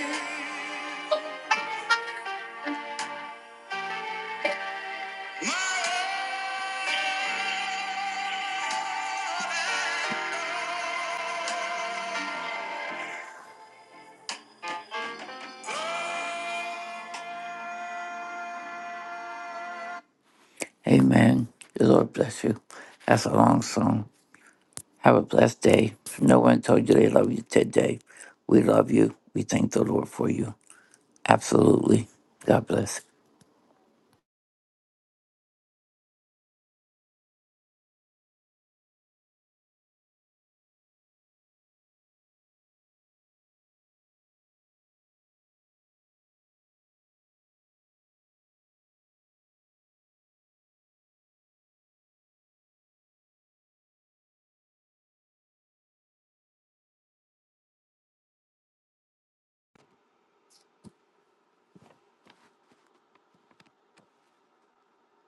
Speaker 7: Amen. The Lord bless you. That's a long song. Have a blessed day. If no one told you they love you today, we love you. We thank the Lord for you. Absolutely. God bless.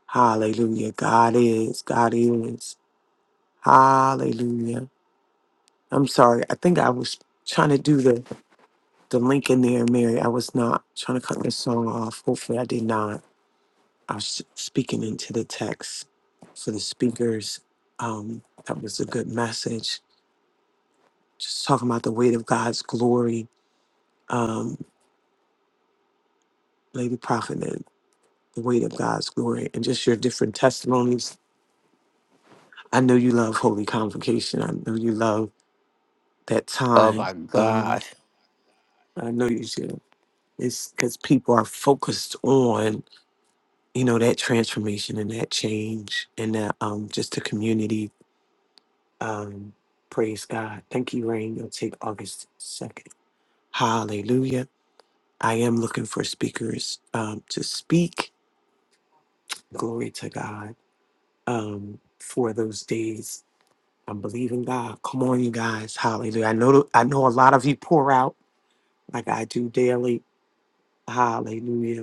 Speaker 2: Hallelujah. God is. God is. Hallelujah. I'm sorry. I think I was trying to do the, the link in there, Mary. I was not trying to cut this song off. Hopefully, I did not. I was speaking into the text for the speakers. Um, that was a good message. Just talking about the weight of God's glory, um, Lady Prophet, and the weight of God's glory, and just your different testimonies. I know you love Holy Convocation. I know you love that
Speaker 7: Oh
Speaker 2: time.
Speaker 7: my
Speaker 2: Um,
Speaker 7: gosh.
Speaker 2: I know you do. It's because people are focused on, you know, that transformation and that change and that um just the community. Um, praise God. Thank you, Rain. You'll take August 2nd. Hallelujah. I am looking for speakers um to speak. Glory to God. Um, for those days. I'm believing God. Come on, you guys. Hallelujah. I know I know a lot of you pour out like I do daily. Hallelujah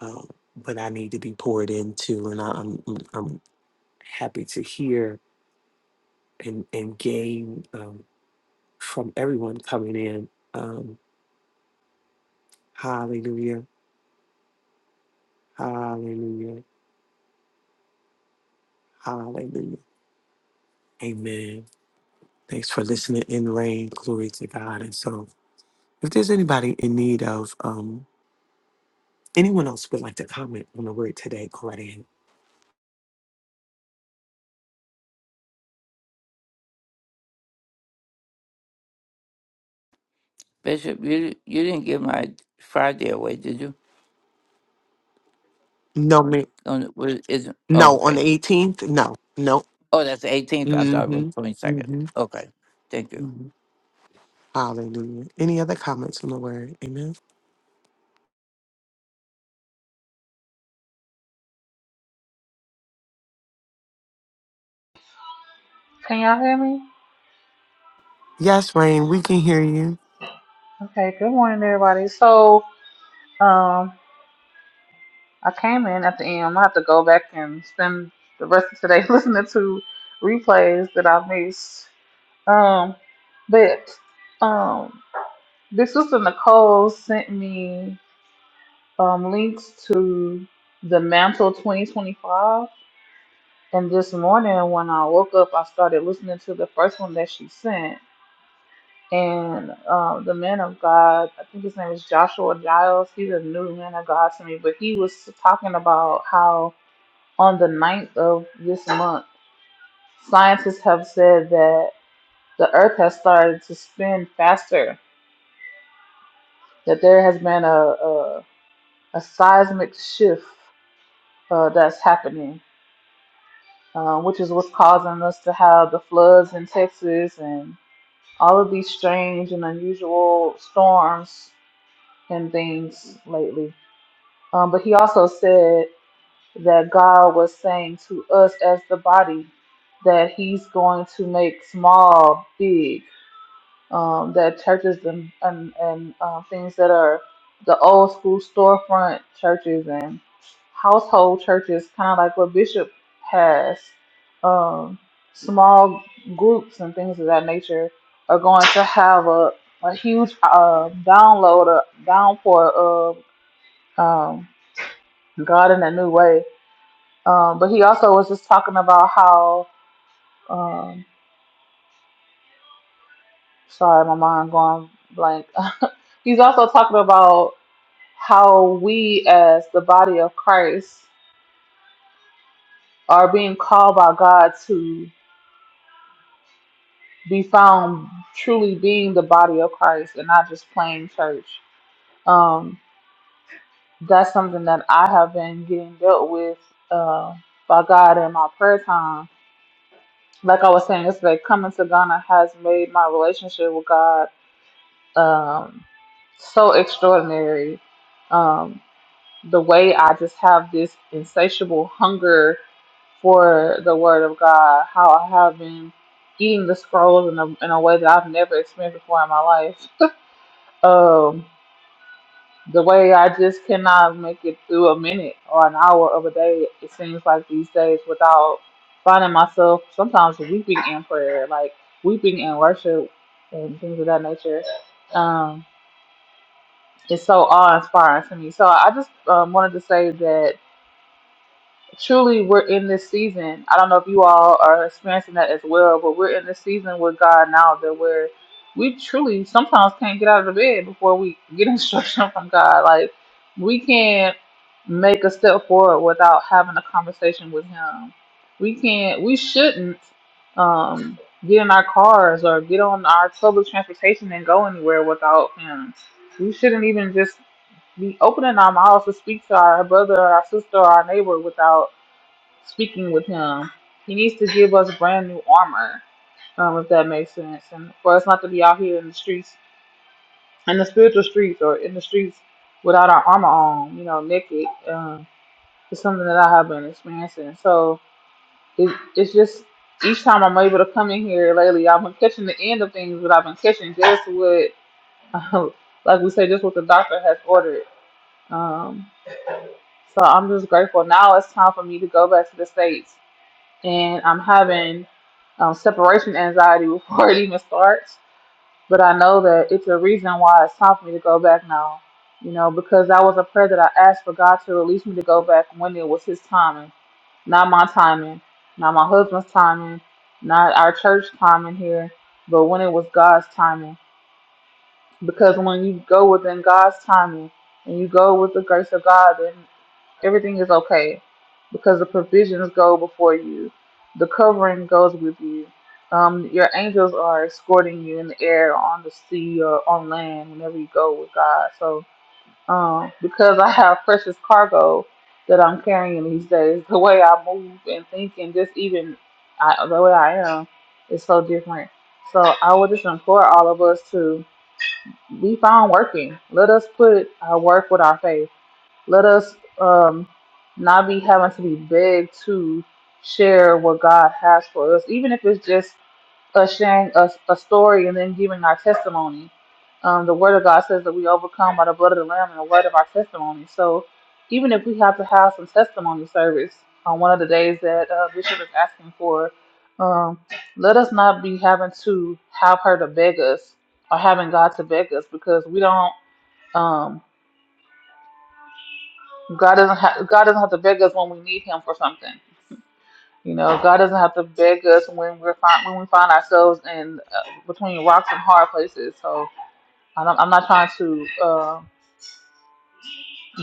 Speaker 2: um, but I need to be poured into, and I, I'm I'm I'm happy to hear and and gain um, from everyone coming in. Um, hallelujah! Hallelujah! Hallelujah! Amen. Thanks for listening in rain. Glory to God. And so, if there's anybody in need of um, anyone else would like to comment on the word today, go right ahead.
Speaker 7: Bishop, you you didn't give my Friday away, did you?
Speaker 2: No, me.
Speaker 7: On what is it? Oh,
Speaker 2: No, on the
Speaker 7: okay.
Speaker 2: 18th. No, no.
Speaker 7: Oh, that's the 18th. I thought it was
Speaker 2: Mm-hmm.
Speaker 7: 22nd.
Speaker 2: Mm-hmm.
Speaker 7: Okay. Thank you.
Speaker 2: Hallelujah. Any other comments on the word? Amen.
Speaker 8: Can y'all hear me?
Speaker 2: Yes, Rain, we can hear you.
Speaker 8: Okay, good morning, everybody. So, um, I came in at the end. I'm gonna have to go back and spend the rest of today *laughs* listening to replays that i missed. Um, but um, this sister Nicole sent me um, links to the Mantle 2025, and this morning when I woke up, I started listening to the first one that she sent, and um, the man of God, I think his name is Joshua Giles. He's a new man of God to me, but he was talking about how on the ninth of this month, scientists have said that the Earth has started to spin faster, that there has been a, a, a seismic shift uh, that's happening, uh, which is what's causing us to have the floods in Texas and all of these strange and unusual storms and things lately. Um, but he also said that God was saying to us as the body that he's going to make small big, um, that churches and, and, and uh, things that are the old school storefront churches and household churches, kind of like what Bishop has, um, small groups and things of that nature, are going to have a, a huge uh, download, a downpour of. Um, God in a new way. Um, but he also was just talking about how, um, sorry, my mind going blank. *laughs* He's also talking about how we, as the body of Christ, are being called by God to be found truly being the body of Christ and not just plain church. Um, that's something that I have been getting dealt with uh, by God in my prayer time. Like I was saying yesterday, coming to Ghana has made my relationship with God um, so extraordinary. Um, the way I just have this insatiable hunger for the Word of God, how I have been eating the scrolls in a, in a way that I've never experienced before in my life. Um, the way I just cannot make it through a minute or an hour of a day, it seems like these days, without finding myself sometimes weeping in prayer, like weeping in worship and things of that nature. Um. It's so awe-inspiring to me. So I just um, wanted to say that truly we're in this season. I don't know if you all are experiencing that as well, but we're in this season with God now that we're we truly sometimes can't get out of the bed before we get *laughs* instruction from God. Like we can't make a step forward without having a conversation with Him. We can't. We shouldn't um, get in our cars or get on our public transportation and go anywhere without Him. We shouldn't even just be open in our mouths to speak to our brother, or our sister, or our neighbor without speaking with him. He needs to give us brand new armor, um, if that makes sense, and for us not to be out here in the streets, in the spiritual streets, or in the streets without our armor on, you know, naked. Um, it's something that I have been experiencing. So it, it's just each time I'm able to come in here lately, I've been catching the end of things, but I've been catching just what, *laughs* like we say, just what the doctor has ordered. Um, So I'm just grateful. Now it's time for me to go back to the States. And I'm having um, separation anxiety *laughs* before it even starts. But I know that it's a reason why it's time for me to go back now. You know, because that was a prayer that I asked for God to release me to go back when it was His timing, not my timing, not my husband's timing, not our church timing here, but when it was God's timing. Because when you go within God's timing and you go with the grace of God, then. Everything is okay because the provisions go before you, the covering goes with you. Um, your angels are escorting you in the air, on the sea, or on land whenever you go with God. So, um, because I have precious cargo that I'm carrying these days, the way I move and think, and just even I, the way I am, is so different. So, I would just implore all of us to be found working. Let us put our work with our faith let us um, not be having to be begged to share what God has for us, even if it's just us sharing a, a story and then giving our testimony. Um, the Word of God says that we overcome by the blood of the Lamb and the word of our testimony. So even if we have to have some testimony service on one of the days that uh, Bishop is asking for, um, let us not be having to have her to beg us or having God to beg us because we don't. Um, God doesn't have God doesn't have to beg us when we need Him for something. You know, God doesn't have to beg us when we're find, when we find ourselves in uh, between rocks and hard places. So I don't, I'm not trying to uh,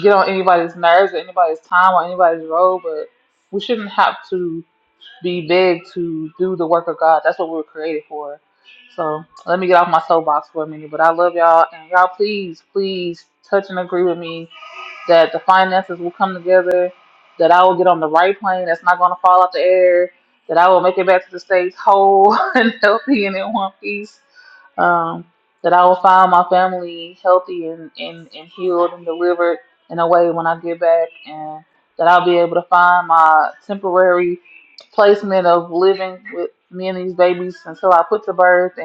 Speaker 8: get on anybody's nerves or anybody's time or anybody's road, but we shouldn't have to be begged to do the work of God. That's what we were created for. So let me get off my soapbox for a minute. But I love y'all, and y'all please, please touch and agree with me that the finances will come together, that I will get on the right plane that's not going to fall out the air, that I will make it back to the States whole *laughs* and healthy and in one piece, um, that I will find my family healthy and, and, and healed and delivered in a way when I get back, and that I'll be able to find my temporary placement of living with me and these babies until I put to birth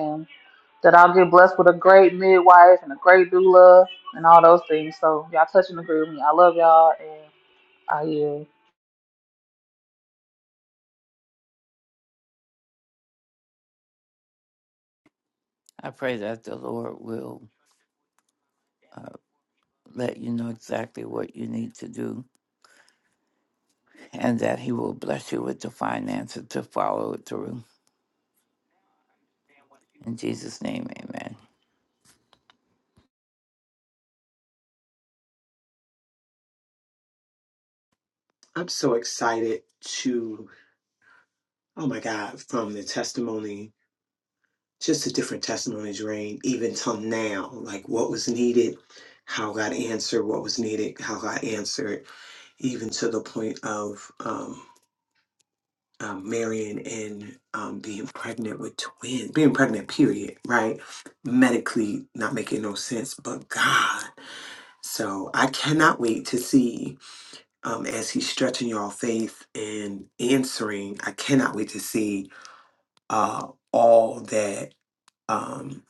Speaker 8: that I'll get blessed with a great midwife and a great doula and all those things. So y'all touch and agree with me. I love y'all and I yield.
Speaker 7: I pray that the Lord will. uh, let you know exactly what you need to do and that he will bless you with the finances to follow it through. In Jesus' name, amen.
Speaker 2: I'm so excited to, oh my God, from the testimony, just the different testimonies, Rain, even till now, like what was needed, how God answered what was needed, how God answered, even to the point of um, um, marrying and um, being pregnant with twins, being pregnant, period, right? Medically not making no sense, but God. So I cannot wait to see. um, as he's stretching your faith and answering. I cannot wait to see uh, all that um,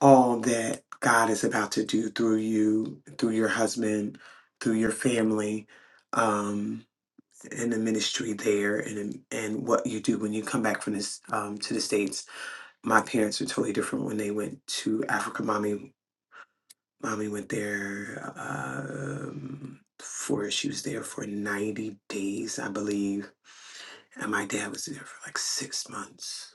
Speaker 2: all that God is about to do through you, through your husband, through your family, um, and the ministry there, and and what you do when you come back from this um, to the states. My parents were totally different when they went to Africa. Mommy, mommy went there. Um, for she was there for 90 days i believe And my dad was there for like six months,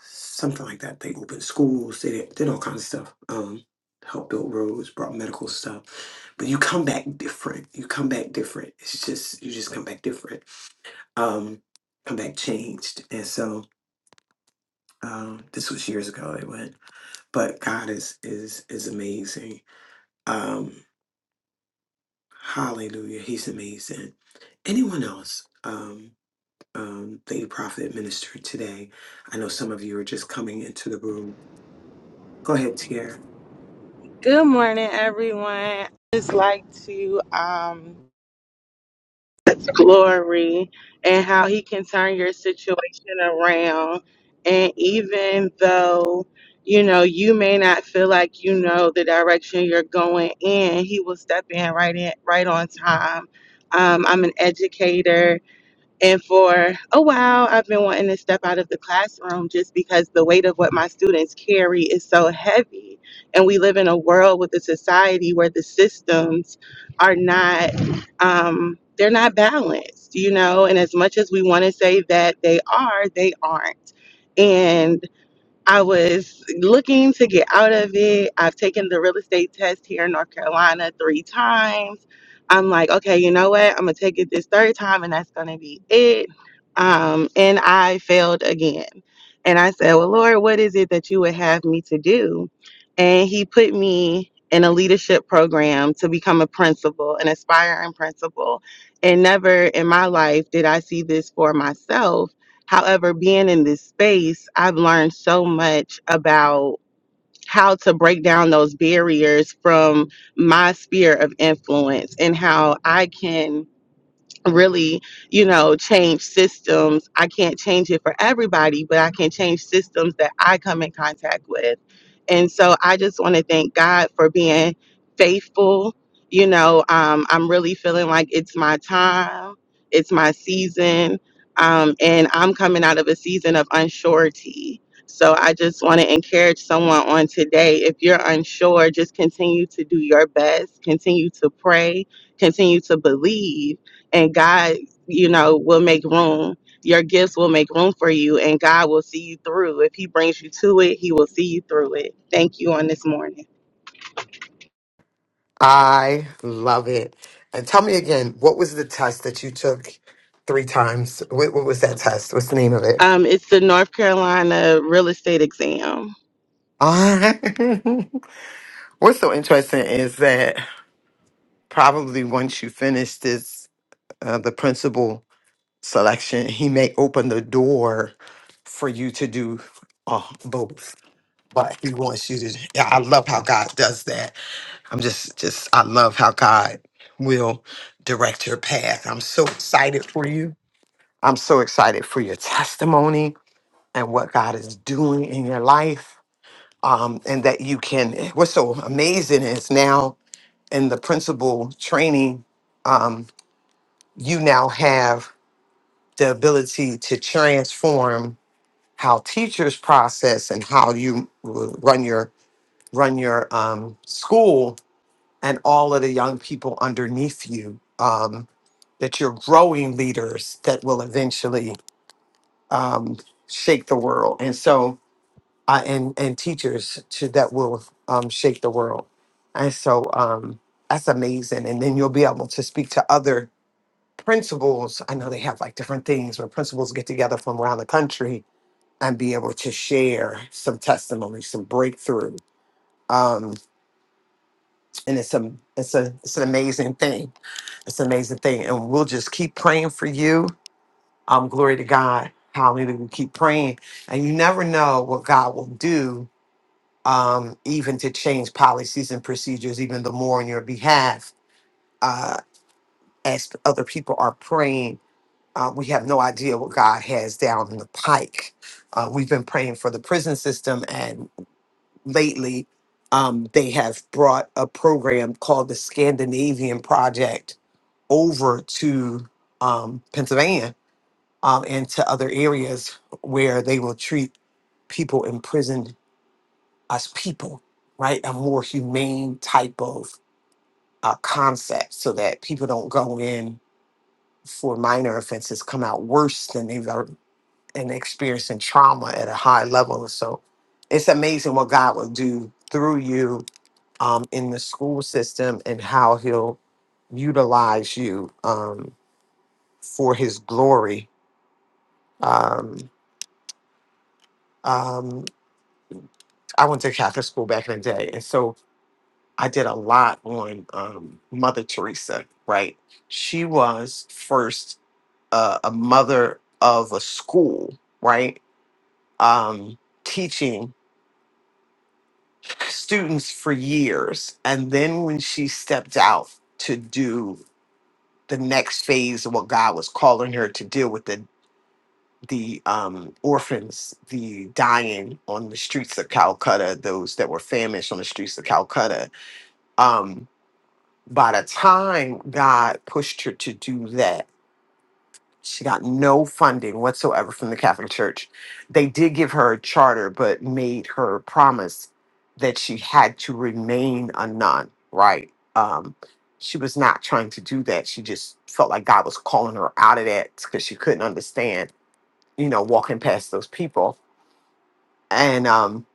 Speaker 2: something like that. They opened schools, they did, did all kinds of stuff, um, helped build roads, brought medical stuff. But you come back different. You come back different. It's just, you just come back different, um, come back changed. And so, um, this was years ago they went, but God is, is, is amazing. Um, hallelujah. He's amazing. Anyone else? Um, um, that you prophet ministered today. I know some of you are just coming into the room. Go ahead, Tiara.
Speaker 9: Good morning, everyone. just like to um, that's glory and how he can turn your situation around. And even though, you know, you may not feel like you know the direction you're going in, he will step in right in right on time. Um, I'm an educator and for a while, I've been wanting to step out of the classroom just because the weight of what my students carry is so heavy. And we live in a world with a society where the systems are not, um, they're not balanced, you know? And as much as we want to say that they are, they aren't. And I was looking to get out of it. I've taken the real estate test here in North Carolina three times. I'm like, okay, you know what? I'm gonna take it this third time, and that's gonna be it. Um, and I failed again. And I said, well, Lord, what is it that you would have me to do? And He put me in a leadership program to become a principal, an aspiring principal. And never in my life did I see this for myself However, being in this space, I've learned so much about how to break down those barriers from my sphere of influence and how I can really, you know, change systems. I can't change it for everybody, but I can change systems that I come in contact with. And so I just want to thank God for being faithful. You know, um, I'm really feeling like it's my time, it's my season, um, and I'm coming out of a season of unsurety. So I just want to encourage someone on today. If you're unsure, just continue to do your best, continue to pray, continue to believe and God, you know, will make room. Your gifts will make room for you, and God will see you through. If He brings you to it, He will see you through it. Thank you on this morning.
Speaker 2: I love it. And tell me again, what was the test that you took three times? What, what was that test? What's the name of it?
Speaker 9: Um, it's the North Carolina real estate exam.
Speaker 2: Ah, *laughs* what's so interesting is that probably once you finish this, uh, the principal selection, he may open the door for you to do uh, both. But he wants you to. Yeah, I love how God does that I'm just just I love how God will direct your path. I'm so excited for you. I'm so excited for your testimony and what God is doing in your life. Um, and that you can what's so amazing is now in the principal training, um, you now have the ability to transform how teachers process and how you uh, run your run your um, school and all of the young people underneath you um, that you're growing leaders that will eventually um, shake the world and so uh, and and teachers to that will um, shake the world and so um, that's amazing and then you'll be able to speak to other principals i know they have like different things where principals get together from around the country and be able to share some testimony some breakthrough um, and it's a it's a it's an amazing thing. It's an amazing thing, and we'll just keep praying for you. Um, glory to God. Hallelujah. We keep praying, and you never know what God will do, um, even to change policies and procedures, even the more on your behalf. Uh, as other people are praying, uh, we have no idea what God has down in the pike. Uh, we've been praying for the prison system, and lately, um, they have brought a program called the Scandinavian Project over to um, Pennsylvania um, and to other areas where they will treat people imprisoned as people, right? A more humane type of uh, concept so that people don't go in for minor offenses, come out worse than they've ever and experiencing trauma at a high level. So it's amazing what God will do through you um, in the school system and how he'll utilize you um, for his glory um, um, I went to Catholic school back in the day, and so I did a lot on um, Mother Teresa. Right, she was first uh, a mother of a school, right, um, teaching students for years, and then when she stepped out to do the next phase of what God was calling her to do with the the um, orphans, the dying on the streets of Calcutta, those that were famished on the streets of Calcutta. Um, by the time God pushed her to do that, she got no funding whatsoever from the Catholic Church. They did give her a charter, but made her promise that she had to remain a nun, right? Um, she was not trying to do that. She just felt like God was calling her out of that because she couldn't understand, you know, walking past those people And um,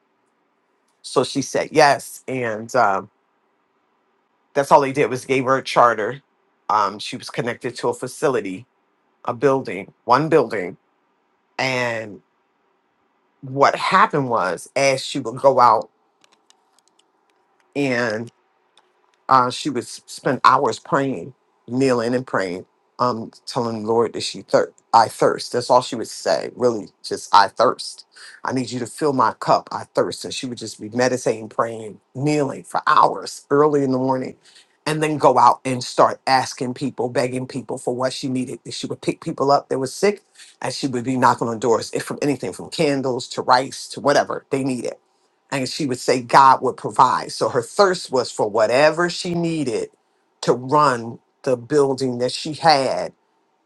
Speaker 2: so she said yes. And um, that's all they did was gave her a charter. Um, she was connected to a facility, a building, one building. And what happened was, as she would go out and Uh, she would s- spend hours praying, kneeling and praying, um, telling the Lord that she thir- I thirst. That's all she would say, really, just I thirst. I need you to fill my cup. I thirst. And she would just be meditating, praying, kneeling for hours early in the morning, and then go out and start asking people, begging people for what she needed. She would pick people up that were sick, and she would be knocking on doors, if from anything from candles to rice to whatever they needed and she would say God would provide. So her thirst was for whatever she needed to run the building that she had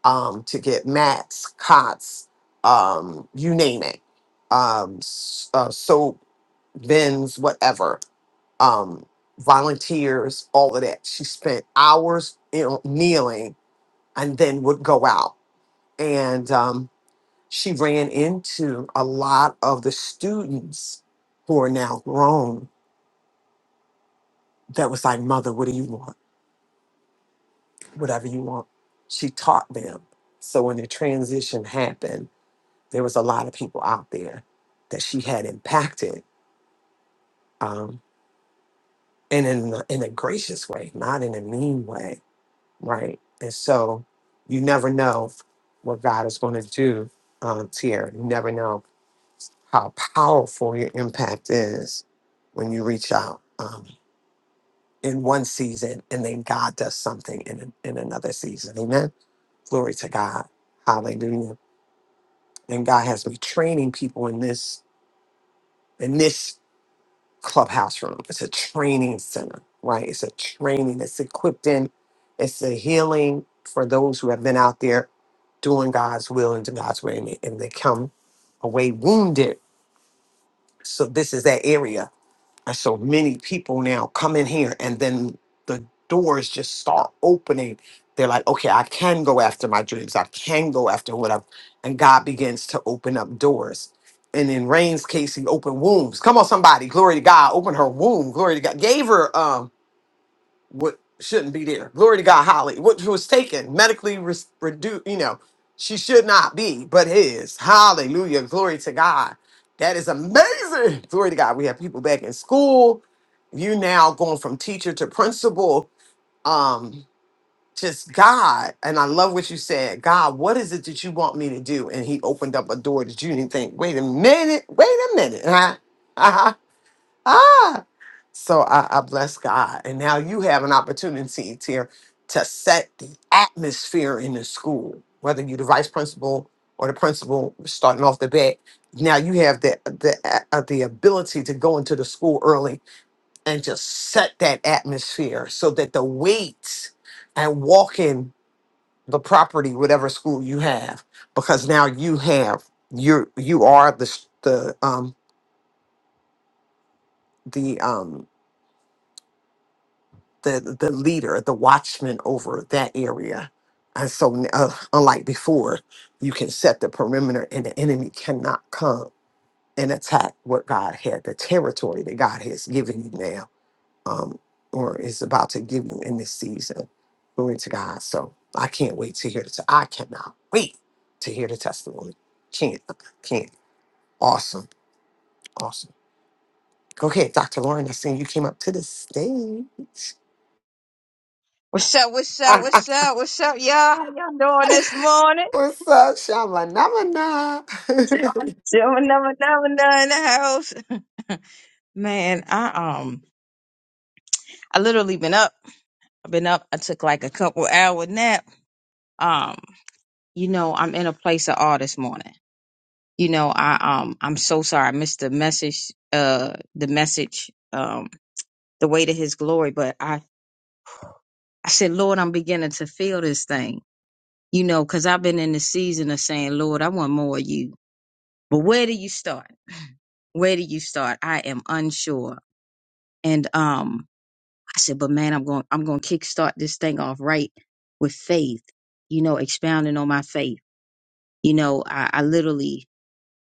Speaker 2: um, to get mats, cots, um, you name it, um, s- uh, soap, bins, whatever, um, volunteers, all of that. She spent hours you know, kneeling and then would go out. And um, she ran into a lot of the students who are now grown that was like, Mother, what do you want? Whatever you want. She taught them. So when the transition happened, there was a lot of people out there that she had impacted, um, and in a, in a gracious way, not in a mean way, right? And so you never know what God is going to do, um, Tierra. You never know how powerful your impact is when you reach out um, in one season, and then God does something in in another season. Amen. Glory to God. Hallelujah. And God has me training people in this in this clubhouse room. It's a training center, right? It's a training. It's equipped in. It's a healing for those who have been out there doing God's will and doing God's way, and they and they come away wounded. So this is that area And so many people now come in here and then the doors just start opening. They're like, okay, I can go after my dreams. I can go after what I've, and God begins to open up doors. And in Rain's case, he opened wombs. Come on, somebody. Glory to God. Open her womb. Glory to God. Gave her um, what shouldn't be there. Glory to God, Holly, what was taken medically re- reduced, you know, she should not be, but his. Hallelujah. Glory to God. That is amazing. Glory to God. We have people back in school. You now going from teacher to principal. Um, just God. And I love what you said. God, what is it that you want me to do? And he opened up a door that you didn't think, wait a minute, wait a minute. Huh? *laughs* Uh-huh. So I, I bless God. And now you have an opportunity to, to set the atmosphere in the school, whether you're the vice principal or the principal starting off the bat. Now you have the the a- uh, the ability to go into the school early and just set that atmosphere so that the weights and walk in the property, whatever school you have, because now you have you you are the s- the um the um the the leader, the watchman over that area. And so, uh, unlike before, you can set the perimeter, and the enemy cannot come and attack what God had, the territory that God has given you now, um, or is about to give you in this season. Glory to God. So I can't wait to hear the. T- I cannot wait to hear the testimony. Can't, can't. Awesome, awesome. Go ahead, Dr. Lauren. I seen you came up to the stage.
Speaker 10: What's up? What's up?
Speaker 2: *laughs*
Speaker 10: What's up? What's up, y'all? How y'all doing this morning?
Speaker 2: What's up, Shama? Namana? *laughs*
Speaker 10: Gentleman number number nine in the house. *laughs* Man, I um, I literally been up. I've been up. I took like a couple hour nap. Um, you know, I'm in a place of awe this morning. You know, I um, I'm so sorry I missed the message. Uh, the message. Um, the way to His glory. But I, I said, Lord, I'm beginning to feel this thing. You know, because I've been in the season of saying, Lord, I want more of you. But where do you start? where do you start? I am unsure. And um, I said, but man, I'm going, I'm going to kickstart this thing off right with faith, you know, expounding on my faith. You know, I, I literally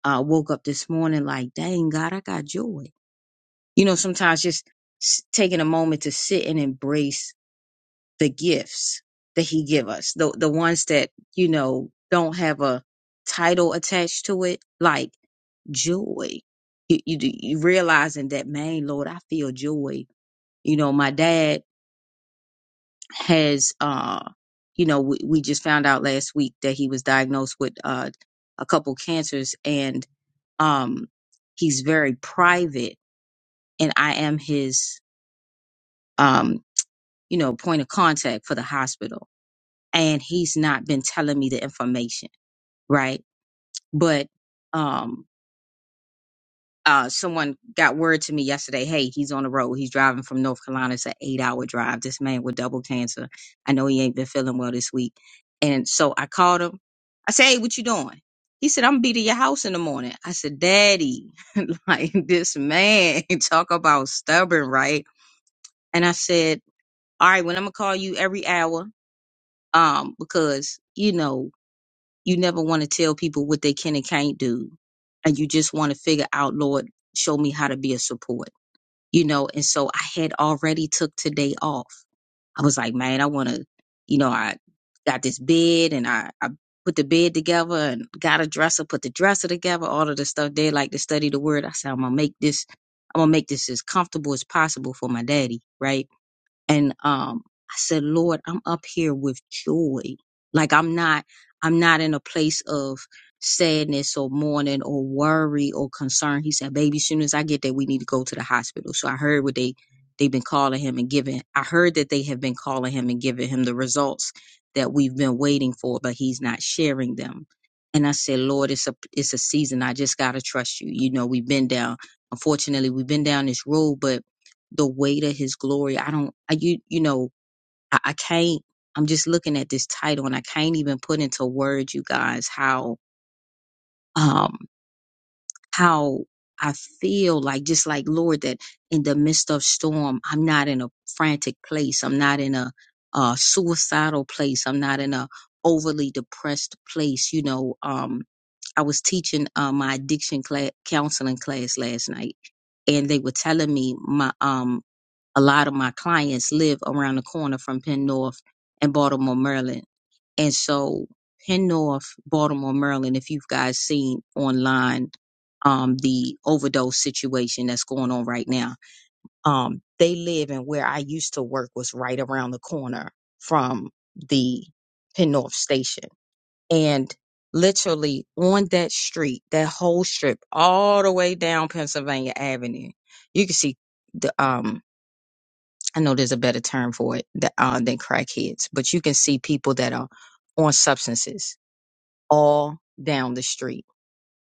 Speaker 10: uh, woke up this morning like, dang God, I got joy. You know, sometimes just s- taking a moment to sit and embrace the gifts that he give us, the, the ones that, you know, don't have a title attached to it, like joy. You, you, you realizing that, man, Lord, I feel joy You know, my dad has, uh, you know, we, we just found out last week that he was diagnosed with uh, a couple cancers, and um, he's very private, and I am his, um, you know, point of contact for the hospital. And he's not been telling me the information, right? But, um, uh, someone got word to me yesterday. Hey, he's on the road. He's driving from North Carolina. It's an eight-hour drive. This man with double cancer. I know he ain't been feeling well this week. And so I called him. I said, "Hey, what you doing?" He said, "I'm gonna be to your house in the morning." I said, "Daddy, *laughs* like this man *laughs* talk about stubborn, right?" And I said, "All right, when I'm gonna call you every hour, um, because you know you never want to tell people what they can and can't do, and you just want to figure out, Lord, show me how to be a support." you know and so i had already took today off i was like man i want to you know i got this bed and i, I put the bed together and got a dresser put the dresser together all of the stuff there. like to study the word i said i'm gonna make this i'm gonna make this as comfortable as possible for my daddy right and um i said lord i'm up here with joy like i'm not i'm not in a place of sadness or mourning or worry or concern he said baby soon as i get there we need to go to the hospital so i heard what they they've been calling him and giving i heard that they have been calling him and giving him the results that we've been waiting for but he's not sharing them and i said lord it's a it's a season i just gotta trust you you know we've been down unfortunately we've been down this road but the weight of his glory. I don't, I, you, you know, I, I can't, I'm just looking at this title and I can't even put into words, you guys, how, um, how I feel like, just like Lord, that in the midst of storm, I'm not in a frantic place. I'm not in a, uh, suicidal place. I'm not in a overly depressed place. You know, um, I was teaching, uh, my addiction class, counseling class last night and they were telling me my, um, a lot of my clients live around the corner from Penn North and Baltimore, Maryland. And so Penn North, Baltimore, Maryland, if you've guys seen online um the overdose situation that's going on right now. Um they live in where I used to work was right around the corner from the Penn North station. And literally on that street, that whole strip all the way down Pennsylvania Avenue, you can see the um I know there's a better term for it that, uh, than crackheads, but you can see people that are on substances all down the street.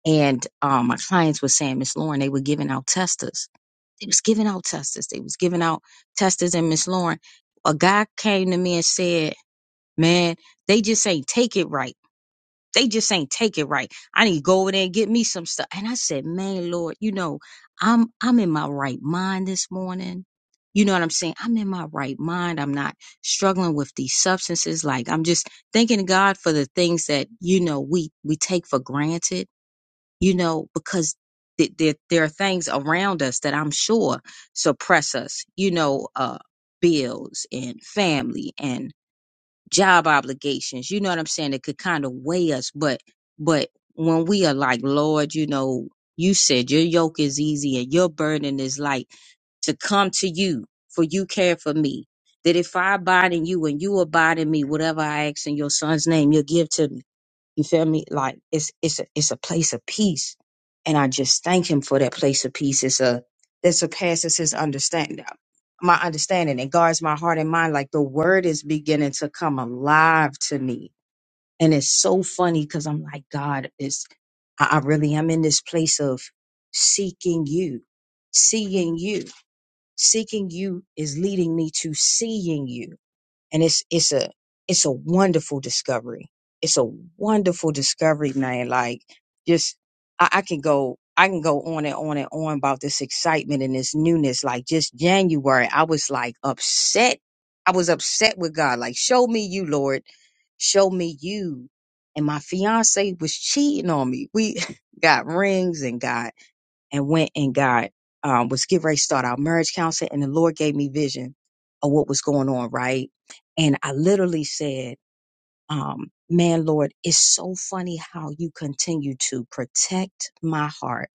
Speaker 10: And um, my clients were saying, Miss Lauren, they were giving out testers. They was giving out testers. They was giving out testers. And Miss Lauren, a guy came to me and said, man, they just ain't take it right they just ain't take it right. I need to go over there and get me some stuff. And I said, man, Lord, you know, I'm, I'm in my right mind this morning. You know what I'm saying? I'm in my right mind. I'm not struggling with these substances. Like I'm just thanking God for the things that, you know, we, we take for granted, you know, because th- there, there are things around us that I'm sure suppress us, you know, uh, bills and family and job obligations you know what i'm saying that could kind of weigh us but but when we are like lord you know you said your yoke is easy and your burden is light to come to you for you care for me that if i abide in you and you abide in me whatever i ask in your son's name you'll give to me you feel me? Like it's it's a it's a place of peace. And I just thank him for that place of peace. It's a that surpasses his understanding my understanding. It guards my heart and mind. Like the word is beginning to come alive to me. And it's so funny because I'm like, God, is I, I really am in this place of seeking you, seeing you. Seeking you is leading me to seeing you and it's it's a it's a wonderful discovery. It's a wonderful discovery, man. Like just I, I can go I can go on and on and on about this excitement and this newness. Like just January, I was like upset. I was upset with God. Like, show me you, Lord. Show me you. And my fiance was cheating on me. We *laughs* got rings and got and went and got um, was getting ready to start our marriage counseling, and the Lord gave me vision of what was going on, right? And I literally said, um, "Man, Lord, it's so funny how you continue to protect my heart."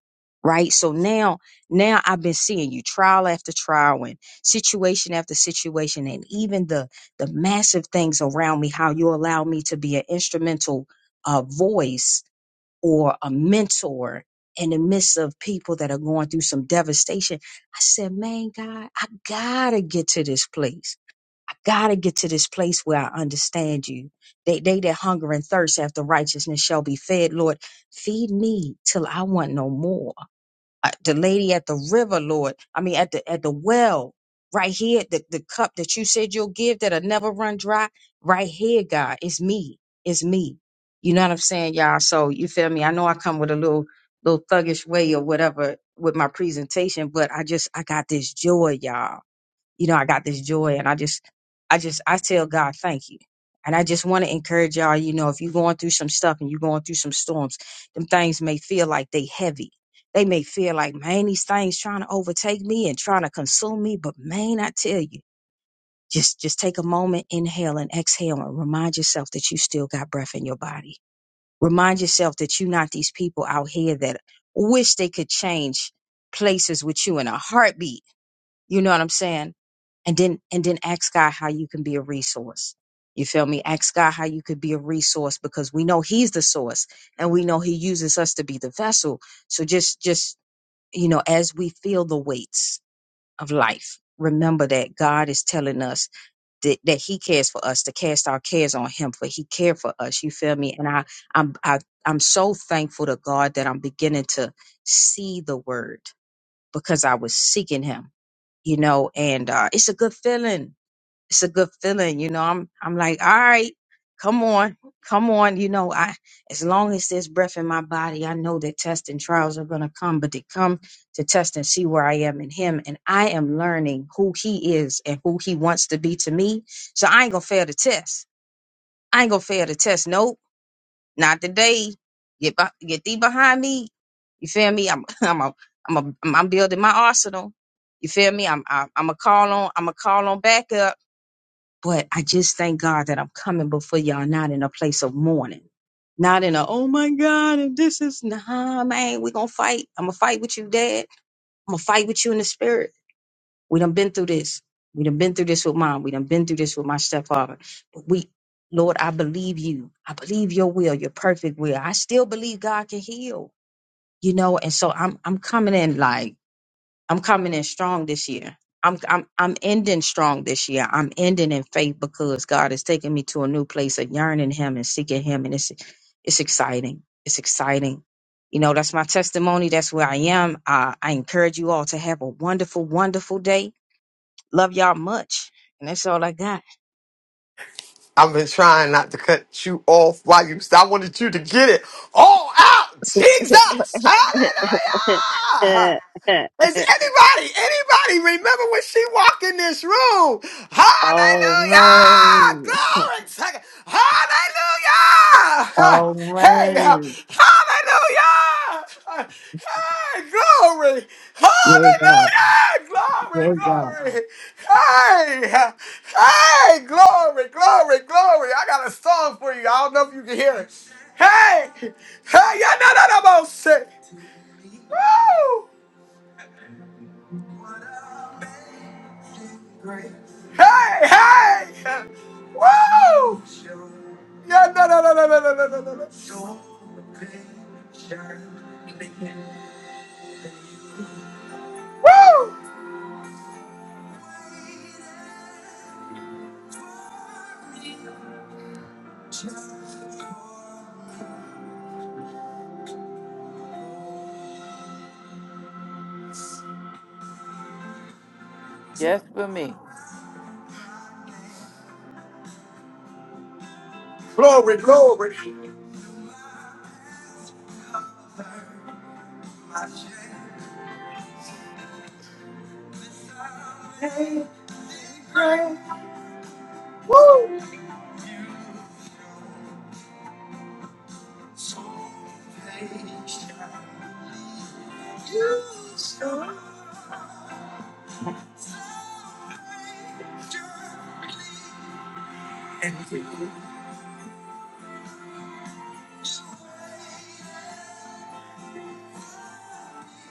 Speaker 10: Right. So now, now I've been seeing you trial after trial and situation after situation and even the, the massive things around me, how you allow me to be an instrumental, uh, voice or a mentor in the midst of people that are going through some devastation. I said, man, God, I gotta get to this place. I gotta get to this place where I understand you. They, they that hunger and thirst after righteousness shall be fed. Lord, feed me till I want no more uh, the lady at the river, Lord. I mean, at the at the well, right here, the, the cup that you said you'll give that'll never run dry, right here, God. It's me. It's me. You know what I'm saying, y'all? So you feel me? I know I come with a little little thuggish way or whatever with my presentation, but I just I got this joy, y'all you know, I got this joy and I just, I just, I tell God, thank you. And I just want to encourage y'all, you know, if you're going through some stuff and you're going through some storms, them things may feel like they heavy. They may feel like, man, these things trying to overtake me and trying to consume me. But man, I tell you, just, just take a moment, inhale and exhale and remind yourself that you still got breath in your body. Remind yourself that you're not these people out here that wish they could change places with you in a heartbeat. You know what I'm saying? and then and then ask God how you can be a resource. You feel me? Ask God how you could be a resource because we know He's the source and we know He uses us to be the vessel. So just just you know, as we feel the weights of life, remember that God is telling us that, that He cares for us to cast our cares on Him, for He cared for us. You feel me? And I I'm I, I'm so thankful to God that I'm beginning to see the word because I was seeking Him. You know, and uh, it's a good feeling it's a good feeling, you know. I'm I'm like, all right, come on, come on, you know. I as long as there's breath in my body, I know that tests and trials are gonna come, but they come to test and see where I am in Him, and I am learning who He is and who He wants to be to me. So I ain't gonna fail the test. I ain't gonna fail the test. Nope, not today. Get be- get thee behind me. You feel me? I'm *laughs* I'm a, I'm a, I'm building my arsenal. You feel me? I'm I'm I'm a call on I'm a call on backup. But I just thank God that I'm coming before y'all, not in a place of mourning, not in a, oh my God, and this is, nah, man, we're going to fight. I'm going to fight with you, dad. I'm going to fight with you in the spirit. We done been through this. We done been through this with mom. We done been through this with my stepfather. But we, Lord, I believe you. I believe your will, your perfect will. I still believe God can heal, you know? And so I'm, I'm coming in like, I'm coming in strong this year. I'm I'm I'm ending strong this year. I'm ending in faith because God is taking me to a new place of yearning Him and seeking Him, and it's it's exciting. It's exciting. You know, that's my testimony. That's where I am. Uh, I encourage you all to have a wonderful, wonderful day. Love y'all much, and that's all I got.
Speaker 2: I've been trying not to cut you off while you. I wanted you to get it all out.
Speaker 10: *laughs*
Speaker 2: Jesus, Hallelujah! Is anybody, anybody remember when she walked in this room?
Speaker 10: all
Speaker 2: Hallelujah!
Speaker 10: right,
Speaker 2: Glory to God. Hallelujah! *laughs*
Speaker 10: all
Speaker 2: Hey, uh,
Speaker 10: right.
Speaker 2: hallelujah! Hey, glory!
Speaker 10: Yeah, God,
Speaker 2: Hallelujah! Glory,
Speaker 10: yeah, God.
Speaker 2: glory! Hey, uh, hey, glory, glory, glory! I got a song for you. I don't know if you can hear it. Hey, hey, yeah, no, no, no, no, say, woo! Hey, hey! Woo! Yeah, no, no, no, no, no, no, no, no, no. Woo!
Speaker 7: Just for me.
Speaker 2: Glory, glory. Woo!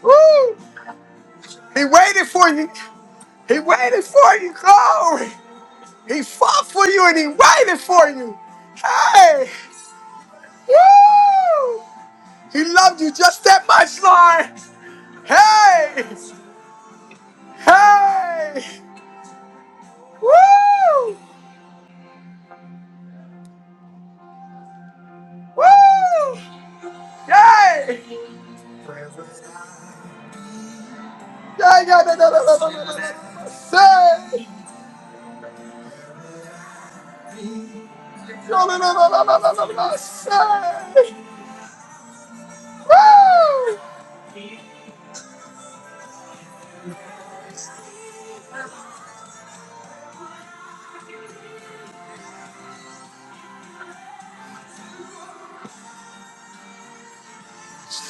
Speaker 2: Woo! He waited for you. He waited for you. Glory. He fought for you and he waited for you. Hey! Woo! He loved you just that much, Lord. Hey! Hey! Woo! Woo! Yay! Yeah yeah da, da, da, da, da, da, da, da, say. yeah da, da, da, da, da, da, da, da, say. Woo!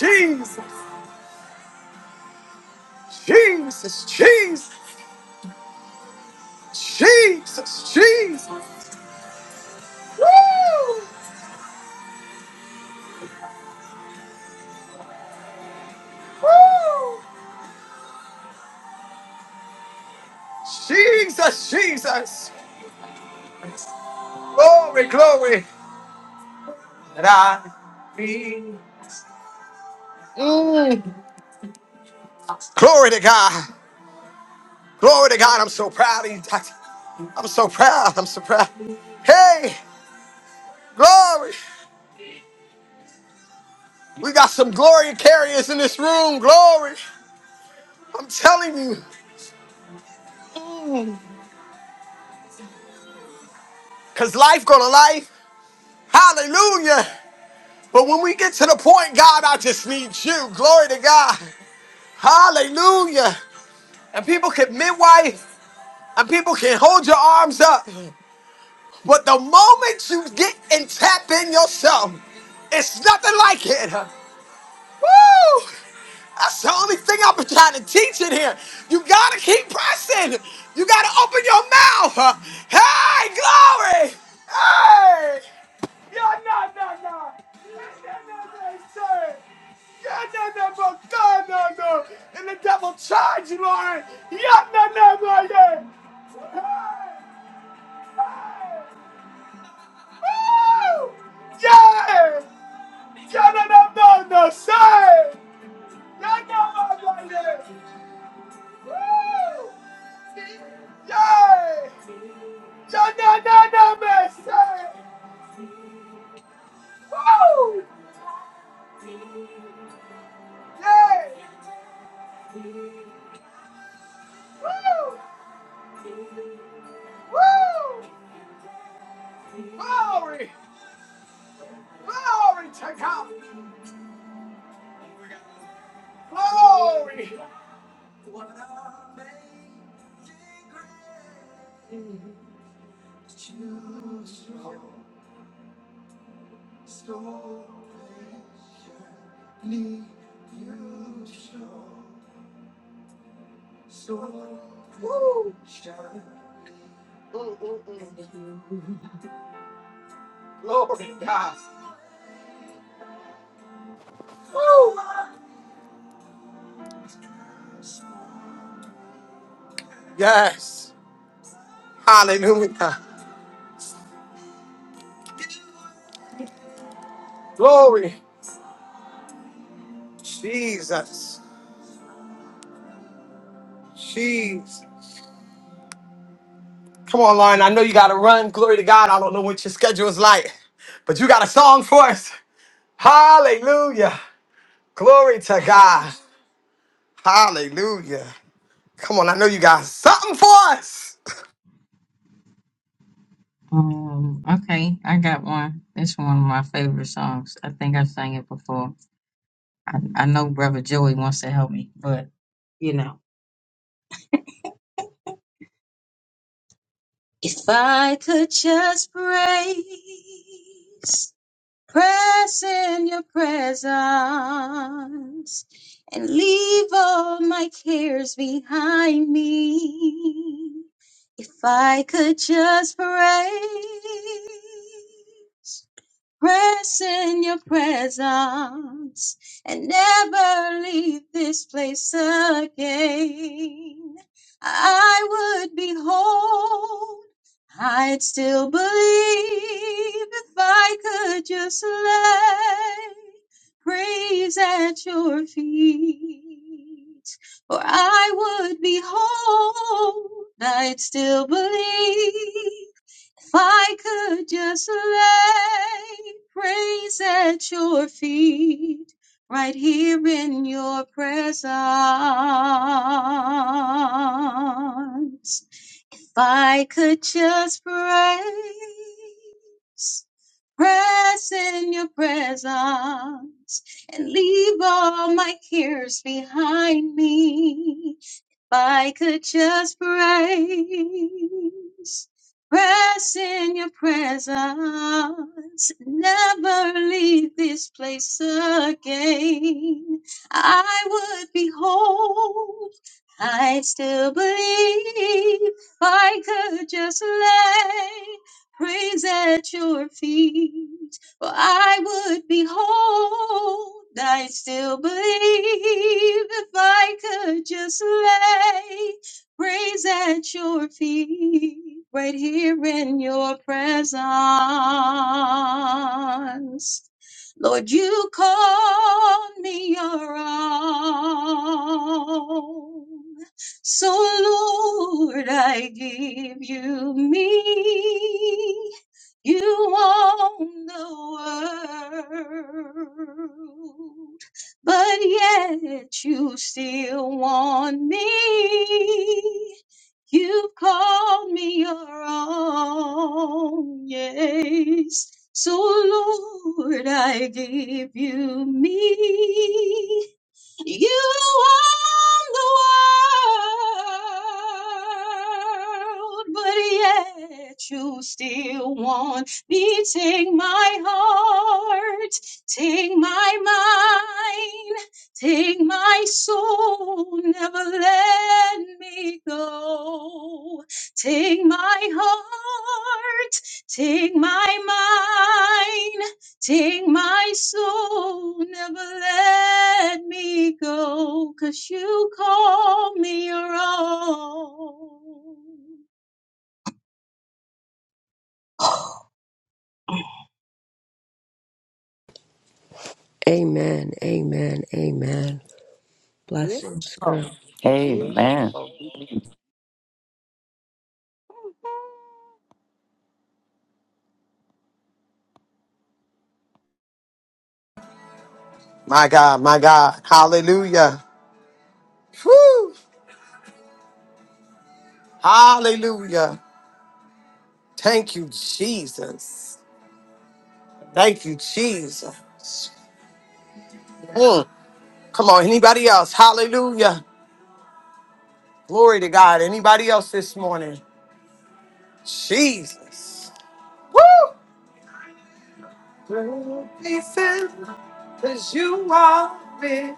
Speaker 2: Jesus, Jesus, Jesus, Jesus, Jesus. Woo! Woo! Jesus, Jesus. Glory, glory. That I be. Glory to God. Glory to God. I'm so proud of you, Doctor. I'm so proud. I'm so proud. Hey, glory. We got some glory carriers in this room. Glory. I'm telling you. Cause life gonna life. Hallelujah. But when we get to the point, God, I just need you. Glory to God. Hallelujah. And people can midwife and people can hold your arms up. But the moment you get and tap in yourself, it's nothing like it. Woo! That's the only thing I've been trying to teach in here. You gotta keep pressing. You gotta open your mouth. Hey, glory! Hey! Yeah, no, no, no. Yeah, no, no, sir. Yeah, no, no, but God, no, no. And the devil charge you, Lord. Yeah, no, no, no, yeah. Hey! Hey! Woo! Yeah! Yeah, no, no, no, no, sir. Yeah, no, no, no, yeah. Yay! Janana Messi! Woo! Yay! Woo! Woo! Glory! Glory to God! Glory! Woo! Glory God! Yes! Hallelujah! Glory! Jesus! Jesus! Come on, Lauren. I know you gotta run. Glory to God. I don't know what your schedule is like, but you got a song for us. Hallelujah! Glory to God. Hallelujah. Come on, I know you got something for us.
Speaker 10: Um, okay, I got one. It's one of my favorite songs. I think I sang it before. I, I know Brother Joey wants to help me, but you know. If I could just praise, press in your presence, and leave all my cares behind me. If I could just praise. Press in your presence and never leave this place again. I would be whole. I'd still believe if I could just lay praise at your feet. For I would be whole. I'd still believe if I could just lay praise at your feet, right here in your presence. If I could just praise, Press in your presence and leave all my cares behind me. If I could just praise, press in your presence, never leave this place again. I would be whole. I still believe if I could just lay praise at your feet. For I would behold, I still believe if I could just lay praise at your feet, right here in your presence. Lord, you call me your own. So, Lord, I give you me. You own the world, but yet you still want me. You called me your own, yes. So, Lord, I give you me. You own the world, but yet you still want me. Take my heart, take my mind, take my soul. Never let me go. Take my heart, take my mind. Take my soul, never let me go, 'cause you call me your own.
Speaker 5: Amen. Amen. Amen. Blessings, girl.
Speaker 11: Beautiful.
Speaker 7: Amen.
Speaker 11: Beautiful. beautiful.
Speaker 2: My God, my God. Hallelujah. Whew. Hallelujah. Thank you, Jesus. Thank you, Jesus. Mm. Come on, anybody else? Hallelujah. Glory to God. Anybody else this morning? Jesus. Woo! Because you are big.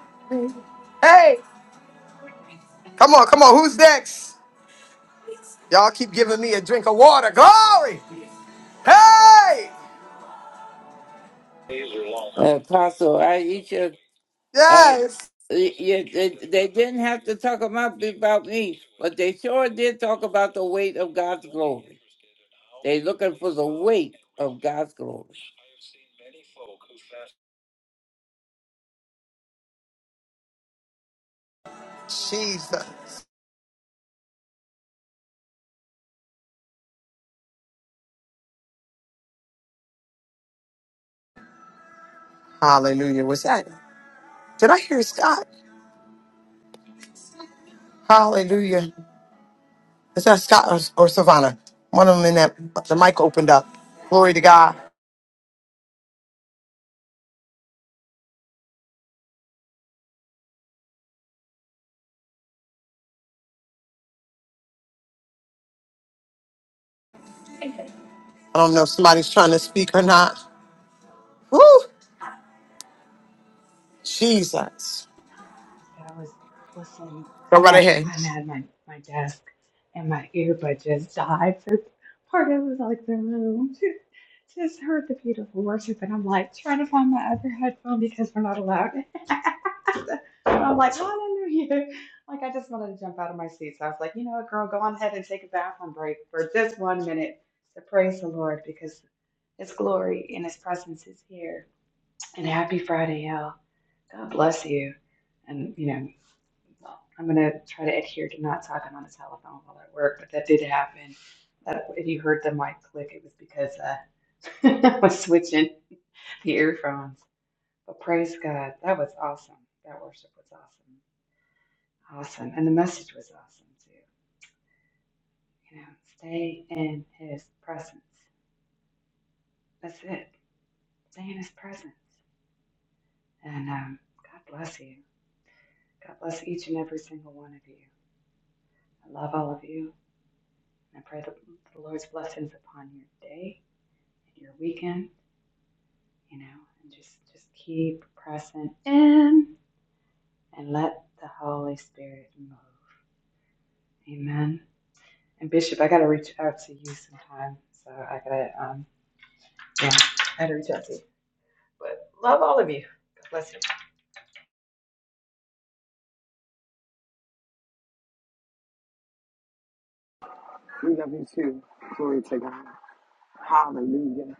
Speaker 2: Hey, come on, come on. Who's next? Y'all keep giving me a drink of water. Glory. Hey.
Speaker 7: Apostle, I eat of, uh,
Speaker 2: Yes.
Speaker 7: y- y- they, they didn't have to talk about, about me, but they sure did talk about the weight of God's glory. They looking for the weight of God's glory.
Speaker 2: Jesus. Hallelujah. Was that? Did I hear Scott? Hallelujah. Is that Scott or, or Savannah? One of them in that the mic opened up. Glory to God. I don't know if somebody's trying to speak or not. Woo. Jesus.
Speaker 12: I was listening.
Speaker 2: Go
Speaker 12: I'm
Speaker 2: right
Speaker 12: at
Speaker 2: ahead.
Speaker 12: I'm at my, my desk and my earbud just died for part of it was like the room. *laughs* Just heard the beautiful worship and I'm like trying to find my other headphone because we're not allowed. *laughs* and I'm like, hallelujah. Like I just wanted to jump out of my seat. So I was like, you know what, girl, go on ahead and take a bathroom break for just one minute to praise the Lord because his glory and his presence is here. And happy Friday, y'all. God bless you. And you know. Well, I'm going to try to adhere to not talking on the telephone while at work, but that did happen. That if you heard the mic click, it was because uh, *laughs* I was switching the earphones. But praise God, that was awesome. That worship was awesome, awesome, and the message was awesome too. You know, stay in His presence. That's it. Stay in His presence, and um, God bless you. God bless each and every single one of you. I love all of you, and I pray the, the Lord's blessings upon your day your weekend, you know, and just just keep pressing in and let the Holy Spirit move. Amen. And Bishop, I gotta reach out to you sometime. So I gotta um yeah, I gotta reach out to you. But love all of you. God bless you.
Speaker 2: We love you too. Glory to God. Hallelujah.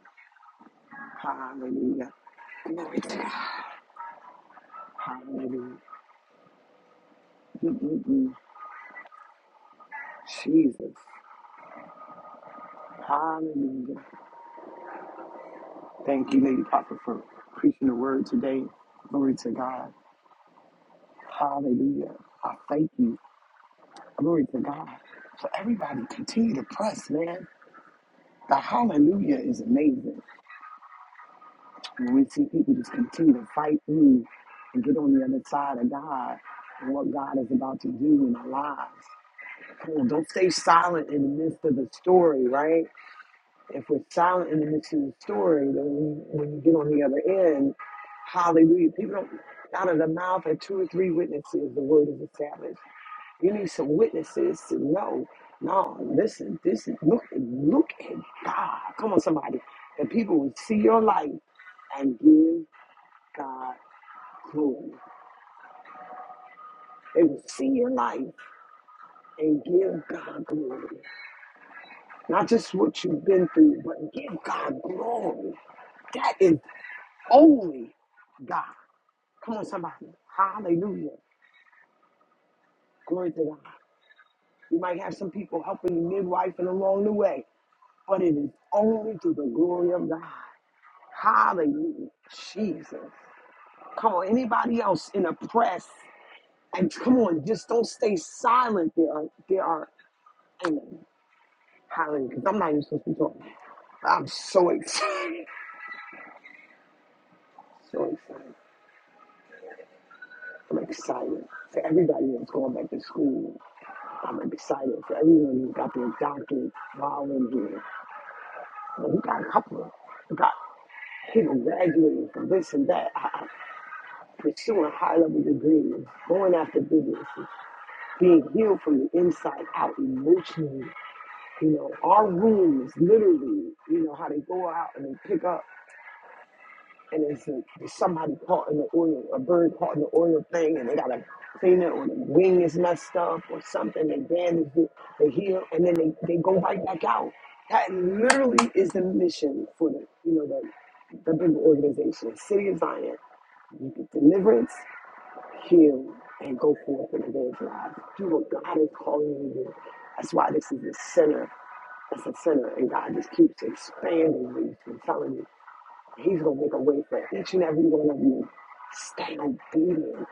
Speaker 2: Hallelujah. Glory to God. Hallelujah. Mm-mm-mm. Jesus. Hallelujah. Thank you, Lady Prophet, for preaching the word today. Glory to God. Hallelujah. I thank you. Glory to God. So everybody continue to press, man. The hallelujah is amazing. When we see people just continue to fight through and get on the other side of God and what God is about to do in our lives. Come on, don't stay silent in the midst of the story, right? If we're silent in the midst of the story, then when when you get on the other end, hallelujah. People don't, out of the mouth of two or three witnesses, the word is established. You need some witnesses to know. No, listen, this is, look, look at God. Come on, somebody. That people will see your life and give God glory. They will see your life and give God glory. Not just what you've been through, but give God glory. That is only God. Come on, somebody. Hallelujah. Glory to God. You might have some people helping you midwife and along the way, but it is only to the glory of God. Hallelujah. Jesus. Come on, anybody else in a press? And come on, just don't stay silent. There are, there are, amen. Hallelujah. 'Cause I'm not even supposed to be talking. I'm so excited. *laughs* So excited. I'm excited for everybody that's going back to school. I'm excited for everyone who got their doctorate while in here. But We got a couple of we got people graduating from this and that, uh, pursuing high level degrees, going after businesses, being healed from the inside out emotionally. You know, our wounds literally, you know, how they go out and they pick up. and it's it's somebody caught in the oil, a bird caught in the oil thing, and they gotta clean it, or the wing is messed up, or something, they bandage it, they heal, and then they, they go right back out. That literally is the mission for the you know the the big organization, City of Zion, You get deliverance, heal, and go forth and evangelize. Do what God is calling you to do. That's why this is the center. That's the center, and God just keeps expanding these. i telling you. He's going to make a way for each and every one of you. Stay obedient.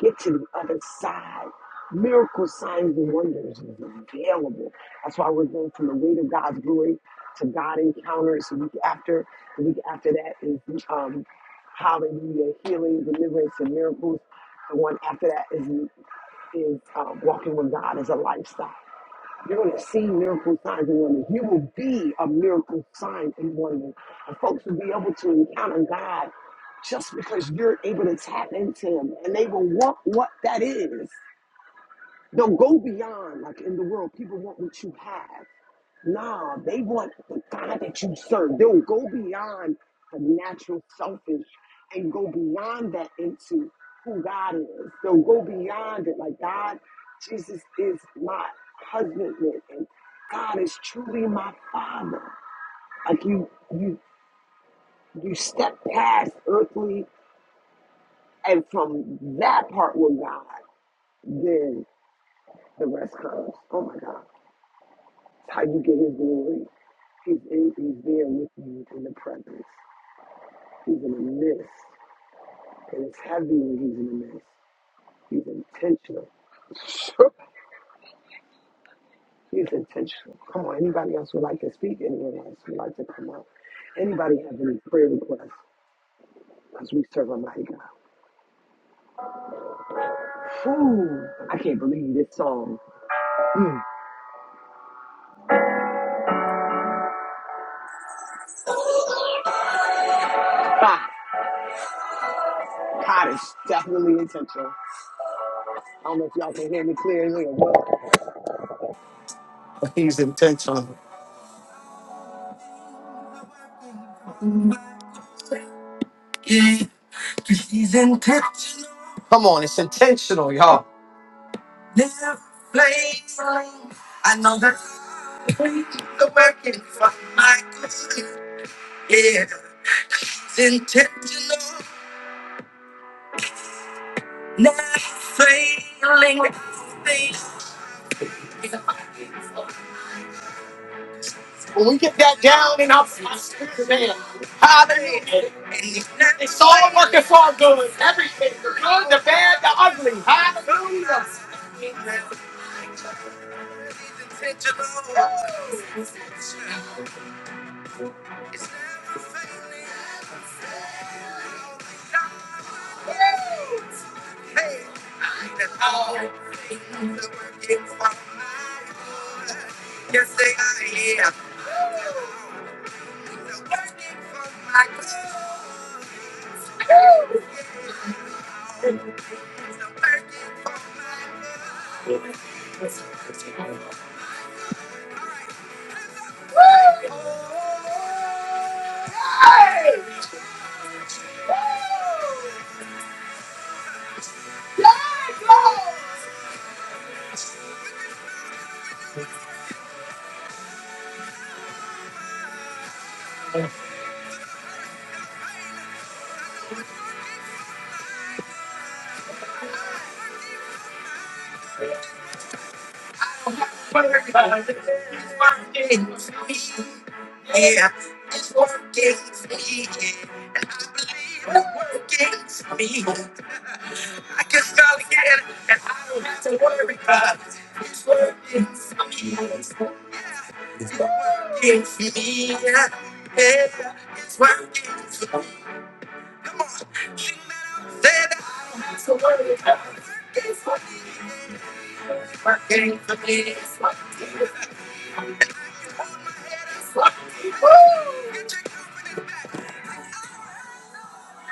Speaker 2: Get to the other side. Miracle signs, and wonders is available. That's why we're going from the weight of God's glory to God encounters. The week after, the week after that is um, hallelujah, healing, deliverance, and miracles. The one after that is is uh, walking with God as a lifestyle. You're going to see miracle signs and wonders. You will be a miracle sign and wonder. And folks will be able to encounter God just because you're able to tap into Him and they will want what that is. They'll go beyond, like in the world, people want what you have. Nah, they want the God that you serve. They'll go beyond the natural selfish and go beyond that into who God is. They'll go beyond it. Like, God, Jesus is my husband and God is truly my father. Like you you you step past earthly and from that part with God, then the rest comes. Oh my God. It's how you get his glory. He's, in, he's there with you in the presence. He's in the midst. And it's heavy when he's in the midst. He's intentional. *laughs* He's intentional. Come on, anybody else would like to speak? Anyone else would like to come up? Anybody have any prayer requests? Because we serve a mighty God. Whew, I can't believe this song. Ah, God is definitely intentional. I don't know if y'all can hear me clearly or what. He's intentional. Come on, it's intentional, y'all.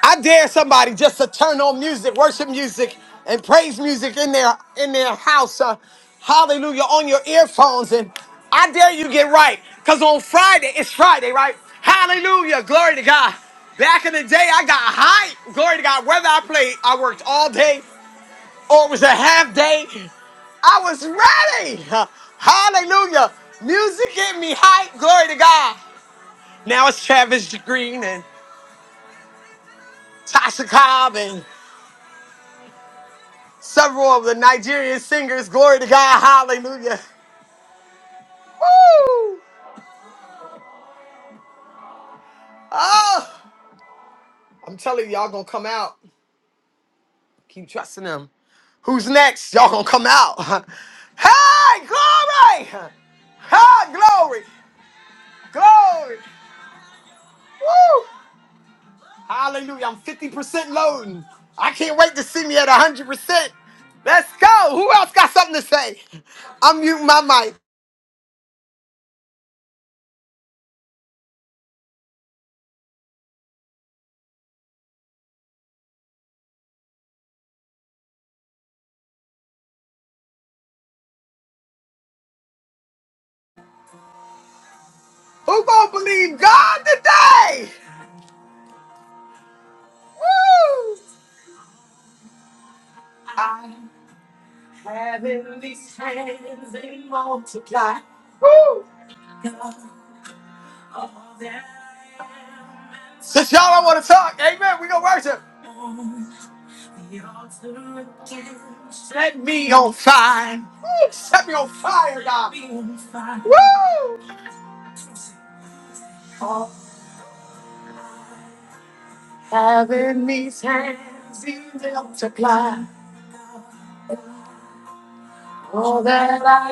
Speaker 2: I dare somebody just to turn on music, worship music, and praise music in their in their house. uh, hallelujah on your earphones, and I dare you get right, cause on Friday it's Friday, right? Hallelujah, glory to God. Back in the day, I got hype, glory to God. Whether I played, I worked all day or it was a half day, I was ready. *laughs* Uh, Hallelujah. Music get me hype, glory to God. Now it's Travis Green and Tasha Cobb and. Several of the Nigerian singers, glory to God, hallelujah. Woo! Oh, I'm telling you, y'all gonna come out. Keep trusting them. Who's next? Y'all gonna come out. *laughs* hey, glory! Hey, glory! Glory! Woo! Hallelujah, I'm 50% loading. I can't wait to see me at 100%. Let's go. Who else got something to say? I'm muting my mic. Who gonna believe God today? Woo! Woo! Since y'all don't want to talk, amen, we gonna worship. Let me on fire. Woo, Set me on fire, God. Woo! Having these hands he multiply all that I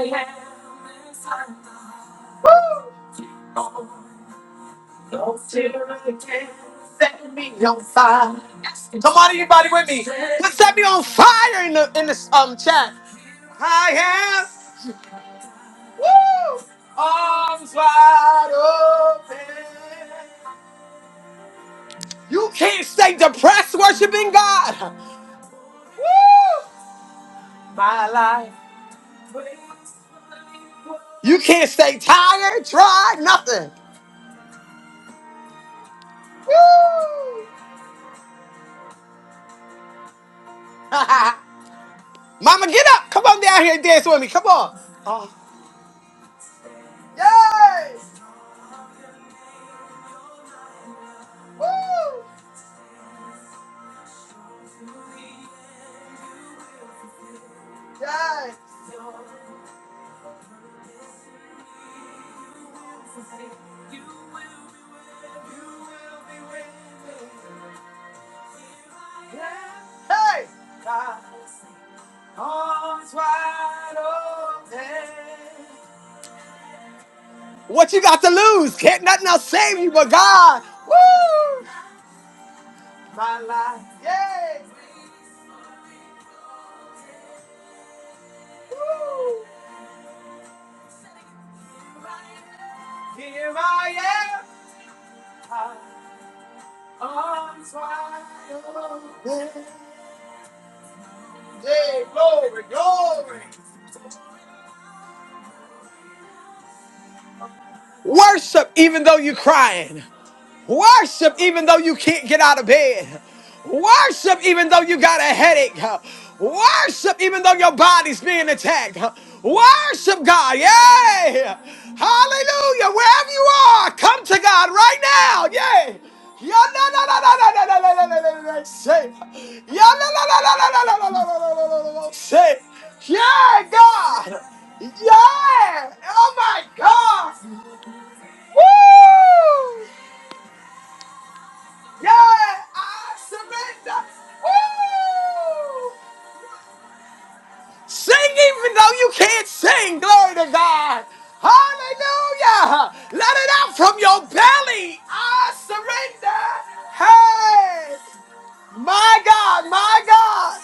Speaker 2: Woo! set me on fire. Yes. Come on, anybody with me? Let's set me on fire in the in this um chat. I am woo, arms wide open. You can't stay depressed worshiping God. Woo! My life. You can't stay tired, try nothing. Woo! *laughs* Mama, get up. Come on down here and dance with me. Come on. Oh. Yes! Woo! Yes! Hey! What you got to lose? Can't nothing else save you but God. Woo! My life. Yes! Here I am. Yay, glory, glory. Worship even though you're crying. Worship even though you can't get out of bed. Worship even though you got a headache. Worship even though your body's being attacked. Worship God. Yay! Hallelujah. Wherever you are, come to God right now. Yay! Yeah, na, na, na, na, na, na, na, na, na, na, na, na, Say, yeah, na, na, na, na, na, na, na, na, na, na, na, na, na, na, say, yeah, God, yeah, oh my God, woo! Yeah, I surrender. Woo! Sing even though you can't sing. Glory to God. Hallelujah. Let it out from your belly. I surrender. Hey, my God, my God.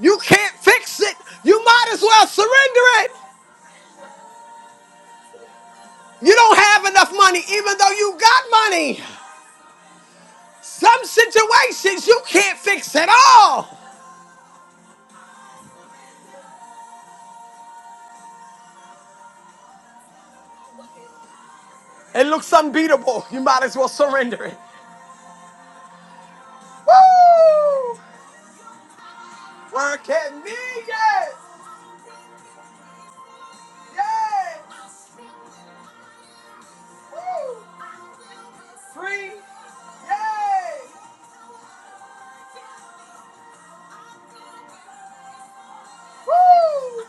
Speaker 2: You can't fix it. You might as well surrender it. You don't have enough money, even though you got money. Some situations you can't fix at all. It looks unbeatable. You might as well surrender it. Woo! Work at me, yes! Yay! Woo! Free, yay! Woo!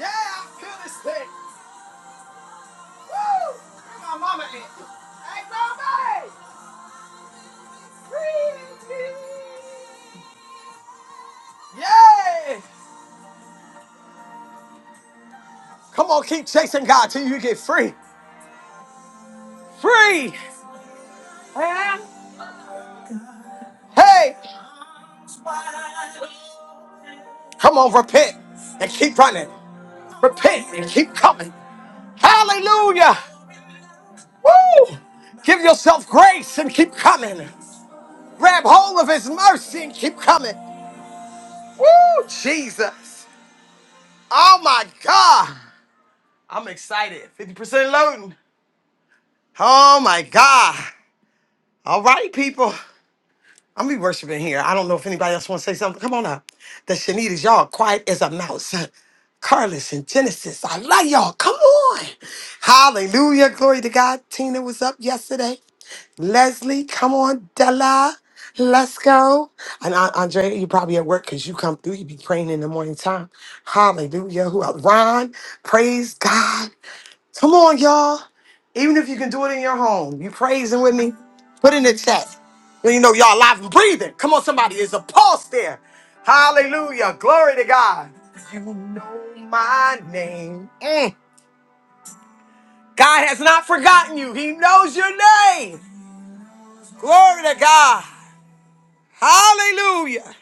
Speaker 2: Yeah, I feel this thing! Woo! Ain't nobody! Yay! Come on, keep chasing God till you get free. Free! Hey! Hey! Come on, repent and keep running. Repent and keep coming. Hallelujah! Woo! Give yourself grace and keep coming. Grab hold of His mercy and keep coming. Woo, Jesus. Oh my God. I'm excited. 50% loading. Oh my God. All right, people. I'm gonna be worshiping here. I don't know if anybody else want to say something. Come on up. The Shanitas, y'all quiet as a mouse. *laughs* Carlos and Genesis, I love y'all. Come on. Hallelujah. Glory to God. Tina was up yesterday. Leslie, come on, Della. Let's go. And uh, Andrea, you probably at work because you come through. You be praying in the morning time. Hallelujah. Who else? Ron, praise God. Come on, y'all. Even if you can do it in your home, you praising with me? Put in the chat. Then you know y'all alive and breathing. Come on, somebody. There's a pulse there. Hallelujah. Glory to God. You know my name. Mm. God has not forgotten you. He knows your name. Glory to God. Hallelujah.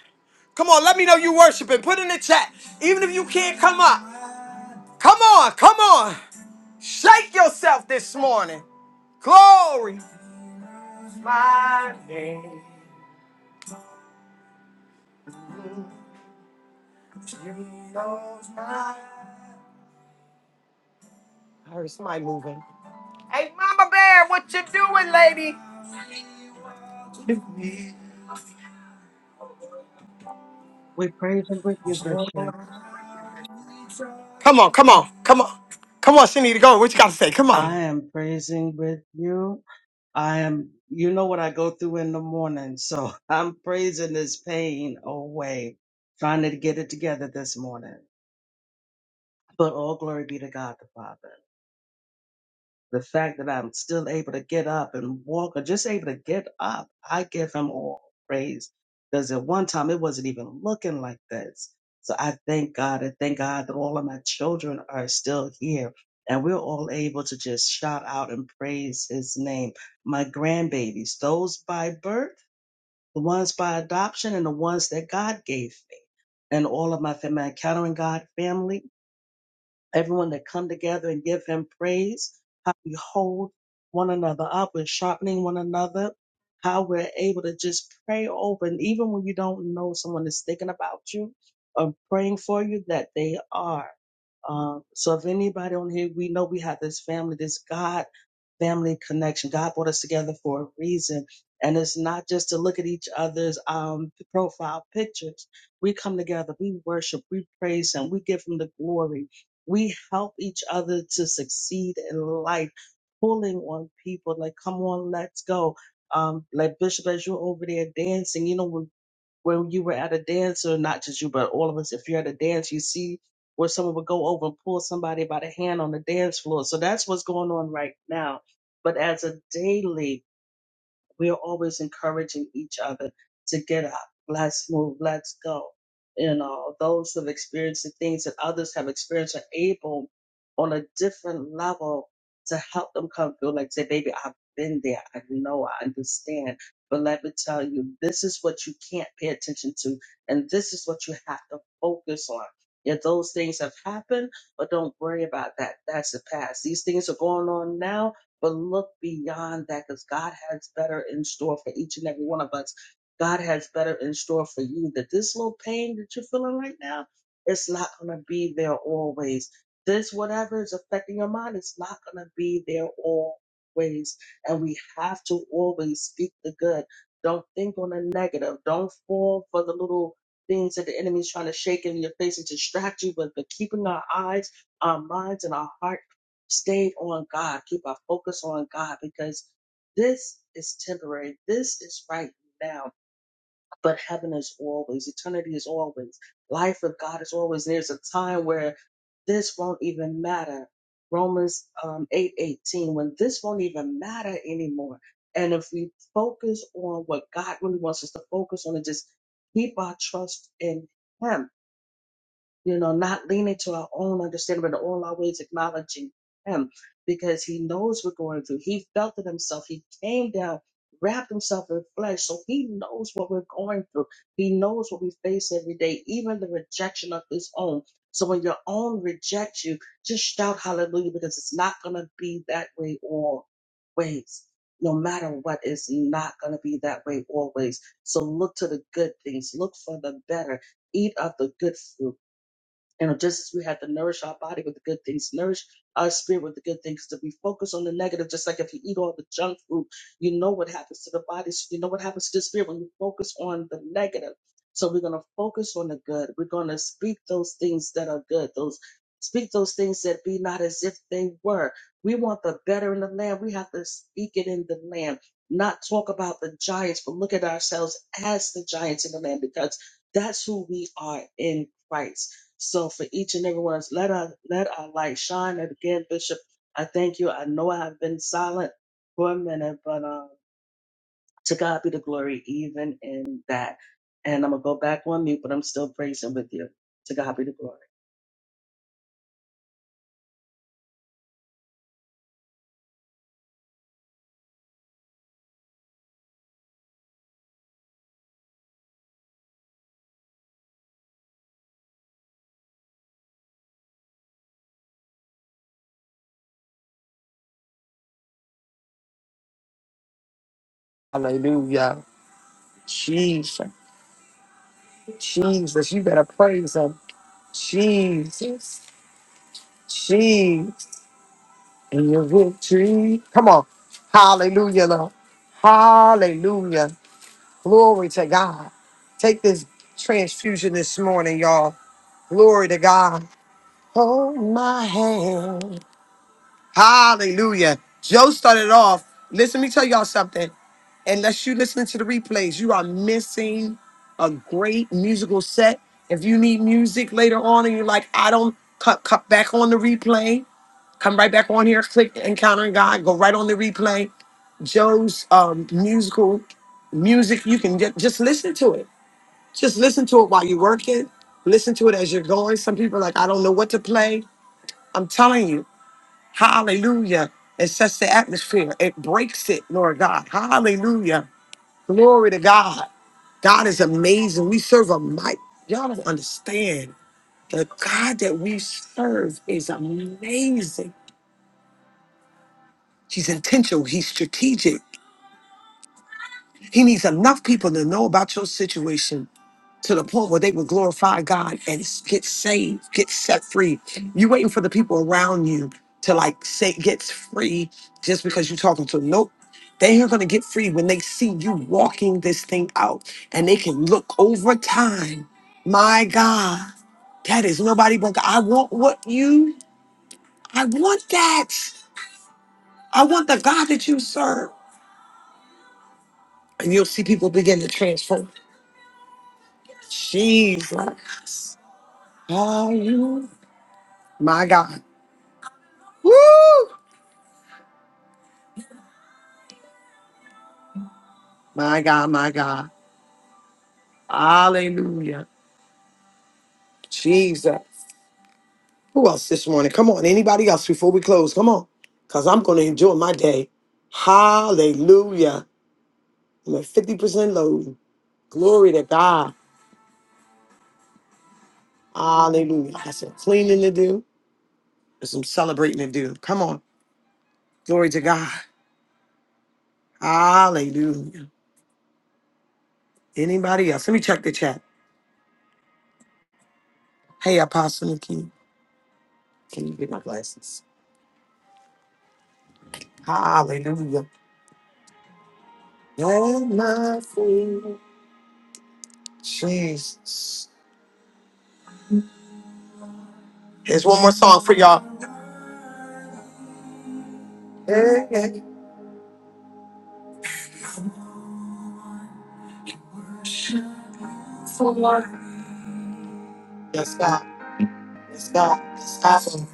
Speaker 2: Come on, let me know you worshiping. Put in the chat. Even if you can't come up. Come on, come on. Shake yourself this morning. Glory. my name. Somebody moving.
Speaker 13: We praise and with you, Bishop.
Speaker 2: Come on, come on, come on. Come on, she need to go. What you got to say? Come
Speaker 13: I
Speaker 2: on.
Speaker 13: am praising with you. I am, you know what I go through in the morning. So *laughs* I'm praising this pain away, trying to get it together this morning. But all glory be to God the Father. The fact that I'm still able to get up and walk or just able to get up, I give him all praise. Because at one time it wasn't even looking like this. So I thank God. I thank God that all of my children are still here and we're all able to just shout out and praise his name. My grandbabies, those by birth, the ones by adoption, and the ones that God gave me, and all of my family, my encountering God family everyone to come together and give him praise, how we hold one another up, we're sharpening one another, how we're able to just pray open, even when you don't know someone is thinking about you or praying for you, that they are. Um, so if anybody on here, we know we have this family, this God family connection. God brought us together for a reason. And it's not just to look at each other's um, profile pictures. We come together, we worship, we praise Him, we give Him the glory. We help each other to succeed in life, pulling on people like, come on, let's go. Um, like Bishop, as you're over there dancing, you know, when you were at a dance, or not just you, but all of us, if you're at a dance, you see where someone would go over and pull somebody by the hand on the dance floor. So that's what's going on right now. But as a daily we are always encouraging each other to get up, let's move, let's go. You know, those who have experienced the things that others have experienced are able on a different level to help them come through. Like say, baby, I've been there. I know, I understand. But let me tell you, this is what you can't pay attention to. And this is what you have to focus on. If those things have happened, but don't worry about that. That's the past. These things are going on now but look beyond that because God has better in store for each and every one of us. God has better in store for you. That this little pain that you're feeling right now, it's not going to be there always. This, whatever is affecting your mind, it's not going to be there always. And we have to always speak the good. Don't think on the negative. Don't fall for the little things that the enemy's trying to shake in your face and distract you with, but keeping our eyes, our minds, and our heart stay on God, keep our focus on God, because this is temporary. This is right now, but heaven is always, eternity is always, life with God is always. There's a time where this won't even matter. Romans um, eight eighteen, when this won't even matter anymore. And if we focus on what God really wants us to focus on and just keep our trust in Him, you know, not leaning to our own understanding, but in all our ways acknowledging Him because He knows we're going through. He felt it Himself. He came down, wrapped Himself in flesh, so He knows what we're going through. He knows what we face every day, even the rejection of His own. So when your own rejects you, just shout hallelujah because it's not going to be that way always. No matter what, it's not going to be that way always. So look to the good things, look for the better eat of the good fruit you know, just as we have to nourish our body with the good things, nourish our spirit with the good things, that we focus on the negative, just like if you eat all the junk food, you know what happens to the body, so you know what happens to the spirit when you focus on the negative. So we're gonna focus on the good. We're gonna speak those things that are good, those speak those things that be not as if they were. We want the better in the land. We have to speak it in the land, not talk about the giants, but look at ourselves as the giants in the land because that's who we are in Christ. So for each and every one, of us, let our let our light shine. And again, Bishop, I thank you. I know I have been silent for a minute, but um, to God be the glory, even in that. And I'm gonna go back on mute, but I'm still praising with you. To God be the glory.
Speaker 2: In your victory. Come on. Hallelujah, Lord. Hallelujah. Glory to God. Take this transfusion this morning, y'all. Glory to God. Hold my hand. Hallelujah. Joe started off. Listen, let me tell y'all something. Unless you listen to the replays, you are missing a great musical set. If you need music later on and you're like, I don't cut, cut back on the replay, come right back on here, click Encountering God, go right on the replay. Joe's um, musical music, you can ju- just listen to it. Just listen to it while you're working. Listen to it as you're going. Some people are like, I don't know what to play. I'm telling you. Hallelujah. It sets the atmosphere. It breaks it, Lord God. Hallelujah. Glory to God. God is amazing. We serve a might. Y'all don't understand. The God that we serve is amazing. He's intentional. He's strategic. He needs enough people to know about your situation to the point where they will glorify God and s- get saved, get set free. you waiting for the people around you to like say gets free just because you're talking to them. Nope. They are going to get free when they see you walking this thing out and they can look over time. My God, that is nobody but God. I want what you, I want that. I want the God that you serve. And you'll see people begin to transform. Jesus. Are you my God? Woo! My God, my God. Hallelujah. Jesus. Who else this morning? Come on. Anybody else before we close? Come on. Because I'm going to enjoy my day. Hallelujah. I'm at 50% load. Glory to God. Hallelujah. I got some cleaning to do and some celebrating to do. Come on. Glory to God. Hallelujah. Anybody else? Let me check the chat. Hey, Apostle Nikki. Can you get my glasses? Hallelujah. You're my friend. Jesus. Here's one more song for y'all. Yeah, yeah. Yes, God. Yes, God. Yes, God.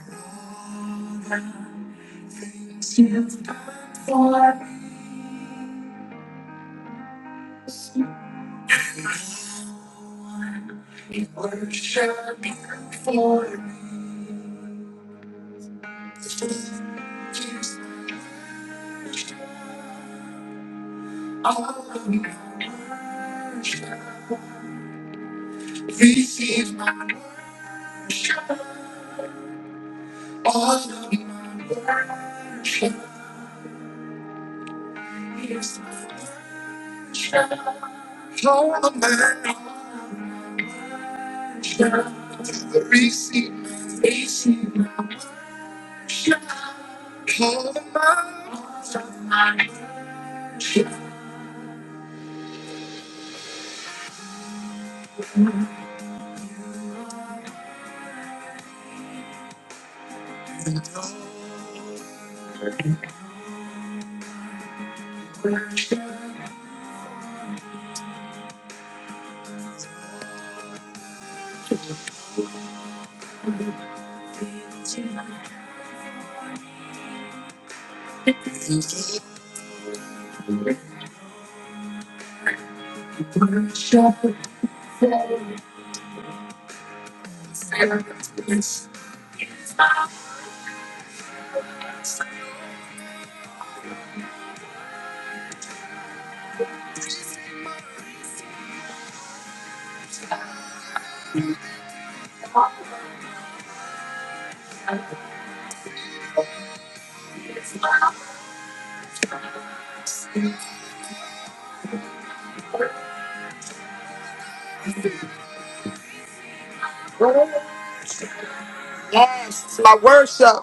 Speaker 2: Yes, it's my worship.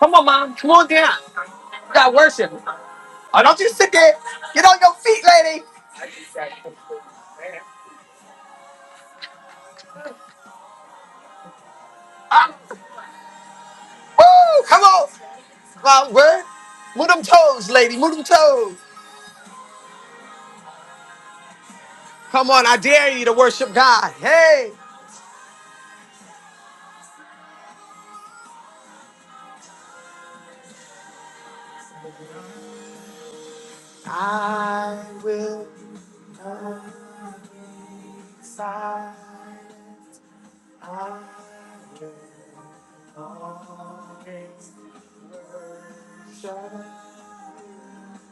Speaker 2: Come on, Mom. Come on down. We got worship. Oh, don't you sit there. Get on your feet, lady. Ah, woo! Come on. Mom, word. Move them toes, lady. Move them toes. Come on, I dare you to worship God. Hey.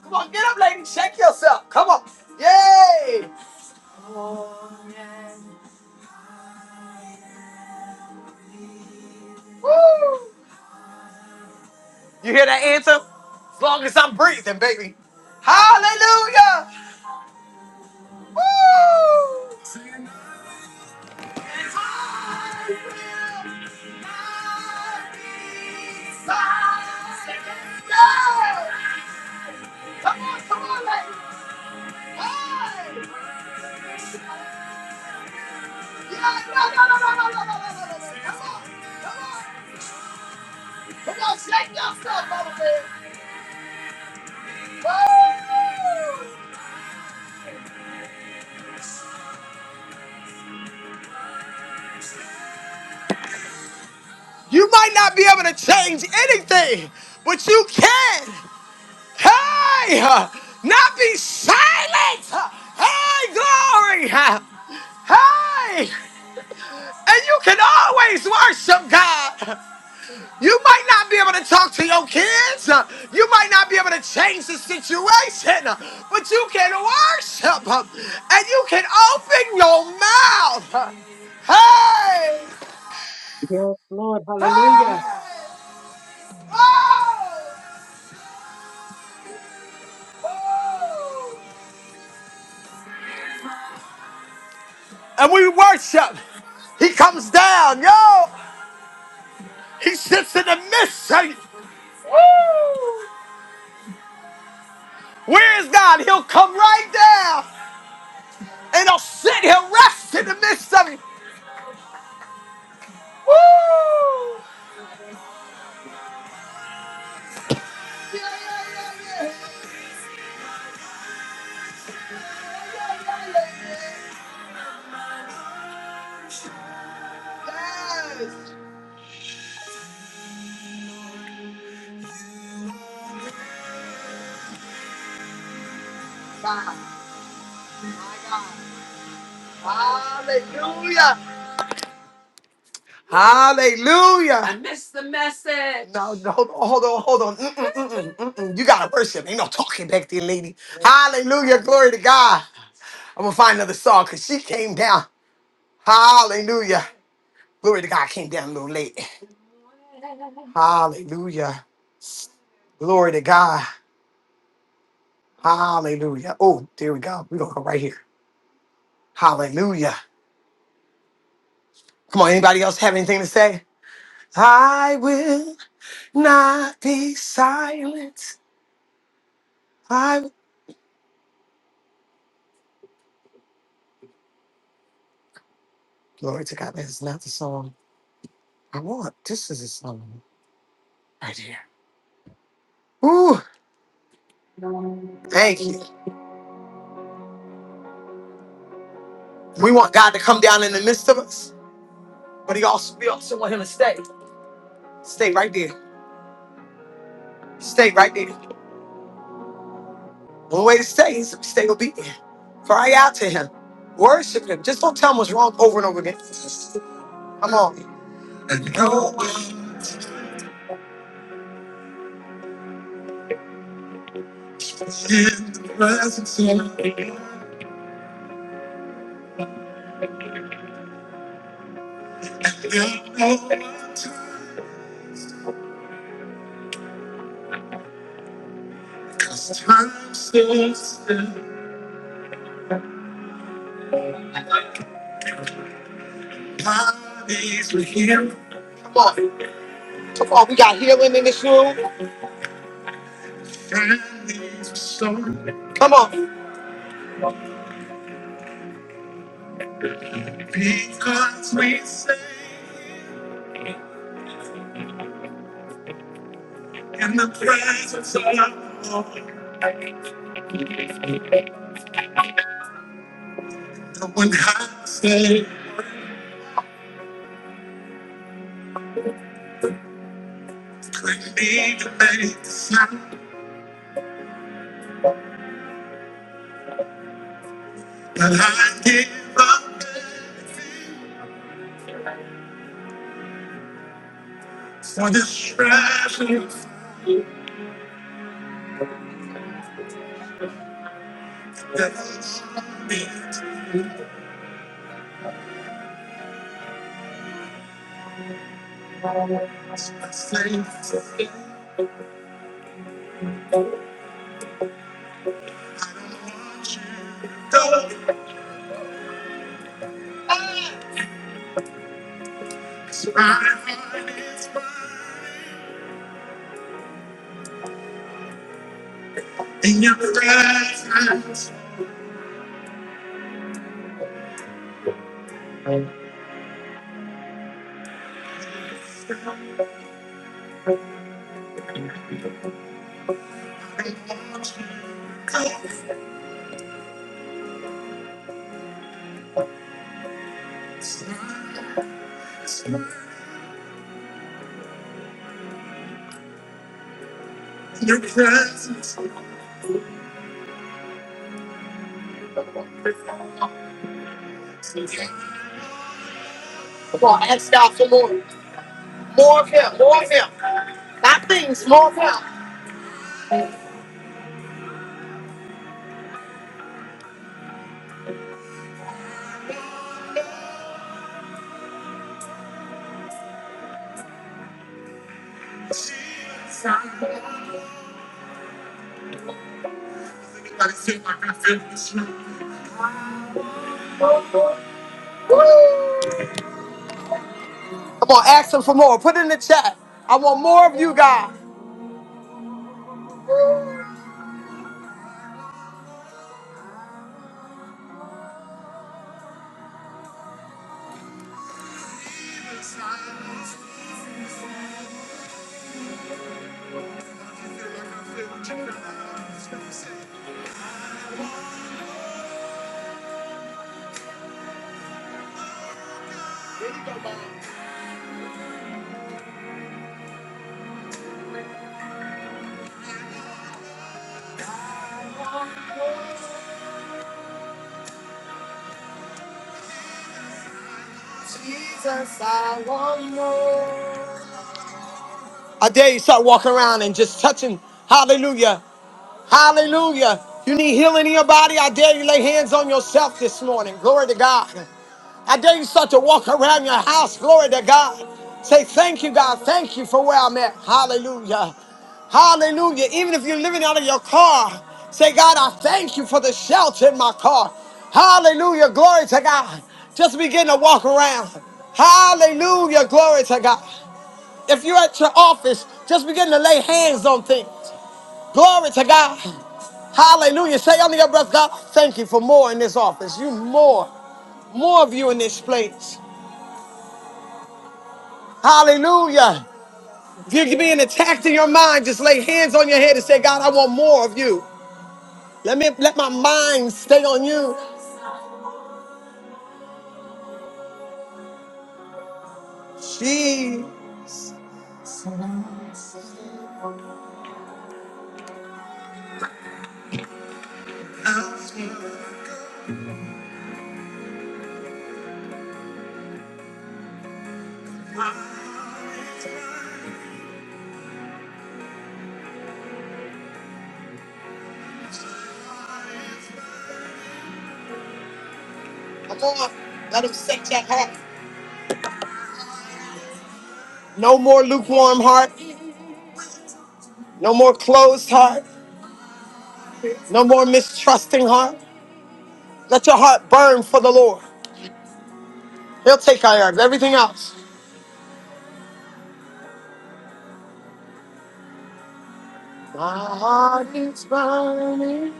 Speaker 2: Come on, get up, lady. Shake yourself. Come on. Yay. Woo! You hear that answer? As long as I'm breathing, baby. Hallelujah! Woo! Yeah! Come on, come on, ladies. Hey! Yeah, no, no, no, no, no, no, no, no, no, no, no. Come on, come on. Come on, shake yourself, mama man. Woo! You might not be able to change anything, but you can. Hey, uh, not be silent. Uh, Hey, glory. Uh, Hey, and you can always worship God. You might not be able to talk to your kids. Uh, You might not be able to change the situation, uh, but you can worship uh, and you can open your mouth. Uh, Hey,
Speaker 13: Yes, Lord.
Speaker 2: hey, oh,
Speaker 13: Hallelujah.
Speaker 2: oh. And we worship. He comes down, yo. He sits in the midst, saints. Woo! Where is God? He'll come right down and he'll sit, he'll rest in the midst of it. Woo! God, my God. Hallelujah. Hallelujah. I missed the message. No, no, hold on, hold on, hold on. Mm-mm, mm-mm, mm-mm. You gotta worship. Ain't no talking back there, lady. Hallelujah. Glory to God. I'm gonna find another song because she came down. Hallelujah. Glory to God I came down a little late. Hallelujah. Glory to God. Hallelujah. Oh, there we go. We're going to go right here. Hallelujah. Come on, anybody else have anything to say? I will not be silent. I will. Glory to God. That is not the song I want. This is the song right here. Ooh, thank you. We want God to come down in the midst of us, but he also we also want him to stay. Stay right there. Stay right there. One way to stay is to stay obedient. Cry out to him. Worship him. Just don't tell him what's wrong over and over again. Come on. Come on. Come on. We got healing in this room. Come on. Come on. Ask him for more. Put it in the chat. I want more of you guys. I dare you start walking around and just touching. Hallelujah. Hallelujah. You need healing in your body. I dare you lay hands on yourself this morning. Glory to God. I dare you start to walk around your house. Glory to God. Say, thank you, God. Thank you for where I'm at. Hallelujah. Hallelujah. Even if you're living out of your car, say, God, I thank you for the shelter in my car. Hallelujah. Glory to God. Just begin to walk around. Hallelujah. Glory to God. If you're at your office, just begin to lay hands on things. Glory to God. Hallelujah. Say unto your brother, God, thank you for more in this office. You more, more of you in this place. Hallelujah. If you're being attacked in your mind, just lay hands on your head and say, God, I want more of you. Let me let my mind stay on you. Gee, come on, let him set your heart. No more lukewarm heart, no more closed heart, no more mistrusting heart. Let your heart burn for the Lord. He'll take care of everything else. My heart is burning.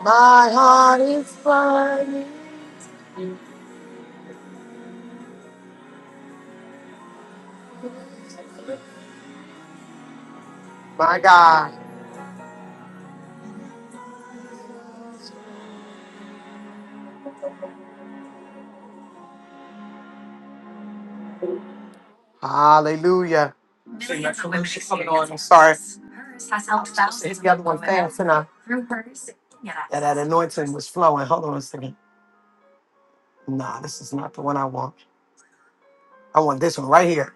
Speaker 2: My heart is burning. My God. Hallelujah. Sing that commercial coming on. I'm sorry. I was supposed to hit the other one fast, and I that, that anointing was flowing. Hold on a second. Nah, this is not the one I want. I want this one right here.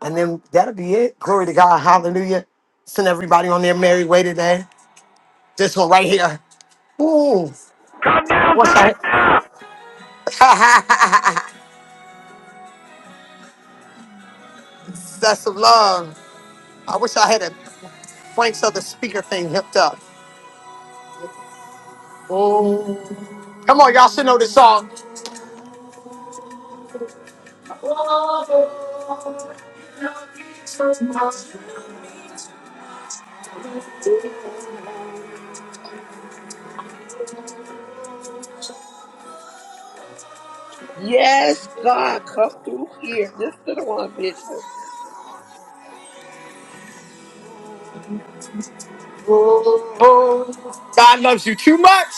Speaker 2: And then that'll be it. Glory to God. Hallelujah. Send everybody on their merry way today. This one right here. Ooh.
Speaker 14: Come
Speaker 2: I
Speaker 14: down,
Speaker 2: wish I
Speaker 14: select now!
Speaker 2: had. *laughs* That's some love. I wish I had it. Frank so the speaker thing hooked up. Oh, come on, y'all should know this song.
Speaker 4: Yes, God, come through here. This to the one, bitch.
Speaker 2: Oh, God loves you too much.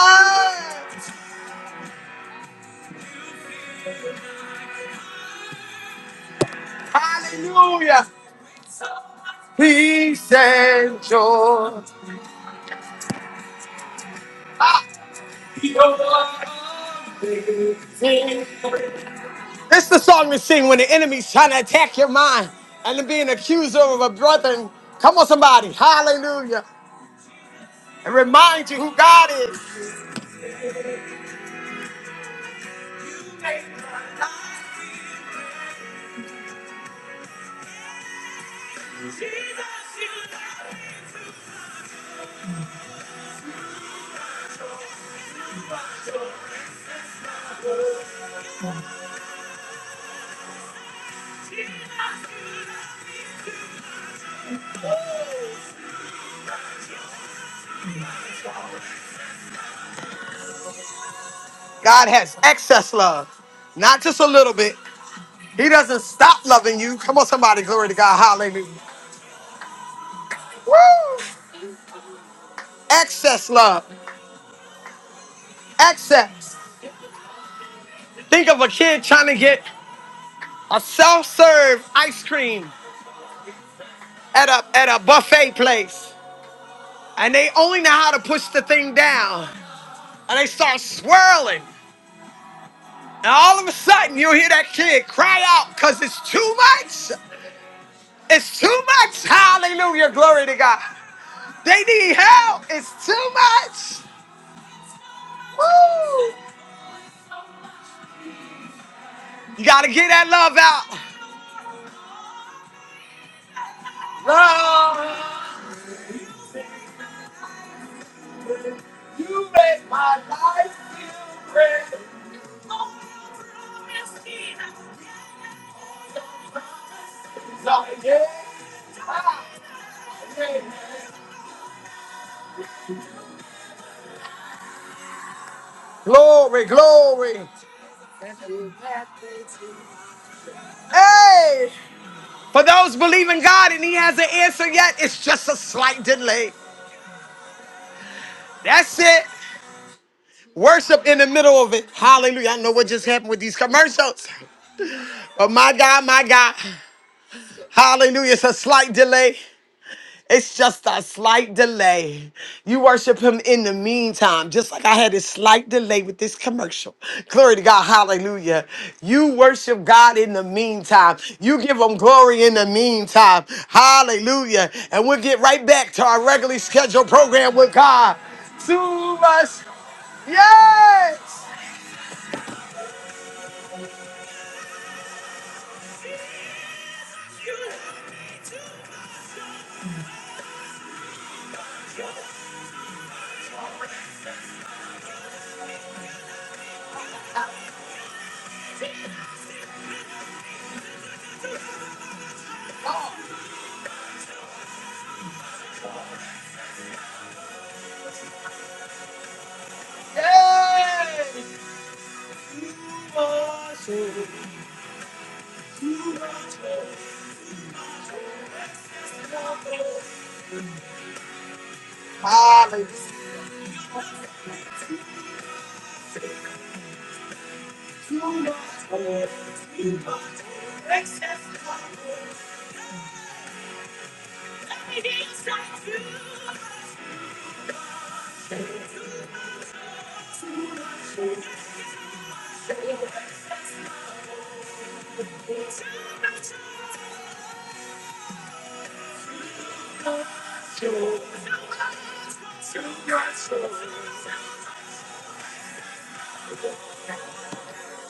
Speaker 2: Oh, hallelujah. Peace and joy. Ah, sing. This is the song to sing when the enemy's trying to attack your mind and to be an accuser of a brother. Come on, somebody. Hallelujah. And remind you who God is. God has excess love, not just a little bit. He doesn't stop loving you. Come on, somebody. Glory to God. Hallelujah. Woo! Excess love. Excess. Think of a kid trying to get a self-serve ice cream at a at a buffet place. And they only know how to push the thing down. And they start swirling. And all of a sudden you hear that kid cry out because it's too much. It's too much. Hallelujah. Glory to God. They need help. It's too much. Woo! You gotta get that love out. Love. Glory, glory. Hey! For those believing God and He hasn't answered yet, it's just a slight delay. That's it. Worship in the middle of it. Hallelujah. I know what just happened with these commercials. But my God, my God. Hallelujah. It's a slight delay. It's just a slight delay. You worship him in the meantime, just like I had a slight delay with this commercial. Glory to God. Hallelujah. You worship God in the meantime. You give him glory in the meantime. Hallelujah. And we'll get right back to our regularly scheduled program with God. To us. Yes. Hallelujah.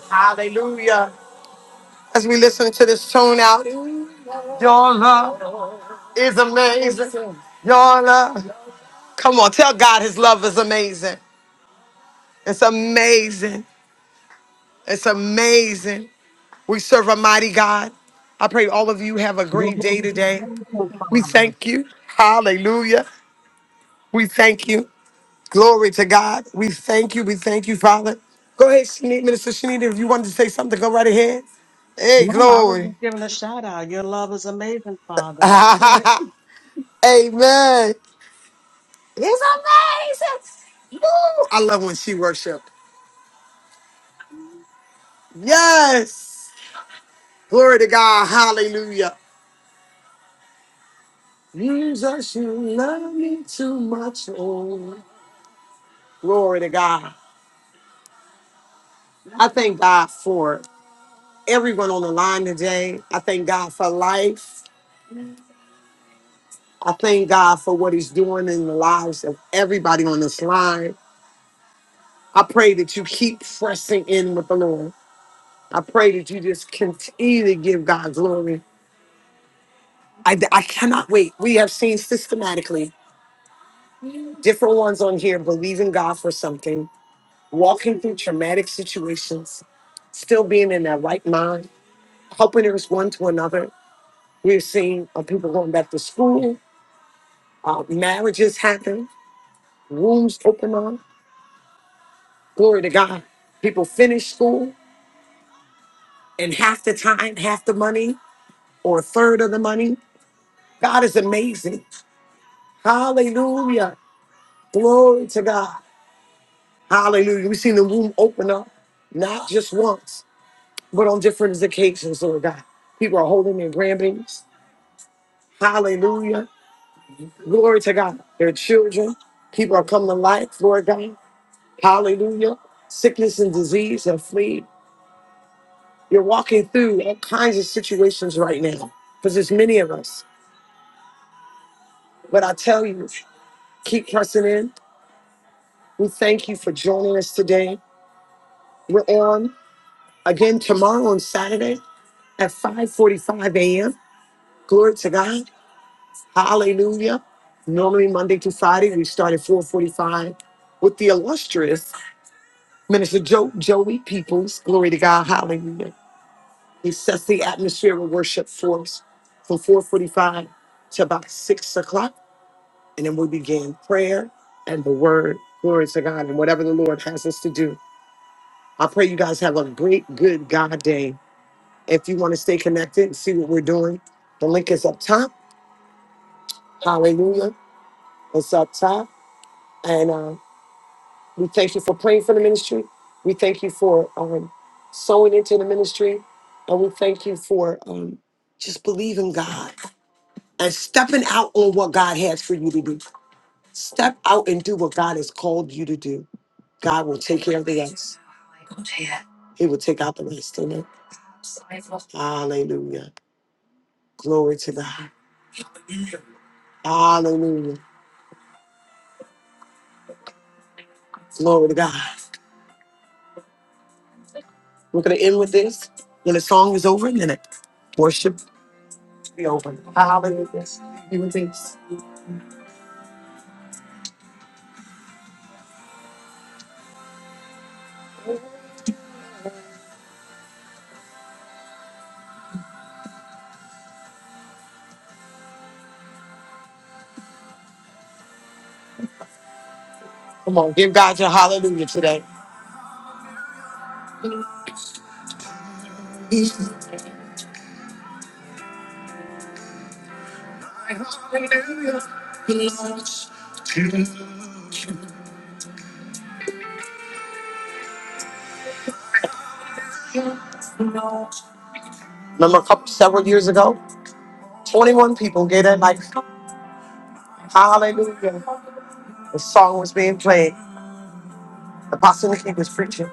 Speaker 2: Hallelujah. As we listen to this tune out, your love is amazing. Your love. Come on, tell God his love is amazing. It's amazing. It's amazing. We serve a mighty God. I pray all of you have a great
Speaker 13: Wonderful,
Speaker 2: day today.
Speaker 13: Father.
Speaker 2: We thank you. Hallelujah. We thank you. Glory to God. We thank you. We thank you, Father. Go ahead, Shanita, Minister Shanita, if you wanted to say something, go right ahead. Hey,
Speaker 13: No, I was
Speaker 2: glory.
Speaker 13: just giving a shout out. Your love is amazing,
Speaker 2: *laughs*
Speaker 13: Father. That's it.
Speaker 2: Amen. It's amazing. I love when she worship. Yes. Glory to God. Hallelujah. Jesus, you love me too much. Oh, glory to God. I thank God for everyone on the line today. I thank God for life. I thank God for what He's doing in the lives of everybody on this line. I pray that you keep pressing in with the Lord. I pray that you just continue to give God glory. I, I cannot wait. We have seen systematically different ones on here believing God for something, walking through traumatic situations, still being in their right mind, helping us one to another. We're seeing uh, people going back to school, uh, marriages happen, rooms open up. Glory to God. People finish school and half the time, half the money, or a third of the money. God is amazing. Hallelujah. Glory to God. Hallelujah. We've seen the womb open up, not just once, but on different occasions, Lord God. People are holding their grandbabies. Hallelujah. Glory to God. Their children, people are coming to life, Lord God. Hallelujah. Sickness and disease have fled. You're walking through all kinds of situations right now because there's many of us. But I tell you, keep pressing in. We thank you for joining us today. We're on again tomorrow on Saturday at 5:45 a.m. Glory to God. Hallelujah. Normally Monday to Friday, we start at 4:45 with the illustrious Minister jo- Joey Peoples, glory to God, hallelujah. He sets the atmosphere of worship for us from 445 to about 6 o'clock. And then we begin prayer and the word, glory to God, and whatever the Lord has us to do. I pray you guys have a great, good God day. If you want to stay connected and see what we're doing, the link is up top. Hallelujah. It's up top. and. uh, We thank you for praying for the ministry. We thank you for um, sowing into the ministry. And we thank you for um, just believing God and stepping out on what God has for you to do. Step out and do what God has called you to do. God will take care of the rest. He will take out the rest. Amen. Hallelujah. Glory to God. Hallelujah. Glory to God. We're going to end with this. When the song is over, and then it worship will be over. Come on, give God your hallelujah today. Remember a couple several years ago? 21 people gave their life. Hallelujah. The song was being played. The Apostle Nikki was preaching.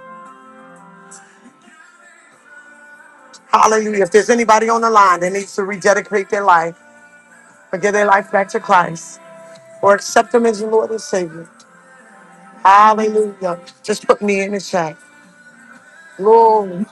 Speaker 2: Hallelujah. If there's anybody on the line that needs to rededicate their life or give their life back to Christ or accept Him as your Lord and Savior, hallelujah. Just put me in the chat. Glory.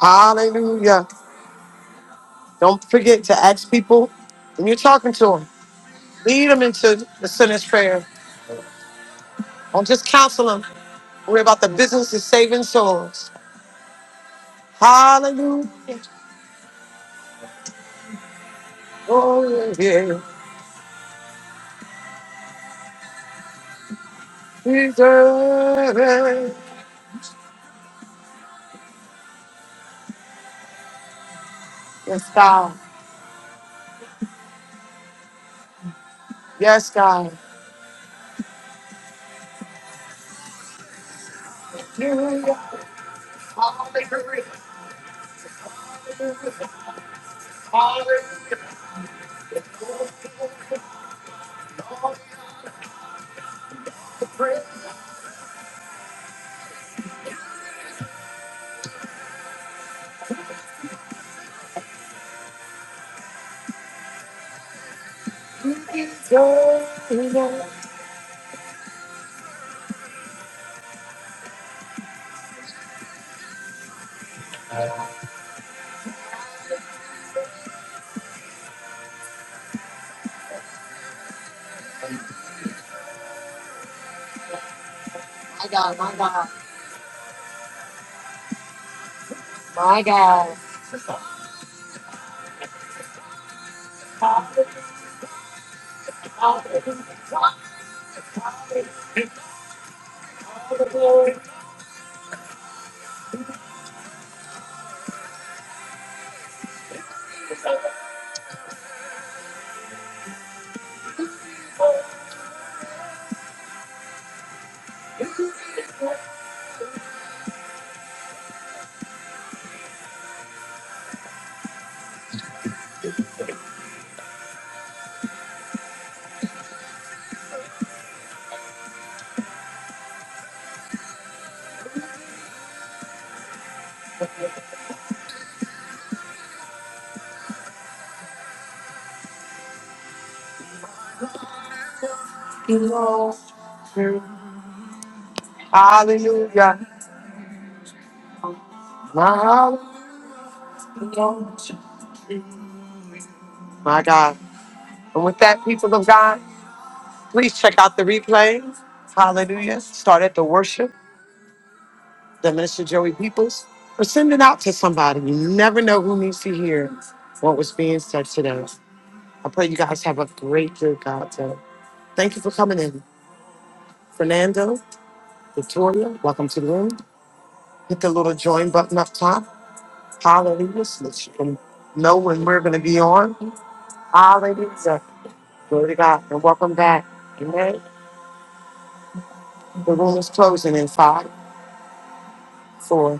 Speaker 2: Hallelujah. Don't forget to ask people when you're talking to them, lead them into the sinner's prayer. Don't just counsel them. We're about the business of saving souls. Hallelujah. deserve it. Yes, God. Yes, God. You already deserve it. My God, my God, my God. You know, you- Hallelujah. My hallelujah. My God. And with that, people of God, please check out the replays. Hallelujah. Start at the worship, the Minister Joey Peoples, or send it out to somebody. You never know who needs to hear what was being said today. I pray you guys have a great, good God day. Thank you for coming in. Fernando, Victoria, welcome to the room. Hit the little join button up top. Hallelujah. So that you can know when we're going to be on. Hallelujah. Glory to God. And welcome back. Amen. The room is closing in five, four,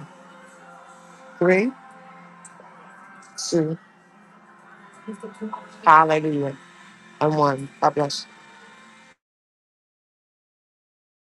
Speaker 2: three, two, hallelujah, and one. God bless you.